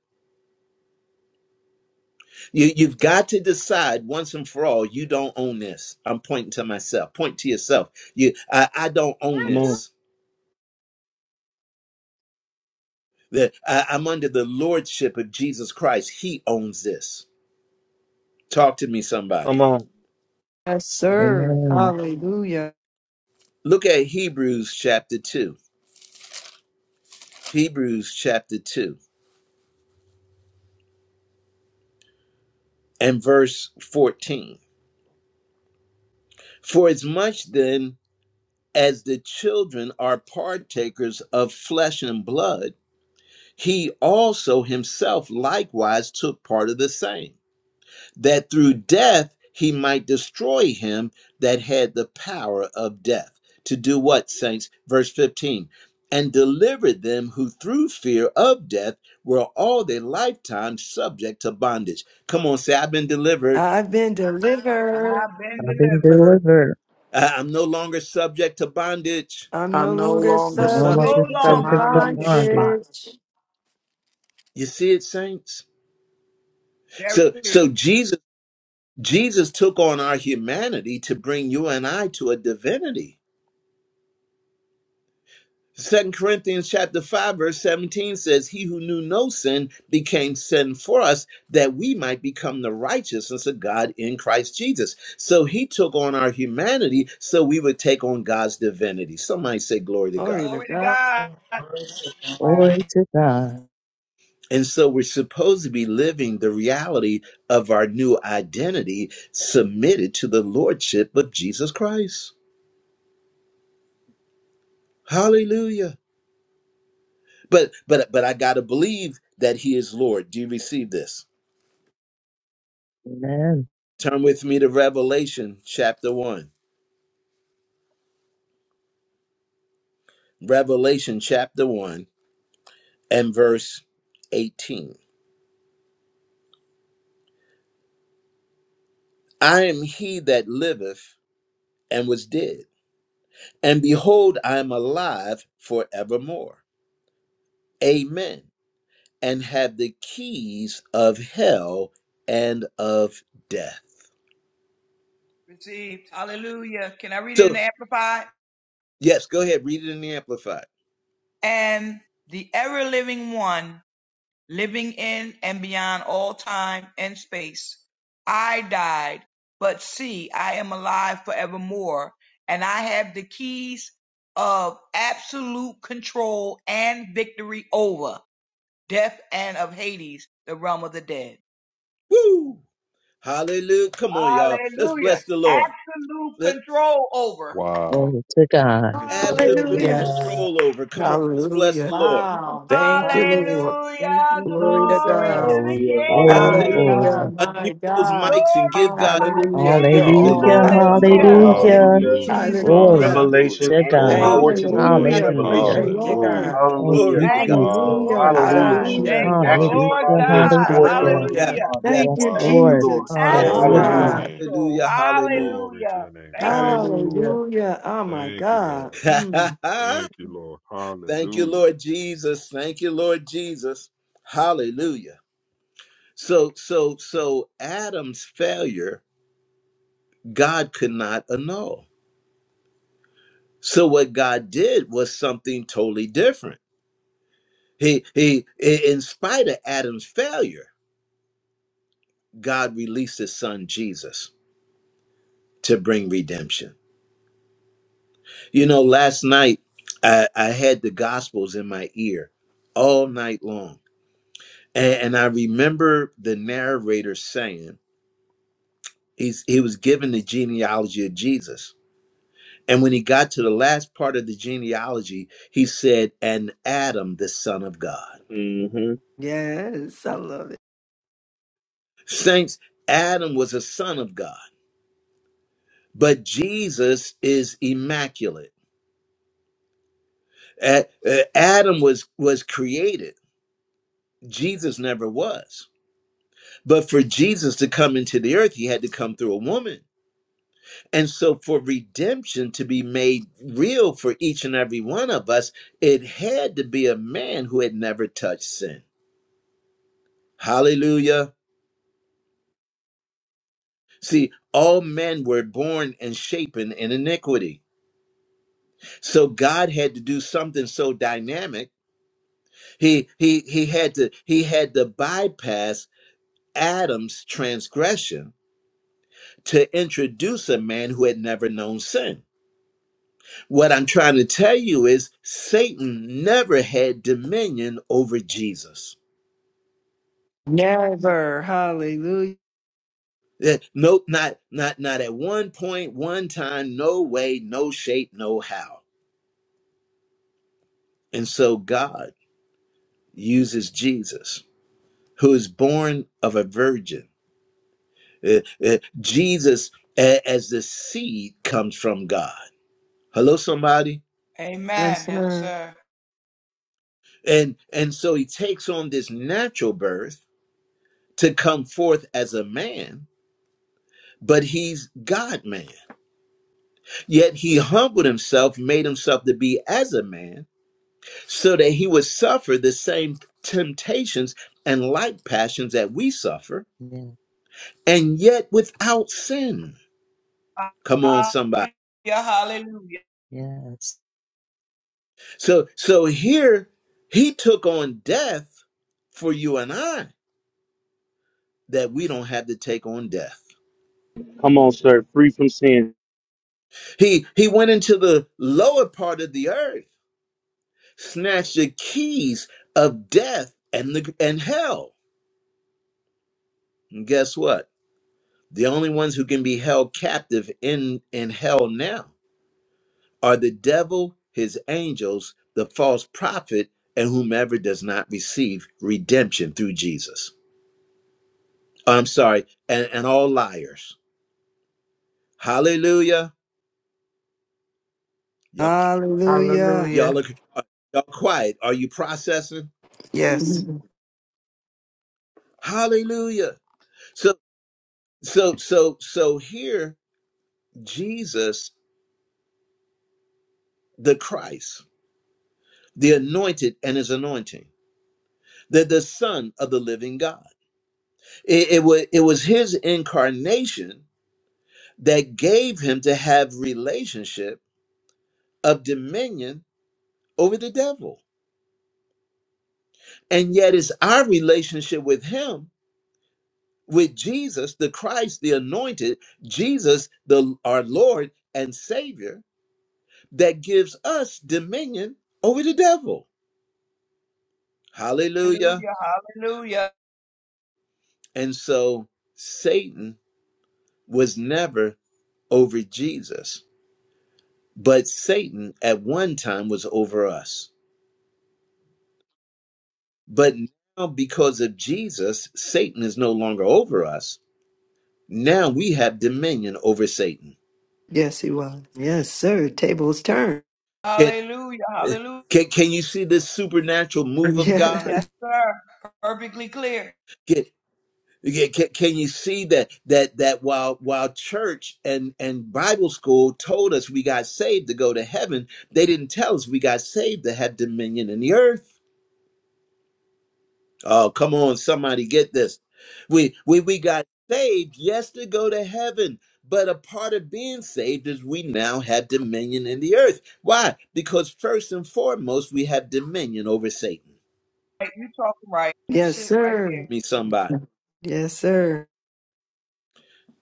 You, you've got to decide once and for all, you don't own this. I'm pointing to myself, point to yourself. You, I, I don't own
Come on.
this. That I, I'm under the lordship of Jesus Christ. He owns this. Talk to me,
Come
somebody.
on.
Yes, sir.
Amen.
Hallelujah.
Look at Hebrews chapter 2. Hebrews chapter 2 and verse 14. For as much then as the children are partakers of flesh and blood, he also himself likewise took part of the same that through death he might destroy him that had the power of death. To do what, saints? Verse 15. And delivered them who through fear of death were all their lifetime subject to bondage. Come on, say, I've been delivered.
I've been delivered.
I've been
I've been
delivered.
delivered.
I- I'm no longer subject to bondage.
I'm no
I'm no
longer
longer
And no
No
longer
subject
subject to
to
longer
subject to
subject to
bondage.
bondage.
bondage.
bondage.
You see it, saints?
Very
So
clear.
so Jesus Jesus took on our humanity to bring you and I to a divinity. Second Corinthians chapter 5, verse 17 says, He who knew no sin became sin for us that we might become the righteousness of God in Christ Jesus. So he took on our humanity so we would take on God's divinity. Somebody say glory to God.
Glory to
Glory to
God.
God.
Glory to God.
And so we're supposed to be living the reality of our new identity submitted to the Lordship of Jesus Christ. Hallelujah. But but but I gotta believe that He is Lord. Do you receive this?
Amen.
Turn with me to Revelation chapter 1. Revelation chapter 1 and verse 18. I am he that liveth and was dead, and behold, I am alive forevermore. Amen. And have the keys of hell and of death.
Received. Hallelujah. Can I read it in the
So,
Amplified?
yes, go ahead, read it in the Amplified.
And the ever living one living in and beyond all time and space. I died, but see, I am alive forevermore, and I have the keys of absolute control and victory over death and of Hades, the realm of the dead.
Woo! Hallelujah. Come on, y'all. Let's
Hallelujah.
bless the Lord.
Absolute
Let
control over.
Wow.
Glory to God.
absolute
Hallelujah.
Yes.
Hallelujah.
control over. Come on, let's bless the
Hallelujah.
Lord.
Wow.
Thank you,
Wow.
Lord.
Thank
Hallelujah.
you,
Glory to
Glory to
God.
Jesus.
the
Hallelujah.
That's
Glory,
it.
My
Hallelujah.
King.
glory.
God,
Hallelujah.
my
Unmute those
God.
mics and
Glory
give
to
God
my
Hallelujah.
Hallelujah. You're
Thank
King.
you,
all
hallelujah,
Hallelujah.
Lord
powerful,
Jesus.
Hallelujah.
Oh,
Lord.
thank
Hallelujah.
you,
Hallelujah.
Hallelujah.
Jesus.
Glory
Hallelujah.
hallelujah,
Revelation
Hallelujah.
to
and
God.
hallelujah.
Glory
Thank
power
you,
to
to
your
do the
Lord.
name.
Hallelujah.
Absolute
Thank
revelation.
you,
Hallelujah.
Thank you,
Lord.
Hallelujah.
God.
Thank
Hallelujah.
glory
you,
to
Thank
God.
you,
Jesus.
Wow.
Lord
Hallelujah.
Hallelujah.
God.
Wow.
Truth
Hallelujah.
Thank
and
you,
Mm.
Wow.
action
Hallelujah.
from
Lord
our limbs,
God.
Hallelujah.
Wow.
corresponding
Yeah,
Hallelujah.
Hallelujah.
response.
yeah.
Thank
Yes,
you,
Wow.
Thank you,
Lord.
Lord.
Jesus.
Yes,
Glory to
Hallelujah,
Absolute
your
Hallelujah.
Hallelujah.
God.
Ah,
name.
control.
hallelujah,
Glory to
Hallelujah.
your name.
Thank you,
Thank
Lord.
you, Lord.
Hallelujah.
hallelujah. Oh, my
Thank you,
God.
Lord.
hallelujah.
Mm.
*laughs*
Thank you, Lord.
Thank you,
Hallelujah.
Lord Jesus. Thank you, Lord Jesus. Hallelujah. So, so, so Adam's failure, God could not annul. So what God did was something totally different. He, he, in in spite of Adam's failure, God released his son Jesus. to bring redemption. You know, last night I, I had the Gospels in my ear all night long. And, and I remember the narrator saying he's, he was given the genealogy of Jesus. And when he got to the last part of the genealogy, he said, And Adam, the son of God.
hmm
Yes, I love it.
Saints, Adam was a son of God, but Jesus is immaculate. A- uh, Adam was was created. Jesus never was. But for Jesus to come into the earth, he had to come through a woman. And so, for redemption to be made real for each and every one of us, it had to be a man who had never touched sin. Hallelujah. See, all men were born and shapen in iniquity. So God had to do something so dynamic. He he he had to he had to bypass Adam's transgression to introduce a man who had never known sin. What I'm trying to tell you is Satan never had dominion over Jesus.
Never. Hallelujah.
Eh, Nope, not not not at one point, one time, no way, no shape, no how. And so God uses Jesus, who is born of a virgin. Eh, eh, Jesus a- as the seed comes from God. Hello, somebody.
Yes,
Amen. Yes,
sir.
sir.
And and so he takes on this natural birth to come forth as a man, but he's God man. Yet he humbled himself, made himself to be as a man, so that he would suffer the same temptations and like passions that we suffer,
Yeah,
and yet without sin. Come on, somebody.
Hallelujah. Hallelujah.
yes.
So so here he took on death for you and I, that we don't have to take on death.
Come on, sir. Free from sin.
He he went into the lower part of the earth, snatched the keys of death and the and hell. And guess what? The only ones who can be held captive in, in hell now are the devil, his angels, the false prophet, and whomever does not receive redemption through Jesus. I'm sorry, and, and all liars. Hallelujah. Y'all,
Hallelujah.
y'all
Hallelujah.
look are y'all quiet. Are you processing?
Yes.
Mm.
Hallelujah. So so so so here Jesus, the Christ, the anointed and his anointing, the, the Son of the living God. It, it was it was his incarnation that gave him to have relationship of dominion over the devil. And yet it's our relationship with him, with Jesus, the Christ, the anointed, Jesus, the our Lord and Savior, that gives us dominion over the devil. Hallelujah.
Hallelujah. Hallelujah.
And so Satan was never over Jesus, but Satan at one time was over us. But now, because of Jesus, Satan is no longer over us. Now we have dominion over Satan.
Yes, he was. Yes, sir. Tables turned.
Can,
Hallelujah. Hallelujah.
can, can you see this supernatural move of God?
Yes,
Yes. *laughs*
sir. Perfectly clear.
Can, can, can you see that that that while while church and, and Bible school told us we got saved to go to heaven, they didn't tell us we got saved to have dominion in the earth. Oh, come on, somebody get this. We we we got saved, yes, to go to heaven. But a part of being saved is we now have dominion in the earth. Why? Because first and foremost, we have dominion over Satan.
Right, you talking right. That's
Yes,
it right
sir.
there.
Me, somebody.
Yes, sir.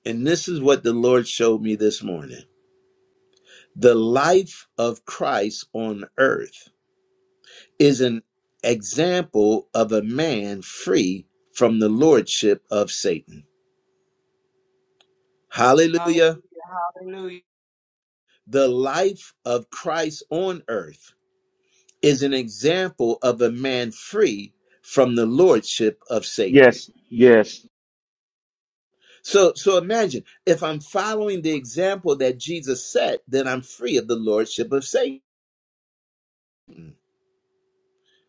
And this is what the Lord showed me this morning. The life of Christ on earth is an example of a man free from the lordship of Satan. Hallelujah.
Hallelujah. Hallelujah.
The life of Christ on earth is an example of a man free from the lordship of Satan.
Yes. Yes.
So, so imagine if I'm following the example that Jesus set, then I'm free of the lordship of Satan.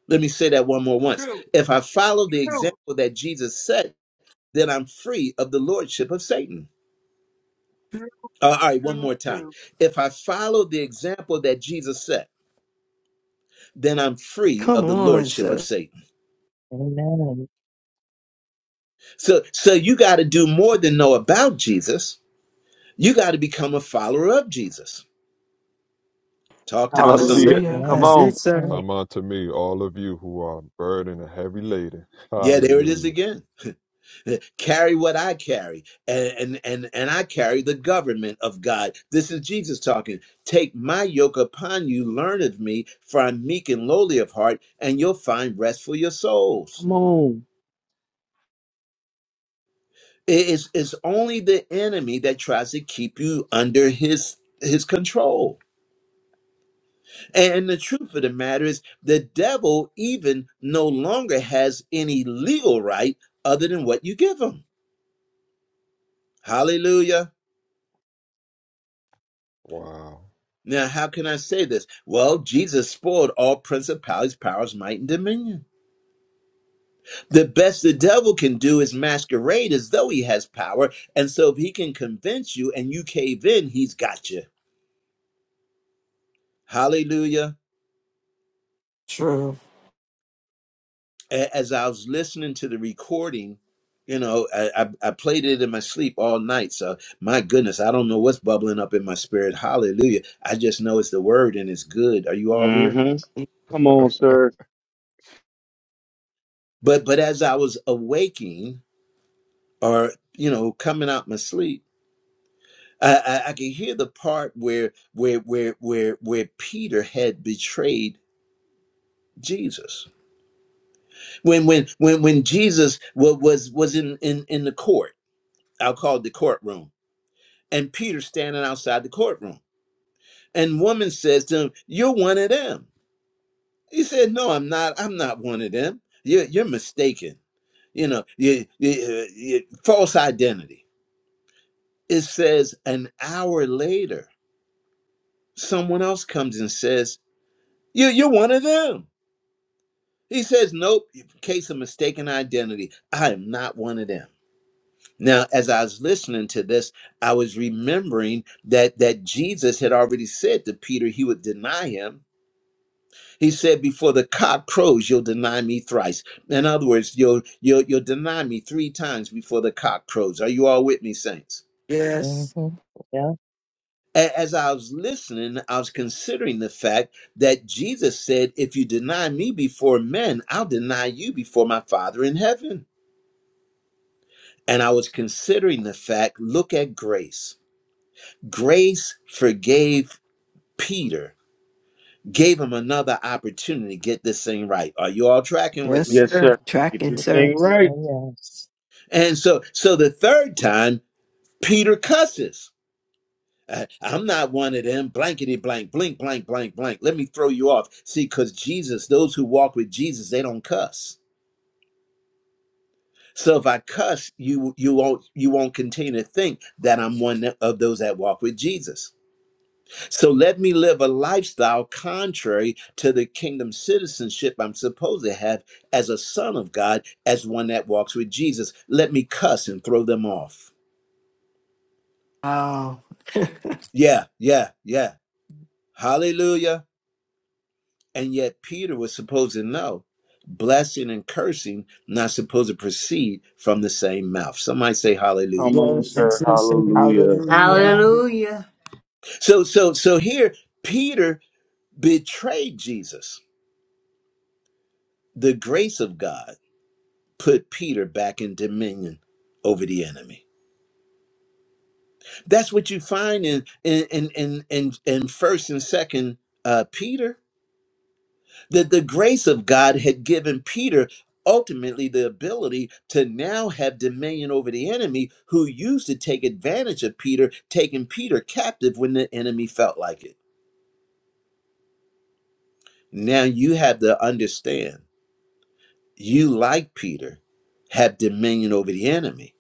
Let me say that one more once.
True.
If I follow the
True.
example that Jesus set, then I'm free of the lordship of Satan.
True.
Uh, all right, one
True.
more time.
True.
If I follow the example that Jesus set, then I'm free
Come
of the
on,
lordship of
sir.
Satan.
Amen.
So so you got to do more than know about Jesus. You got to become a follower of Jesus. Talk to me
Yes,
some.
Hallelujah.
sir.
Hallelujah.
Come
Amen.
That's
That's
on.
it, sir.
right.
Come unto me, all of you who are burdened and heavy laden. *laughs*
Yeah, there it is
Hallelujah.
again. *laughs* Carry what I carry, and, and and and I carry the government of God. This is Jesus talking. Take my yoke upon you, learn of me, for I'm meek and lowly of heart, and you'll find rest for your souls.
Come on.
It is it's only the enemy that tries to keep you under his his control And the truth of the matter is, the devil even no longer has any legal right other than what you give him. Hallelujah.
Wow.
Now, how can I say this? Well, Jesus spoiled all principalities, powers, might, and dominion. The best the devil can do is masquerade as though he has power. And so, if he can convince you and you cave in, he's got you. Hallelujah.
True.
a- as I was listening to the recording, you know, I, I, I played it in my sleep all night. So my goodness, I don't know what's bubbling up in my spirit. Hallelujah. I just know it's the word and it's good. Are you all here?
hmm Come on, sir.
But but as I was awaking or you know coming out my sleep, I, I, I could hear the part where where where where where Peter had betrayed Jesus. When when when when Jesus was was, was in, in in the court, I'll call it the courtroom and Peter standing outside the courtroom. And woman says to him, You're one of them. He said, No, I'm not. I'm not one of them. You're, you're mistaken. You know, you, you, you, false identity. It says an hour later, someone else comes and says, you, You're one of them. He says, Nope, case of mistaken identity. I am not one of them. Now, as I was listening to this, I was remembering that that Jesus had already said to Peter he would deny him He said, Before the cock crows, you'll deny me thrice. In other words, you'll, you'll, you'll deny me three times before the cock crows. Are you all with me, saints?
Yes.
Mm-hmm. Yeah.
A- As I was listening, I was considering the fact that Jesus said, If you deny me before men, I'll deny you before my Father in heaven. And I was considering the fact look at grace. Grace forgave Peter, gave him another opportunity to get this thing right. Are you all tracking with
Yes,
me?
Yes,
sir.
sir. Get
Tracking,
this
sir.
thing
Yes.
right.
Oh, yes.
And so, so the third time, Peter cusses. I, am not one of them. Blankety blank, blink, blank, blank, blank. Let me throw you off. See, because Jesus, those who walk with Jesus, they don't cuss. So if I cuss, you you won't you won't continue to think that I'm one of those that walk with Jesus. So let me live a lifestyle contrary to the kingdom citizenship I'm supposed to have as a son of God, as one that walks with Jesus. Let me cuss and throw them off.
Wow. *laughs* yes,
Yeah, yeah, yeah. Hallelujah. And yet Peter was supposed to know blessing and cursing not supposed to proceed from the same mouth. Somebody say hallelujah.
Come on,
Yes.
sir.
sir, sir.
Hallelujah.
Hallelujah.
Hallelujah.
Hallelujah.
So so so here Peter betrayed Jesus. The grace of God put Peter back in dominion over the enemy. That's what you find in in in in in, in first and second uh Peter. that the grace of God had given Peter ultimately the ability to now have dominion over the enemy who used to take advantage of Peter, taking Peter captive when the enemy felt like it. Now you have to understand you, like Peter, have dominion over the enemy,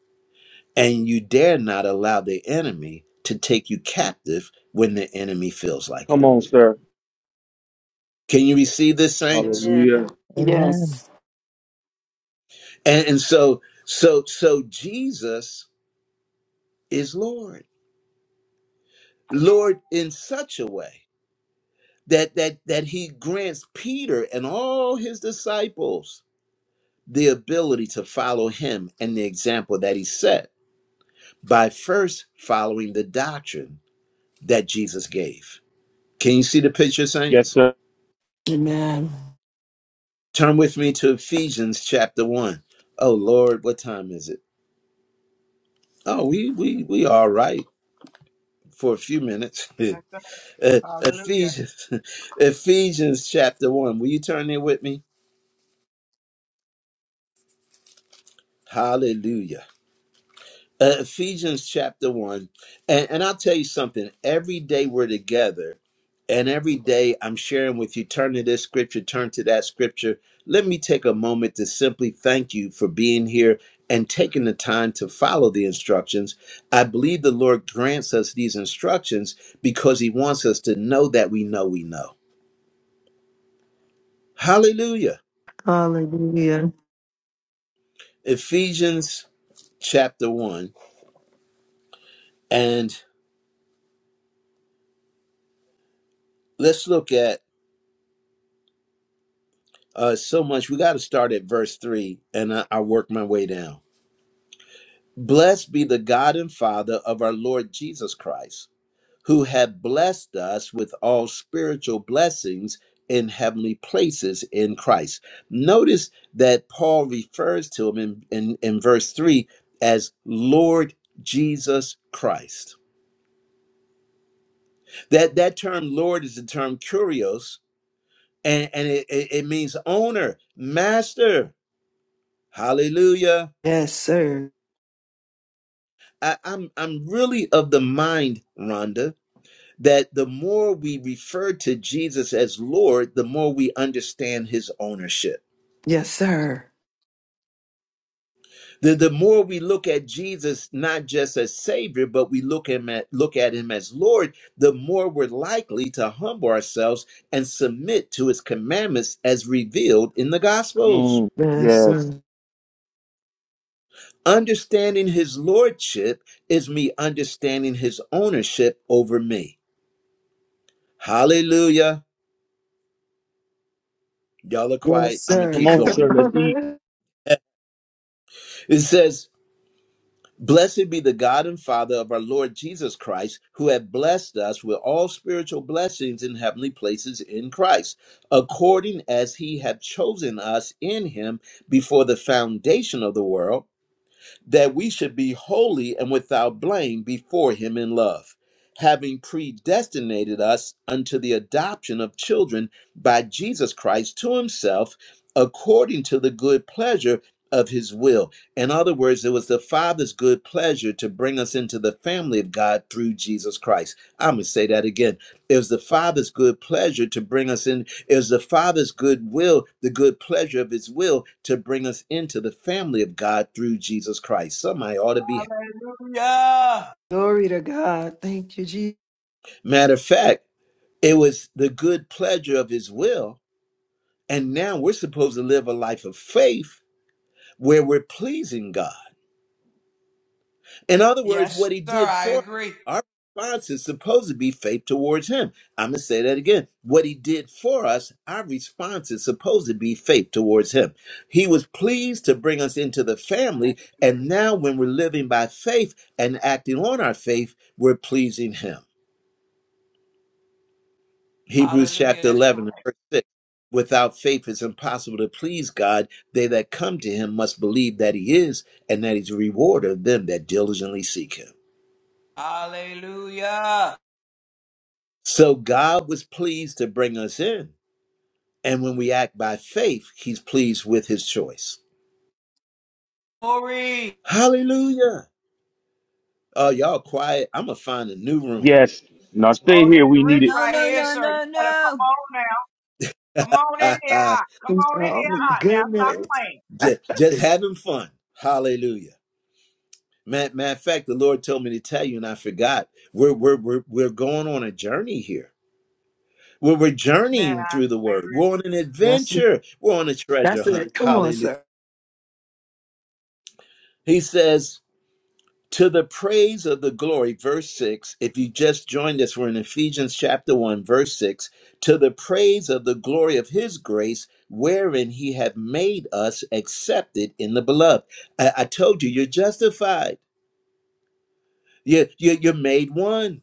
and you dare not allow the enemy to take you captive when the enemy feels like
Come
it.
on, sir.
Can you receive this, saints?
Amen.
Hallelujah.
Amen.
Yes.
And, and so, so, so Jesus is Lord. Lord in such a way that that that he grants Peter and all his disciples the ability to follow him and the example that he set by first following the doctrine that Jesus gave. Can you see the picture,
Yes,
saints?
sir.
Amen.
Turn with me to Ephesians chapter one. Oh Lord, what time is it? Oh, we we we all right for a few minutes. *laughs*
That's right.
Uh,
Hallelujah.
Ephesians, *laughs* Ephesians chapter one. Will you turn there with me? Hallelujah. Uh, Ephesians chapter 1. And, and I'll tell you something. Every day we're together, and every day I'm sharing with you, turn to this scripture, turn to that scripture. Let me take a moment to simply thank you for being here and taking the time to follow the instructions. I believe the Lord grants us these instructions because He wants us to know that we know we know. Hallelujah.
Hallelujah.
Ephesians chapter 1. And let's look at uh, so much. We got to start at verse three, and I, I work my way down. Blessed be the God and Father of our Lord Jesus Christ, who have blessed us with all spiritual blessings in heavenly places in Christ. Notice that Paul refers to him in, in, in verse three as Lord Jesus Christ. That that term Lord is the term curios, and, and it, it it means owner, master. Hallelujah
Yes, sir.
I, I'm I'm really of the mind, Rhonda, that the more we refer to Jesus as Lord, the more we understand his ownership.
Yes, sir.
The the more we look at Jesus not just as Savior, but we look him at look at him as Lord, the more we're likely to humble ourselves and submit to his commandments as revealed in the
Come
gospels.
on.
Yes, sir.
Yes.
Understanding his lordship is me understanding his ownership over me. Hallelujah. Y'all are
Yes,
quiet. I'm going to
sir. *laughs*
Come
keep
on,
going.
Come
sir. Let's eat.
on.
*laughs* It says, Blessed be the God and Father of our Lord Jesus Christ, who hath blessed us with all spiritual blessings in heavenly places in Christ, according as he hath chosen us in him before the foundation of the world that we should be holy and without blame before him in love, having predestinated us unto the adoption of children by Jesus Christ to himself, according to the good pleasure of his will. In other words, it was the Father's good pleasure to bring us into the family of God through Jesus Christ. I'm going to say that again it was the Father's good pleasure to bring us in. It was the Father's good will, the good pleasure of His will to bring us into the family of God through Jesus Christ. Somebody ought to be.
Hallelujah.
Glory to God. Thank you, Jesus.
Matter of fact, it was the good pleasure of His will. And now we're supposed to live a life of faith where we're pleasing God. In other words,
Yes,
what he
sir.
did
I
for us,
agree.
our response is supposed to be faith towards him. I'm going to say that again. What he did for us, our response is supposed to be faith towards him. He was pleased to bring us into the
I
family. And
agree.
now, when we're living by faith and acting on our faith, we're pleasing him. Hebrews
Hallelujah.
chapter
That's
11, and
correct.
verse 6. Without faith, it's impossible to please God. They that come to him must believe that he is and that he's a rewarder of them that diligently seek him.
Hallelujah.
So God was pleased to bring us in. And when we act by faith, he's pleased with his choice.
Glory.
Hallelujah. Oh, y'all quiet. I'm going to find a new room.
Yes. Now
Oh,
stay
this
here. We
rich
need it
No,
right
no,
here,
no,
sir. You
no,
better come
no.
on now. Come on in here
*laughs*
hot. Come on in
Oh,
here
my
hot now. Stop
goodness.
playing.
just, just having fun. Hallelujah. Matter, matter of fact, the Lord told me to tell you, and I forgot. We're, we're, we're, we're going on a journey here. We're, we're
Man,
journeying
I,
through the
I
word.
agree,
We're on an
That's it.
adventure. We're on a treasure
That's
hunt.
it. Come on,
Hallelujah.
sir.
He says, To the praise of the glory, verse 6. If you just joined us, we're in Ephesians chapter 1, verse 6. To the praise of the glory of his grace, wherein he hath made us accepted in the beloved. I, I told you, you're justified. You, you, you're made one.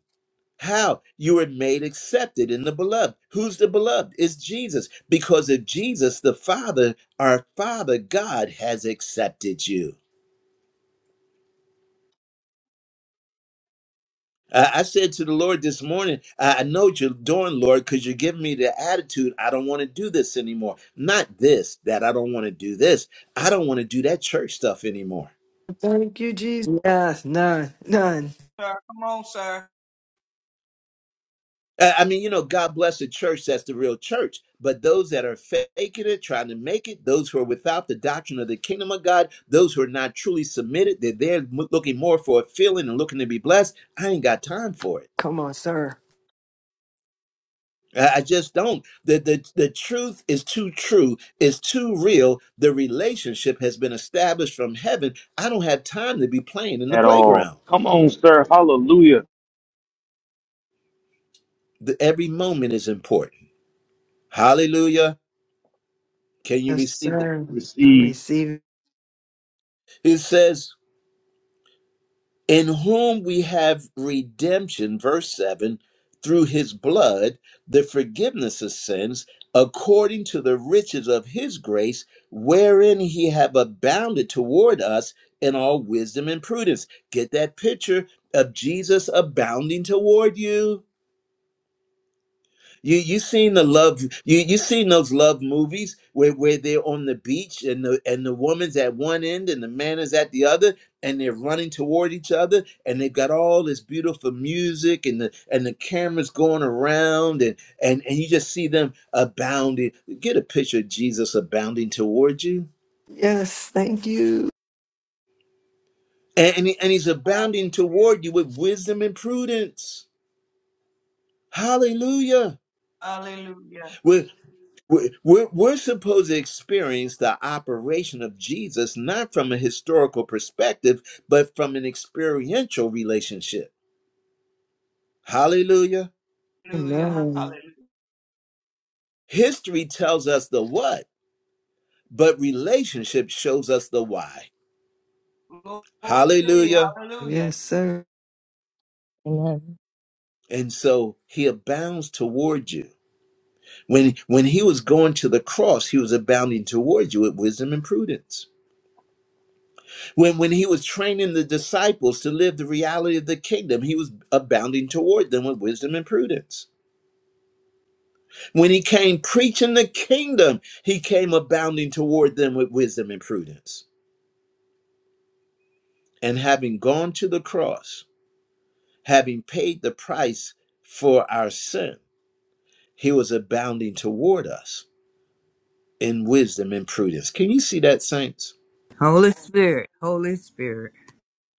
How? You were made accepted in the beloved. Who's the beloved? It's Jesus. Because of Jesus, the Father, our Father God, has accepted you. Uh, I said to the Lord this morning, I I know what you're doing, Lord, because you're giving me the attitude, I don't want to do this anymore. Not this, that I don't want to do this. I don't want to do that church stuff anymore.
Thank you, Jesus. Yes, none. None.
sir. Come on, sir.
Uh, I mean, you know, God bless the church, that's the real church. But those that are faking it, trying to make it, those who are without the doctrine of the kingdom of God, those who are not truly submitted, they're there mo- looking more for a feeling and looking to be blessed. I ain't got time for it.
Come on, sir.
I I just don't. The, the the truth is too true, is too real. The relationship has been established from heaven. I don't have time to be playing in the
at all.
playground.
Come on, sir. Hallelujah.
The, every moment is important. Hallelujah. Can you
Yes,
receive this?
sir. I
Receive.
receive it.
It says in whom we have redemption, verse 7, through his blood, the forgiveness of sins, according to the riches of his grace, wherein he have abounded toward us in all wisdom and prudence. Get that picture of Jesus abounding toward you. You you seen the love you you seen those love movies where where they're on the beach and the and the woman's at one end and the man is at the other and they're running toward each other and they've got all this beautiful music and the and the cameras going around and and and you just see them abounding. Get a picture of Jesus abounding toward you
Yes, thank you.
and and, he- and he's abounding toward you with wisdom and prudence. Hallelujah
Hallelujah. Hallelujah.
With We're, we're, we're supposed to experience the operation of Jesus not from a historical perspective, but from an experiential relationship. Hallelujah.
Hallelujah.
Amen.
Hallelujah.
History tells us the what, but relationship shows us the why.
Glory.
Hallelujah.
Hallelujah.
Yes, sir.
Amen.
And so he abounds toward you. When, when he was going to the cross, he was abounding toward you with wisdom and prudence. When, when he was training the disciples to live the reality of the kingdom, he was abounding toward them with wisdom and prudence. When he came preaching the kingdom, he came abounding toward them with wisdom and prudence. And having gone to the cross, having paid the price for our sin, he was abounding toward us in wisdom and prudence. Can you see that, saints?
Holy Spirit, Holy Spirit.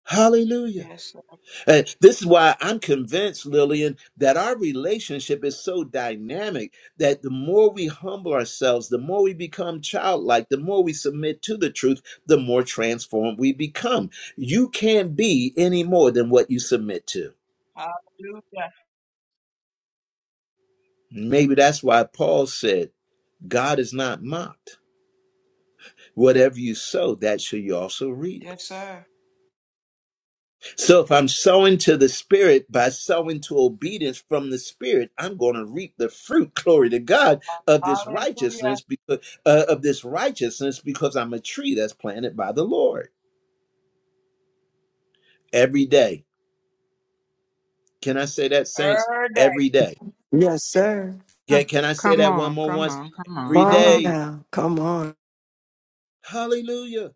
Hallelujah.
Yes, sir.
And this is why I'm convinced, Lillian, that our relationship is so dynamic that the more we humble ourselves, the more we become childlike, the more we submit to the truth, the more transformed we become. You can't be any more than what you submit to.
Hallelujah.
Maybe that's why Paul said, God is not mocked. Whatever you sow, that shall you also reap.
Yes, sir.
So if I'm sowing to the spirit by sowing to obedience from the spirit, I'm going to reap the fruit, *laughs* glory to God, of this
Hallelujah.
righteousness because uh, uh, of this righteousness because I'm a tree that's planted by the Lord every day. Can I say that saints
Heard
every day?
Yes, sir.
Huh.
Can, can I say
Come
that one
on,
more
come
once?
on, come on,
Come
Every
come
on
on.
day.
now. Come on,
Hallelujah.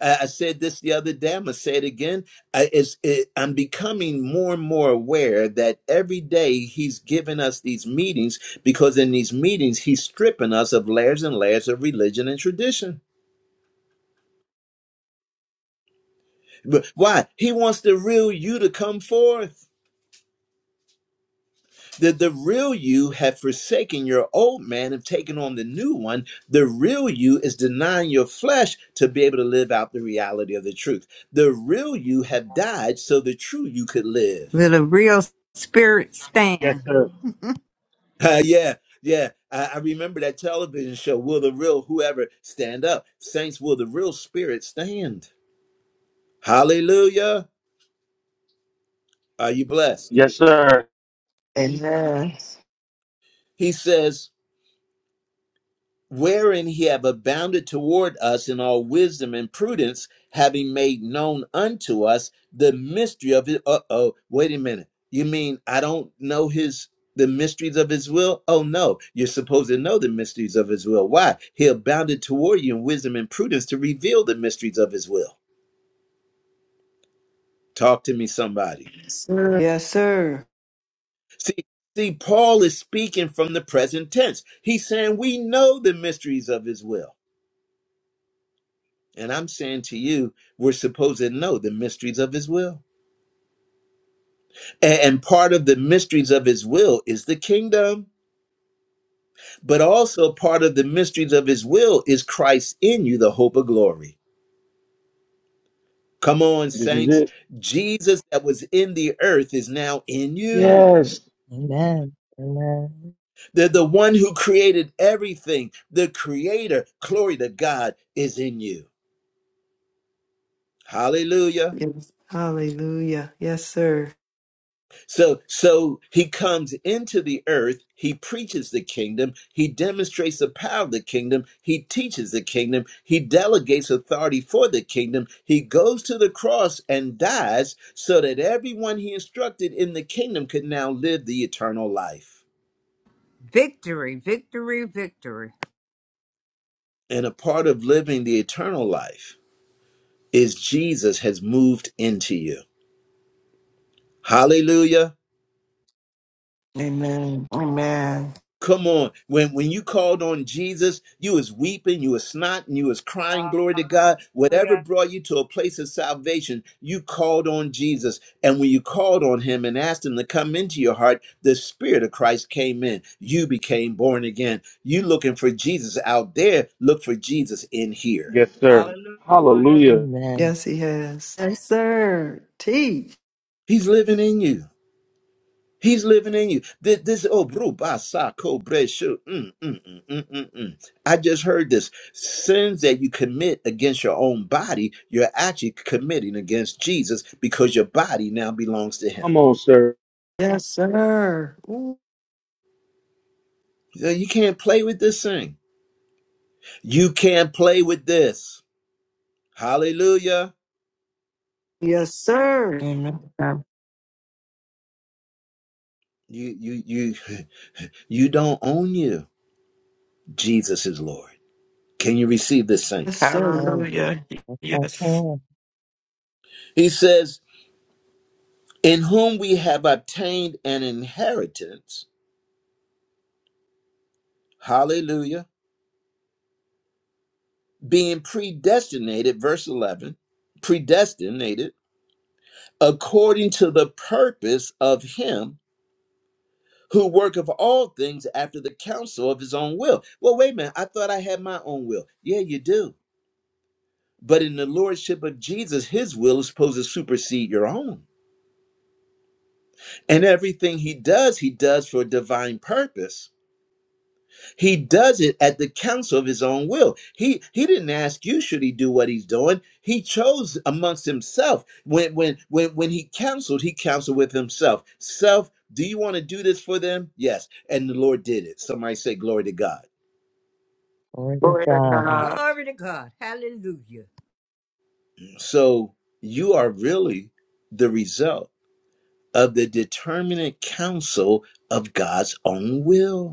I, I said this the other day. I'm gonna say it again. I, it's, it, I'm becoming more and more aware that every day he's giving us these meetings because in these meetings he's stripping us of layers and layers of religion and tradition. But why? He wants the real you to come forth. The, the real you have forsaken your old man and taken on the new one. The real you is denying your flesh to be able to live out the reality of the truth. The real you have died so the true you could live.
Let a real spirit
Yes,
stand.
sir.
*laughs* Uh, yeah, yeah. I, I remember that television show, Will the Real Whoever Stand Up? Saints, will the real spirit stand? Hallelujah. Are you blessed?
Yes, sir.
Amen.
He says, wherein he have abounded toward us in all wisdom and prudence, having made known unto us the mystery of his. Uh oh, wait a minute. You mean I don't know his the mysteries of his will? Oh no, you're supposed to know the mysteries of his will. Why? He abounded toward you in wisdom and prudence to reveal the mysteries of his will. Talk to me, somebody.
sir. Yes, sir.
See, see, Paul is speaking from the present tense. He's saying we know the mysteries of his will. And I'm saying to you, we're supposed to know the mysteries of his will. A- And part of the mysteries of his will is the kingdom, but also part of the mysteries of his will is Christ in you, the hope of glory. Come on,
This is
saints.
it.
Jesus that was in the earth is now in you.
Yes.
Amen. Amen.
The, the one who created everything, the creator, glory to God, is in you. Hallelujah.
Yes. Hallelujah. Yes, sir.
So so he comes into the earth, he preaches the kingdom, he demonstrates the power of the kingdom, he teaches the kingdom, he delegates authority for the kingdom, he goes to the cross and dies so that everyone he instructed in the kingdom could now live the eternal life.
Victory, victory, victory.
And a part of living the eternal life is Jesus has moved into you. Hallelujah.
Amen. Amen.
Come on. When when you called on Jesus, you was weeping, you was snotting, you was crying, glory to God. Whatever
Hallelujah.
brought you to a place of salvation, you called on Jesus. And when you called on him and asked him to come into your heart, the Spirit of Christ came in. You became born again. You looking for Jesus out there, look for Jesus in here.
Yes, sir.
Hallelujah.
Hallelujah.
Amen.
Yes, he has. Yes, sir. Teach.
He's living in you. He's living in you. This, this oh, bro, ba, sa, ko, bre, shu. Mm, mm, mm, mm, mm, mm. I just heard this. Sins that you commit against your own body, you're actually committing against Jesus because your body now belongs to Him.
Come on, sir.
Yes, sir. Ooh.
You know, you can't play with this thing. You can't play with this. Hallelujah.
Yes, sir.
Amen.
You, you, you, *laughs* you don't own you. Jesus is Lord. Can you receive this,
Yes,
saints?
sir.
Amen.
Hallelujah. Yes.
Okay.
He says, "In whom we have obtained an inheritance." hallelujah, being predestinated, verse 11, predestinated according to the purpose of him who worketh all things after the counsel of his own will. Well, wait a minute, I thought I had my own will. Yeah, you do. But in the lordship of Jesus, his will is supposed to supersede your own. And everything he does, he does for a divine purpose. He does it at the counsel of his own will. He he didn't ask you should he do what he's doing. He chose amongst himself. When when when when he counseled, he counseled with himself. Self, do you want to do this for them? Yes. And the Lord did it. Somebody say glory to God.
Glory to
Glory to
God.
God.
Glory to God. Hallelujah.
So you are really the result of the determinate counsel of God's own will.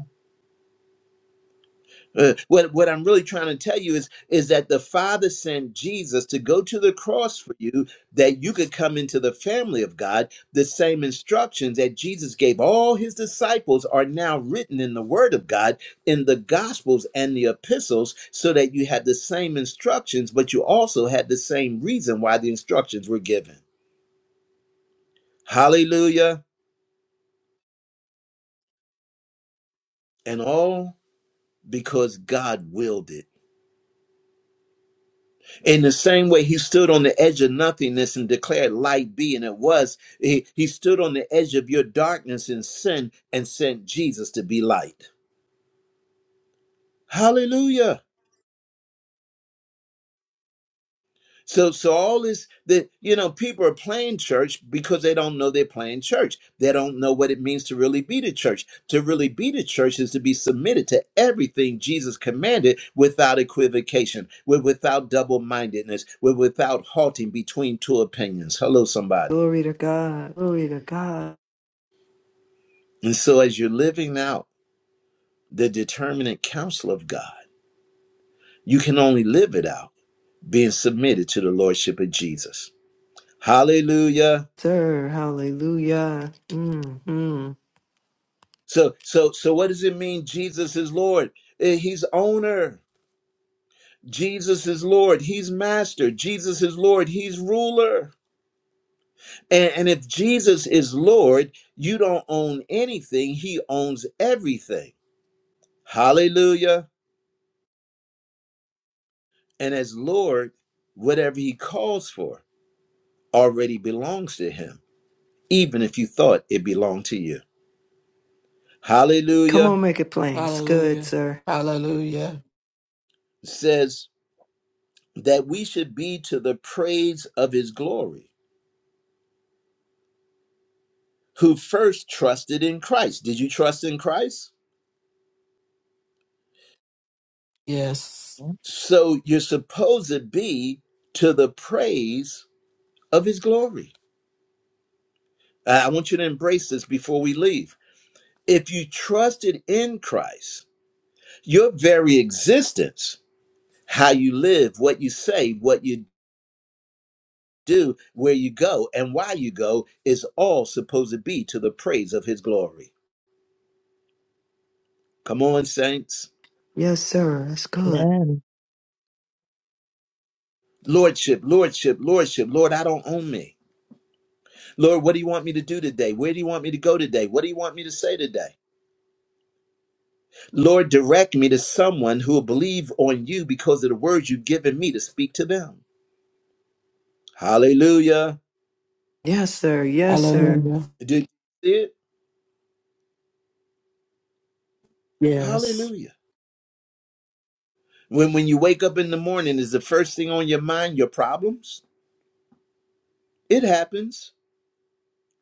Uh, what what I'm really trying to tell you is is that the Father sent Jesus to go to the cross for you that you could come into the family of God. The same instructions that Jesus gave all his disciples are now written in the word of God in the gospels and the epistles so that you had the same instructions but you also had the same reason why the instructions were given. Hallelujah. And all because God willed it. In the same way, he stood on the edge of nothingness and declared light be, and it was. He, he stood on the edge of your darkness and sin and sent Jesus to be light. Hallelujah. So, so all this that you know, people are playing church because they don't know they're playing church. They don't know what it means to really be the church. To really be the church is to be submitted to everything Jesus commanded without equivocation, with without double-mindedness, with without halting between two opinions. Hello, somebody.
Glory to God. Glory to God.
And so, as you're living out the determinate counsel of God, you can only live it out being submitted to the lordship of Jesus. Hallelujah.
Sir. Hallelujah. Mm-hmm.
So, so, so, what does it mean? Jesus is Lord. Eh, He's owner. Jesus is Lord. He's master. Jesus is Lord. He's ruler. And, and if Jesus is Lord, you don't own anything. He owns everything. Hallelujah. And as Lord, whatever He calls for already belongs to Him even if you thought it belonged to you.
Come
Hallelujah
on, make it plain. It's good,
Hallelujah.
sir.
Hallelujah.
It says that we should be to the praise of his glory, who first trusted in Christ. Did you trust in Christ?
Yes.
Yeah.
So you're supposed to be to the praise of his glory. I I want you to embrace this before we leave. If you trusted in Christ, your very existence, how you live, what you say, what you do, where you go, and why you go is all supposed to be to the praise of his glory. Come on, saints.
Yes, sir. That's good.
Amen.
Lordship, Lordship, Lordship. Lord, I don't own me. Lord, what do you want me to do today? Where do you want me to go today? What do you want me to say today? Lord, direct me to someone who will believe on you because of the words you've given me to speak to them. Hallelujah.
Yes, sir. Yes, sir.
Amen.
Hallelujah.
Did you see it?
Yes.
Hallelujah. When when you wake up in the morning, is the first thing on your mind your problems? It happens.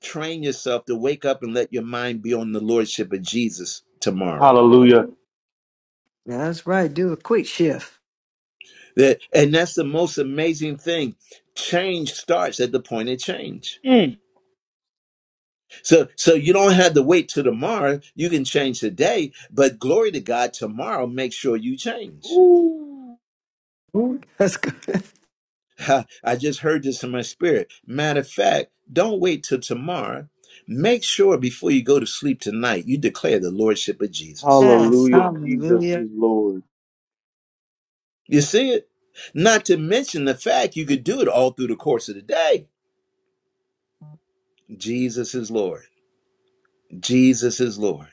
train yourself to wake up and let your mind be on the lordship of Jesus tomorrow.
Hallelujah.
That's right. Do a quick shift.
That and that's the most amazing thing. Change starts at the point of change.
Mm.
So so you don't have to wait till tomorrow. You can change today, but glory to God, tomorrow make sure you change.
Ooh.
Ooh, That's good. *laughs*
Ha, I just heard this in my spirit. Matter of fact, don't wait till tomorrow. Make sure before you go to sleep tonight, you declare the lordship of Jesus.
Yes.
Hallelujah. Jesus
Hallelujah.
is Lord.
You see it? Not to mention the fact you could do it all through the course of the day. Jesus is Lord. Jesus is Lord.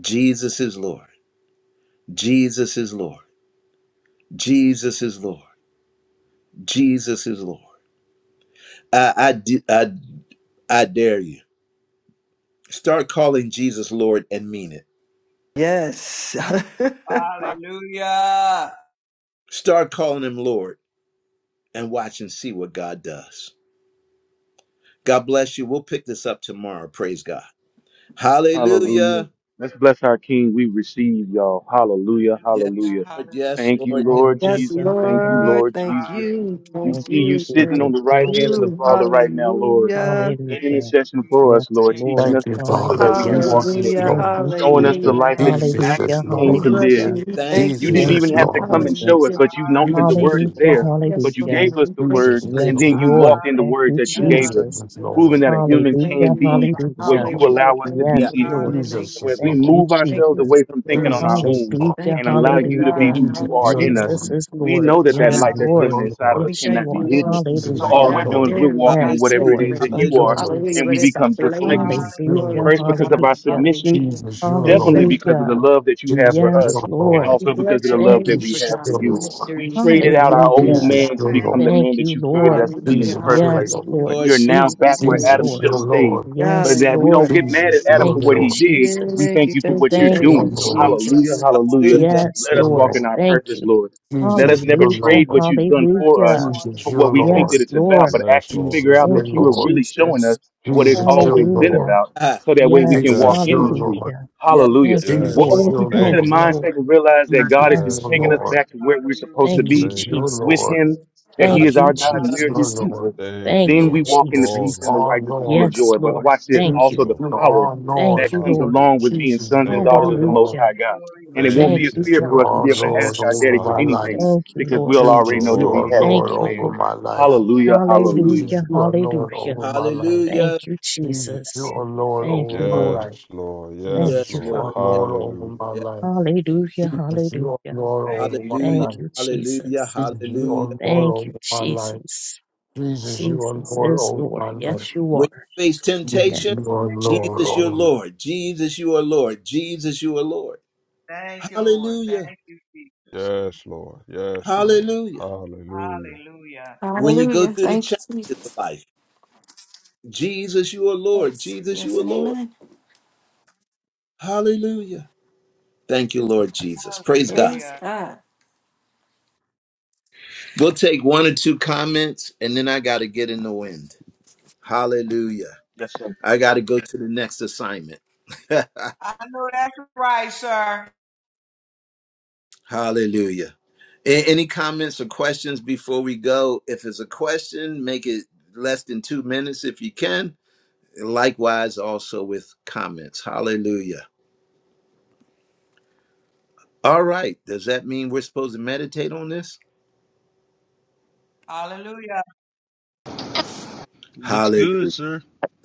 Jesus is Lord. Jesus is Lord. Jesus is Lord. Jesus is Lord. I, I, d- I, I dare you. Start calling Jesus Lord and mean it.
Yes.
Hallelujah.
Start calling him Lord and watch and see what God does. God bless you. We'll pick this up tomorrow. Praise God.
Hallelujah.
Hallelujah.
Let's bless our King. We receive y'all. Hallelujah.
Yes,
Hallelujah.
Hallelujah.
Lord. Yes,
Thank
Hallelujah.
you,
Lord. Yes.
Thank
Lord
*laughs*
you,
Hallelujah.
yes,
Lord.
Jesus. Thank you,
Hallelujah.
Lord.
Lord
Thank
Jesus.
you.
Hallelujah.
We
Thank
Thank
see
you,
Glory,
you
you.
glory,
sitting on
Jesus.
Thank
the
glory.
right hand of the
you.
Hallelujah.
Father right now, Lord
Hallelujah.
in
Thank
Hallelujah.
you,
intercession for
Jesus.
Yes,
us, Lord,
Thank you,
teaching
Lord.
Thank
us the
you,
Jesus.
truth so
Father.
that we
Thank
Hallelujah.
you,
can walk
Jesus.
Jesus
in it,
is
Hallelujah.
Hallelujah.
Thank
Lord.
you,
showing us the
Jesus.
Hallelujah.
life that
Thank
you
Hallelujah.
you,
Jesus
Hallelujah,
is
actually came
Jesus.
We
Lord.
to
Thank
bless
live.
hallelujah.
you,
you. We
Jesus.
Thank you,
thank
You
Jesus
Lord
you.
didn't
Thank
even
is
you,
have to
Lord.
Jesus.
come and
Thank
show
Jesus.
us,
Hallelujah.
but
you,
you
Lord,
know, because the
Jesus
word is
is
Hallelujah.
Hallelujah,
Lord.
there.
Lord.
Yes,
But you
Hallelujah.
hallelujah.
gave
Lord.
us
We
the
thank
Jesus
word,
you.
is
Yes,
and
Lord.
Hallelujah.
then you
Lord.
walked in the
Thank
word
you,
that
Hallelujah.
you
Yeah,
gave
Jesus
us,
Jesus.
is
Hallelujah.
yeah.
proving
Lord.
Hallelujah.
that
Glory.
a human
Thank
can
Hallelujah,
you,
be
Lord.
Jesus is
what
hallelujah.
you
Lord.
Hallelujah.
allow us to
Thank you
be
Yes,
for
in
the
you.
Lord.
Jesus
So
Hallelujah.
is
as
illumination.
we
Thank
Lord.
you,
move
Glory.
Thank
ourselves
you for
Jesus.
away from
the
thinking on
word.
our
Jesus is
own
Lord.
Hallelujah,
and
Thank you,
allow
Lord
you to be
hallelujah.
God.
who
Jesus,
you are
your
Hallelujah.
in
Lord.
Jesus
us,
is
We
we
Lord.
know that
bless
that
Yes,
Yes,
light
you.
Jesus,
that's
Lord.
Lord.
your
living
Hallelujah.
inside of us
We
Glory.
Yes, you
cannot
thank
be
you,
are.
hidden
Lord, for
so
my
all
Hallelujah.
we're
not
doing is
Lord.
we're
dim,
walking in
not
Hallelujah.
Yes,
whatever it
Lord.
is that
flickering.
Jesus,
Thank
you
you,
your
are,
Hallelujah.
Lord.
Hallelujah,
and
but
we
Jesus.
it's a
become just like you.
Jesus,
blaze.
your
Hallelujah.
Lord.
Hallelujah,
Glory
First,
to
because
Glory.
of our
God.
hallelujah.
submission,
Hallelujah.
Jesus, your
We
definitely
thank
Lord.
you.
because of the
Hallelujah.
Lord.
love that you have for
Jesus,
Yes,
your
us, and
Lord.
Lord.
We
also because
bless
of the
your
Thank
love
you,
Thank
name,
that
you,
we
Lord
Jesus,
Jesus.
have
God,
for
Jesus.
your
for the
you.
Lord.
We
mysteries that
traded
were
out our
being
old
revealed
Hallelujah.
to
Jesus,
us.
man to
your Lord. Jesus, your
Thank
become the
you,
Lord.
Thank
man that
you,
you
Jesus.
created us
Lord.
to be in
Hallelujah,
the
Jesus,
first
your
place.
Yes,
Lord.
Yes,
hallelujah.
Lord
Lord.
We are
Yes,
now
Thank you,
back
Lord.
Jesus.
Thank
where
Yes,
you,
Lord.
Adam
Jesus,
Lord.
Lord.
should have
your
stayed.
Lord.
But
Yes,
that we don't
Lord.
Hallelujah.
get
Thank
mad
you,
at
Jesus,
Lord.
Adam
Thank
for
your
what
you,
he
Thank
Lord.
you,
did.
Lord.
We
Jesus.
Thank
thank
you,
you for
thank
what
you,
you're
Jesus,
Thank
thank
you,
your
doing. So
you,
Lord.
Bless
hallelujah,
Jesus.
Jesus.
your
hallelujah.
wonderful
Hallelujah.
Yes,
Jesus,
name.
Let
your
us
Lord.
walk
Jesus.
in
Lord.
our
Thank you.
purpose, Lord. Let us
Jesus,
never
your
Hallelujah.
Lord.
trade what you've done
Bless
for
your
us
Hallelujah.
Jesus,
for
wonderful
your
what
name.
we think that
Lord.
Yes,
Jesus.
it's about,
Lord.
but
Yes,
actually
Lord.
figure
Jesus,
out
your
Thank
that
you,
you are
Lord.
really showing
Jesus.
us what it's
Jesus, your
always been
Hallelujah.
Lord.
Hallelujah.
about,
Ah,
so that way
Bless
we
Yes.
can
your
walk
Jesus,
Yes,
in
your
the
wonderful
Lord.
truth.
name.
Lord.
Hallelujah.
Yes.
Hallelujah.
Thank you,
Well,
Yes,
Jesus,
Lord.
once
Lord.
we
your
come to
Thank
Thank
the
you,
Lord.
you,
Father.
mindset
Lord.
and realize that God is
Jesus,
just
Yes,
Yes,
your
taking us
Lord.
Lord.
Lord.
back to where we're supposed
Hallelujah.
Thank
to
you,
be
Jesus,
Thank you,
your
Dad.
with
Jesus.
Lord.
Him, that He
Hall-
Thank
Thank
is
you,
you,
our
Lord.
God
Jesus,
and we are His
your
Jesus.
Hallelujah.
Lord.
people,
Thank you,
Thank
then
you,
we
Lord.
walk in the
You
peace
Glory.
and
Jesus.
the
are
righteousness and the
Lord.
Yes,
joy. But
Lord.
watch this
Thank
Yes,
Jesus,
you.
also the
Lord.
you are
power
Thank
that
Lord.
you,
comes
Lord.
along
Hallelujah.
with being
Jesus,
sons and
you
Thank you,
daughters
are
of the
Hallelujah.
Daddy.
Most
Lord.
High
Glory,
God.
glory,
And it won't
Thank
glory.
Thank
you,
be a
you.
Jesus,
Dad.
fear
you
for
Thank
us to
you,
are
be able to
Lord
ask our
Jesus.
over
daddy for
my life.
anything
Hallelujah.
Thank you,
because
Lord.
we'll already
Jesus,
know that
you are
we
Glory.
Thank
have it
you,
Thank
in
Lord
you,
Jesus.
over
advance.
Lord.
my life.
Hallelujah, hallelujah.
Jesus,
Hallelujah.
you are Lord
Hallelujah.
over my life.
Thank
Hallelujah.
you,
Jesus, you
Jesus.
Thank
are
you,
Lord
Thank
over
you,
Jesus.
my
Yes,
Lord.
life.
Lord.
Thank
Yes,
Jesus,
Yes,
you,
you
Lord.
Father.
are
Lord. Yes,
Lord over
Hallelujah.
my
yes.
life.
Hallelujah.
Jesus, you are
Hallelujah.
Lord
Thank
over
you,
my
Thank
Hallelujah.
Jesus.
life.
you,
Hallelujah.
Jesus.
Jesus, you are
Hallelujah.
Lord
Thank you,
over my life.
Jesus.
Jesus, you are
Jesus
Lord
is
over my
Lord.
life.
Yes, you
When you
are.
face
Yes.
Jesus,
temptation,
you are
Thank you,
Lord
Jesus,
over
Jesus.
your
my life.
Lord. Jesus, you are Lord. Jesus, you are Lord.
Thank you, Lord.
Hallelujah.
Thank you, Jesus.
Yes, Lord. Yes, Lord.
Hallelujah.
Hallelujah.
Hallelujah.
When you go
Hallelujah.
through the
Thank you,
challenges of
Jesus.
life, Jesus, you are Lord.
Yes,
Jesus, you
yes
are
and
Lord.
amen.
Hallelujah. Thank you, Lord Jesus. Praise God.
Praise
Hallelujah.
God.
We'll take one or two comments and then I got to get in the wind. Hallelujah.
Yes, sir.
I got to go to the next assignment.
I know that's right, sir.
Hallelujah. A- any comments or questions before we go? If it's a question, make it less than two minutes if you can. Likewise, also with comments. Hallelujah. All right. Does that mean we're supposed to meditate on this?
Hallelujah.
Hallelujah.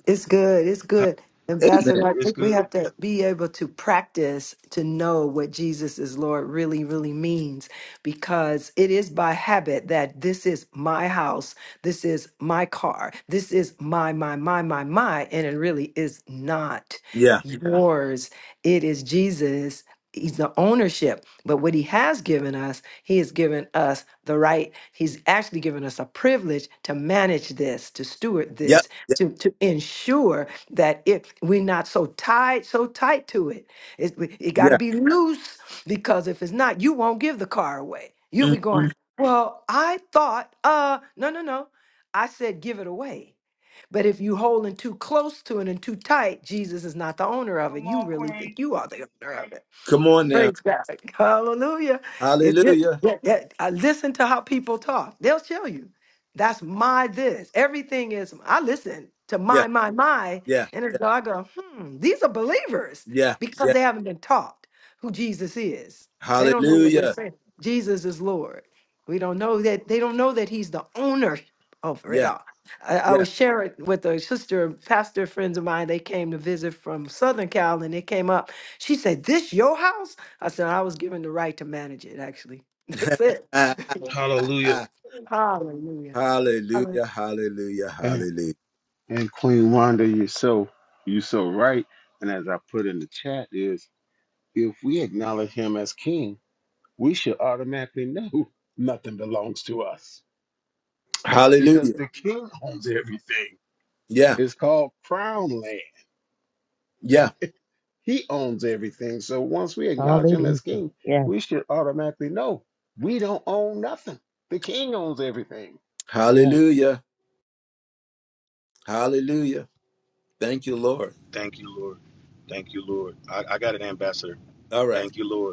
It's good. It's good.
Amen.
Ambassador, I think we have to be able to practice to know what Jesus is Lord really, really means because it is by habit that this is my house, this is my car, this is my, my, my, my, my, and it really is not
Yeah.
Yeah. yours. It is Jesus. He's the ownership, but what he has given us, he has given us the right. He's actually given us a privilege to manage this, to steward
Yep.
this,
Yep.
to, to ensure that if we're not so tied so tight to it it, we- it got to
Yeah.
be loose because if it's not you won't give the car away you'll be going
Mhm.
well i thought uh no no no i said give it away but if you holding too close to it and too tight jesus is not the owner of it
Come
you
on,
really think
Queen.
you are the owner of it
Come on now.
Praise God. Hallelujah. It's it.
Hallelujah.
That, that- I listen to how people talk. They'll show you. That's my this. Everything is I listen to
Yeah,
my, my, my.
yeah,
And
yeah,
it's I go, hmm, these are believers
yeah,
because
yeah.
they haven't been taught who Jesus is. They don't know what we're
Hallelujah.
saying. Jesus is Lord. We don't know that they don't know that he's the owner over it
Yeah,
all. I, I
yeah.
was sharing with a sister, pastor friends of mine, they came to visit from Southern Cal and they came up she said, This your house? I said I was given the right to manage it. Actually, *laughs*
*laughs*
that's it.
Hallelujah.
Hallelujah. Hallelujah.
hallelujah, hallelujah,
And,
hallelujah.
and Queen Wanda, you're so you're so right. And as I put in the chat is if we acknowledge him as king, we should automatically know *laughs* nothing belongs to us. Because
Hallelujah.
the king owns everything.
Yeah,
It's called crown land.
yeah.
He owns everything. So once we acknowledge him
Hallelujah.
as king,
Yes.
we should automatically know we don't own nothing. The king owns everything.
Yes.
Hallelujah. Hallelujah. Thank you, Lord.
Thank you, Lord. Thank you, Lord. I, I got an ambassador.
All right.
Thank you, Lord.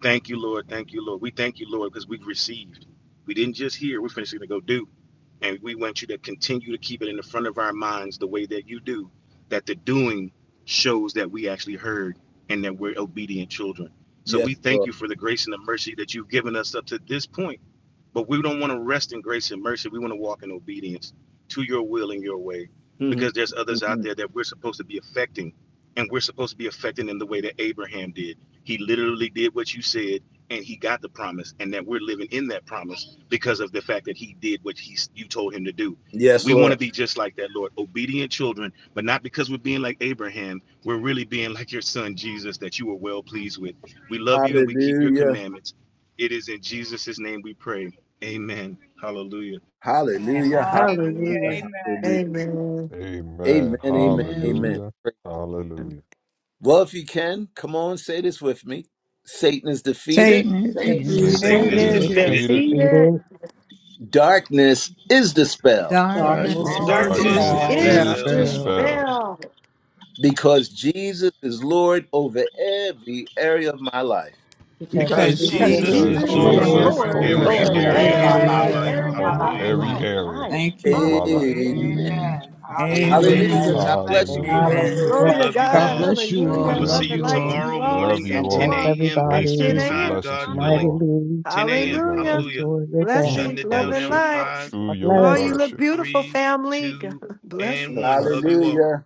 Thank you, Lord. Thank you, Lord. We thank you, Lord, because we've received. We didn't just hear, we're finishing to go do. And we want you to continue to keep it in the front of our minds the way that you do, that the doing shows that we actually heard and that we're obedient children. So
Yes,
we thank
Lord.
you for the grace and the mercy that you've given us up to this point. But we don't want to rest in grace and mercy. We want to walk in obedience to your will and your way
Mhm,
because there's others out
mhm.
there that we're supposed to be affecting. And we're supposed to be affecting in the way that Abraham did. He literally did what you said and he got the promise and that we're living in that promise because of the fact that he did what he you told him to do.
yes,
We want to
Lord.
be just like that, Lord, obedient children, but not because we're being like Abraham. We're really being like your son Jesus that you were well pleased with. We love you and we keep your
Hallelujah.
commandments it is in Jesus' name we pray. Amen. Hallelujah.
Hallelujah.
Hallelujah.
Hallelujah.
Hallelujah.
Amen.
Hallelujah.
Amen.
Amen.
Amen. Amen. Amen.
Amen.
Hallelujah. Hallelujah.
Well, if you can, come on, say this with me. Satan is defeated.
Satan is
Satan
Amen.
is
Satan
Thank
Satan
Satan
defeated.
is
you.
is
is
defeated.
It's
Satan
defeated.
is
defeated.
defeated.
defeated.
defeated.
Darkness is dispelled
Darkness
darkness is
Darkness
All
is
is
Darkness
Darkness
Darkness
darkness
is
dis-
dispelled
is
dispelled
is
dispelled
is
dispelled
dispelled
dispelled
because Jesus is Lord over every area of my life.
because
because
because
because
because
because
Jesus is
Jesus
Jesus
Jesus
because
is
Jesus
is
Jesus
is
Lord
Lord
is
is
over
Lord
Lord
Jesus
over
Lord
every
over
Lord
is
every
over
over
area
every
of
area
every
Lord
of
my
over
my
every
area
every
life.
of
life.
area
area
of
of
area
my
my
over
life.
my
life.
of
Hallelujah.
every
my
life.
area
life.
Thank
of
you,
my life.
Lord.
Amen.
Hallelujah.
Amen.
Amen. Hallelujah.
Amen.
Amen.
Hallelujah.
Hallelujah.
Amen.
God
Thank
bless you.
you,
Blessings,
Hallelujah.
family.
Lord.
Amen.
Amen.
We
Glory
Glory
Hallelujah.
to
love
to God.
you
God
God.
all.
bless you
We
all.
Hallelujah.
will see
Love
Love
Amen.
you
and
you
light
Amen.
to
all.
tomorrow
you
I
all.
love
morning
you
See
God
at
you
bless
10
all.
tomorrow
a.m.
at
Grace,
Eastern
10
everybody
peace, and
Time,
a.m.
blessing
God
to you
willing.
all.
mightily.
10 a.m.
Amen.
Hallelujah.
Hallelujah.
Enjoy the
Mm.
day.
Shutting
Blessings,
it
love,
down
and
now
Fellowship.
in
light.
five,
True
God
yoke
Oh,
bless.
you
four,
look
fellowship.
beautiful,
three,
family.
two,
*laughs*
and
Blessings.
*laughs*
one. Love you all.
Hallelujah.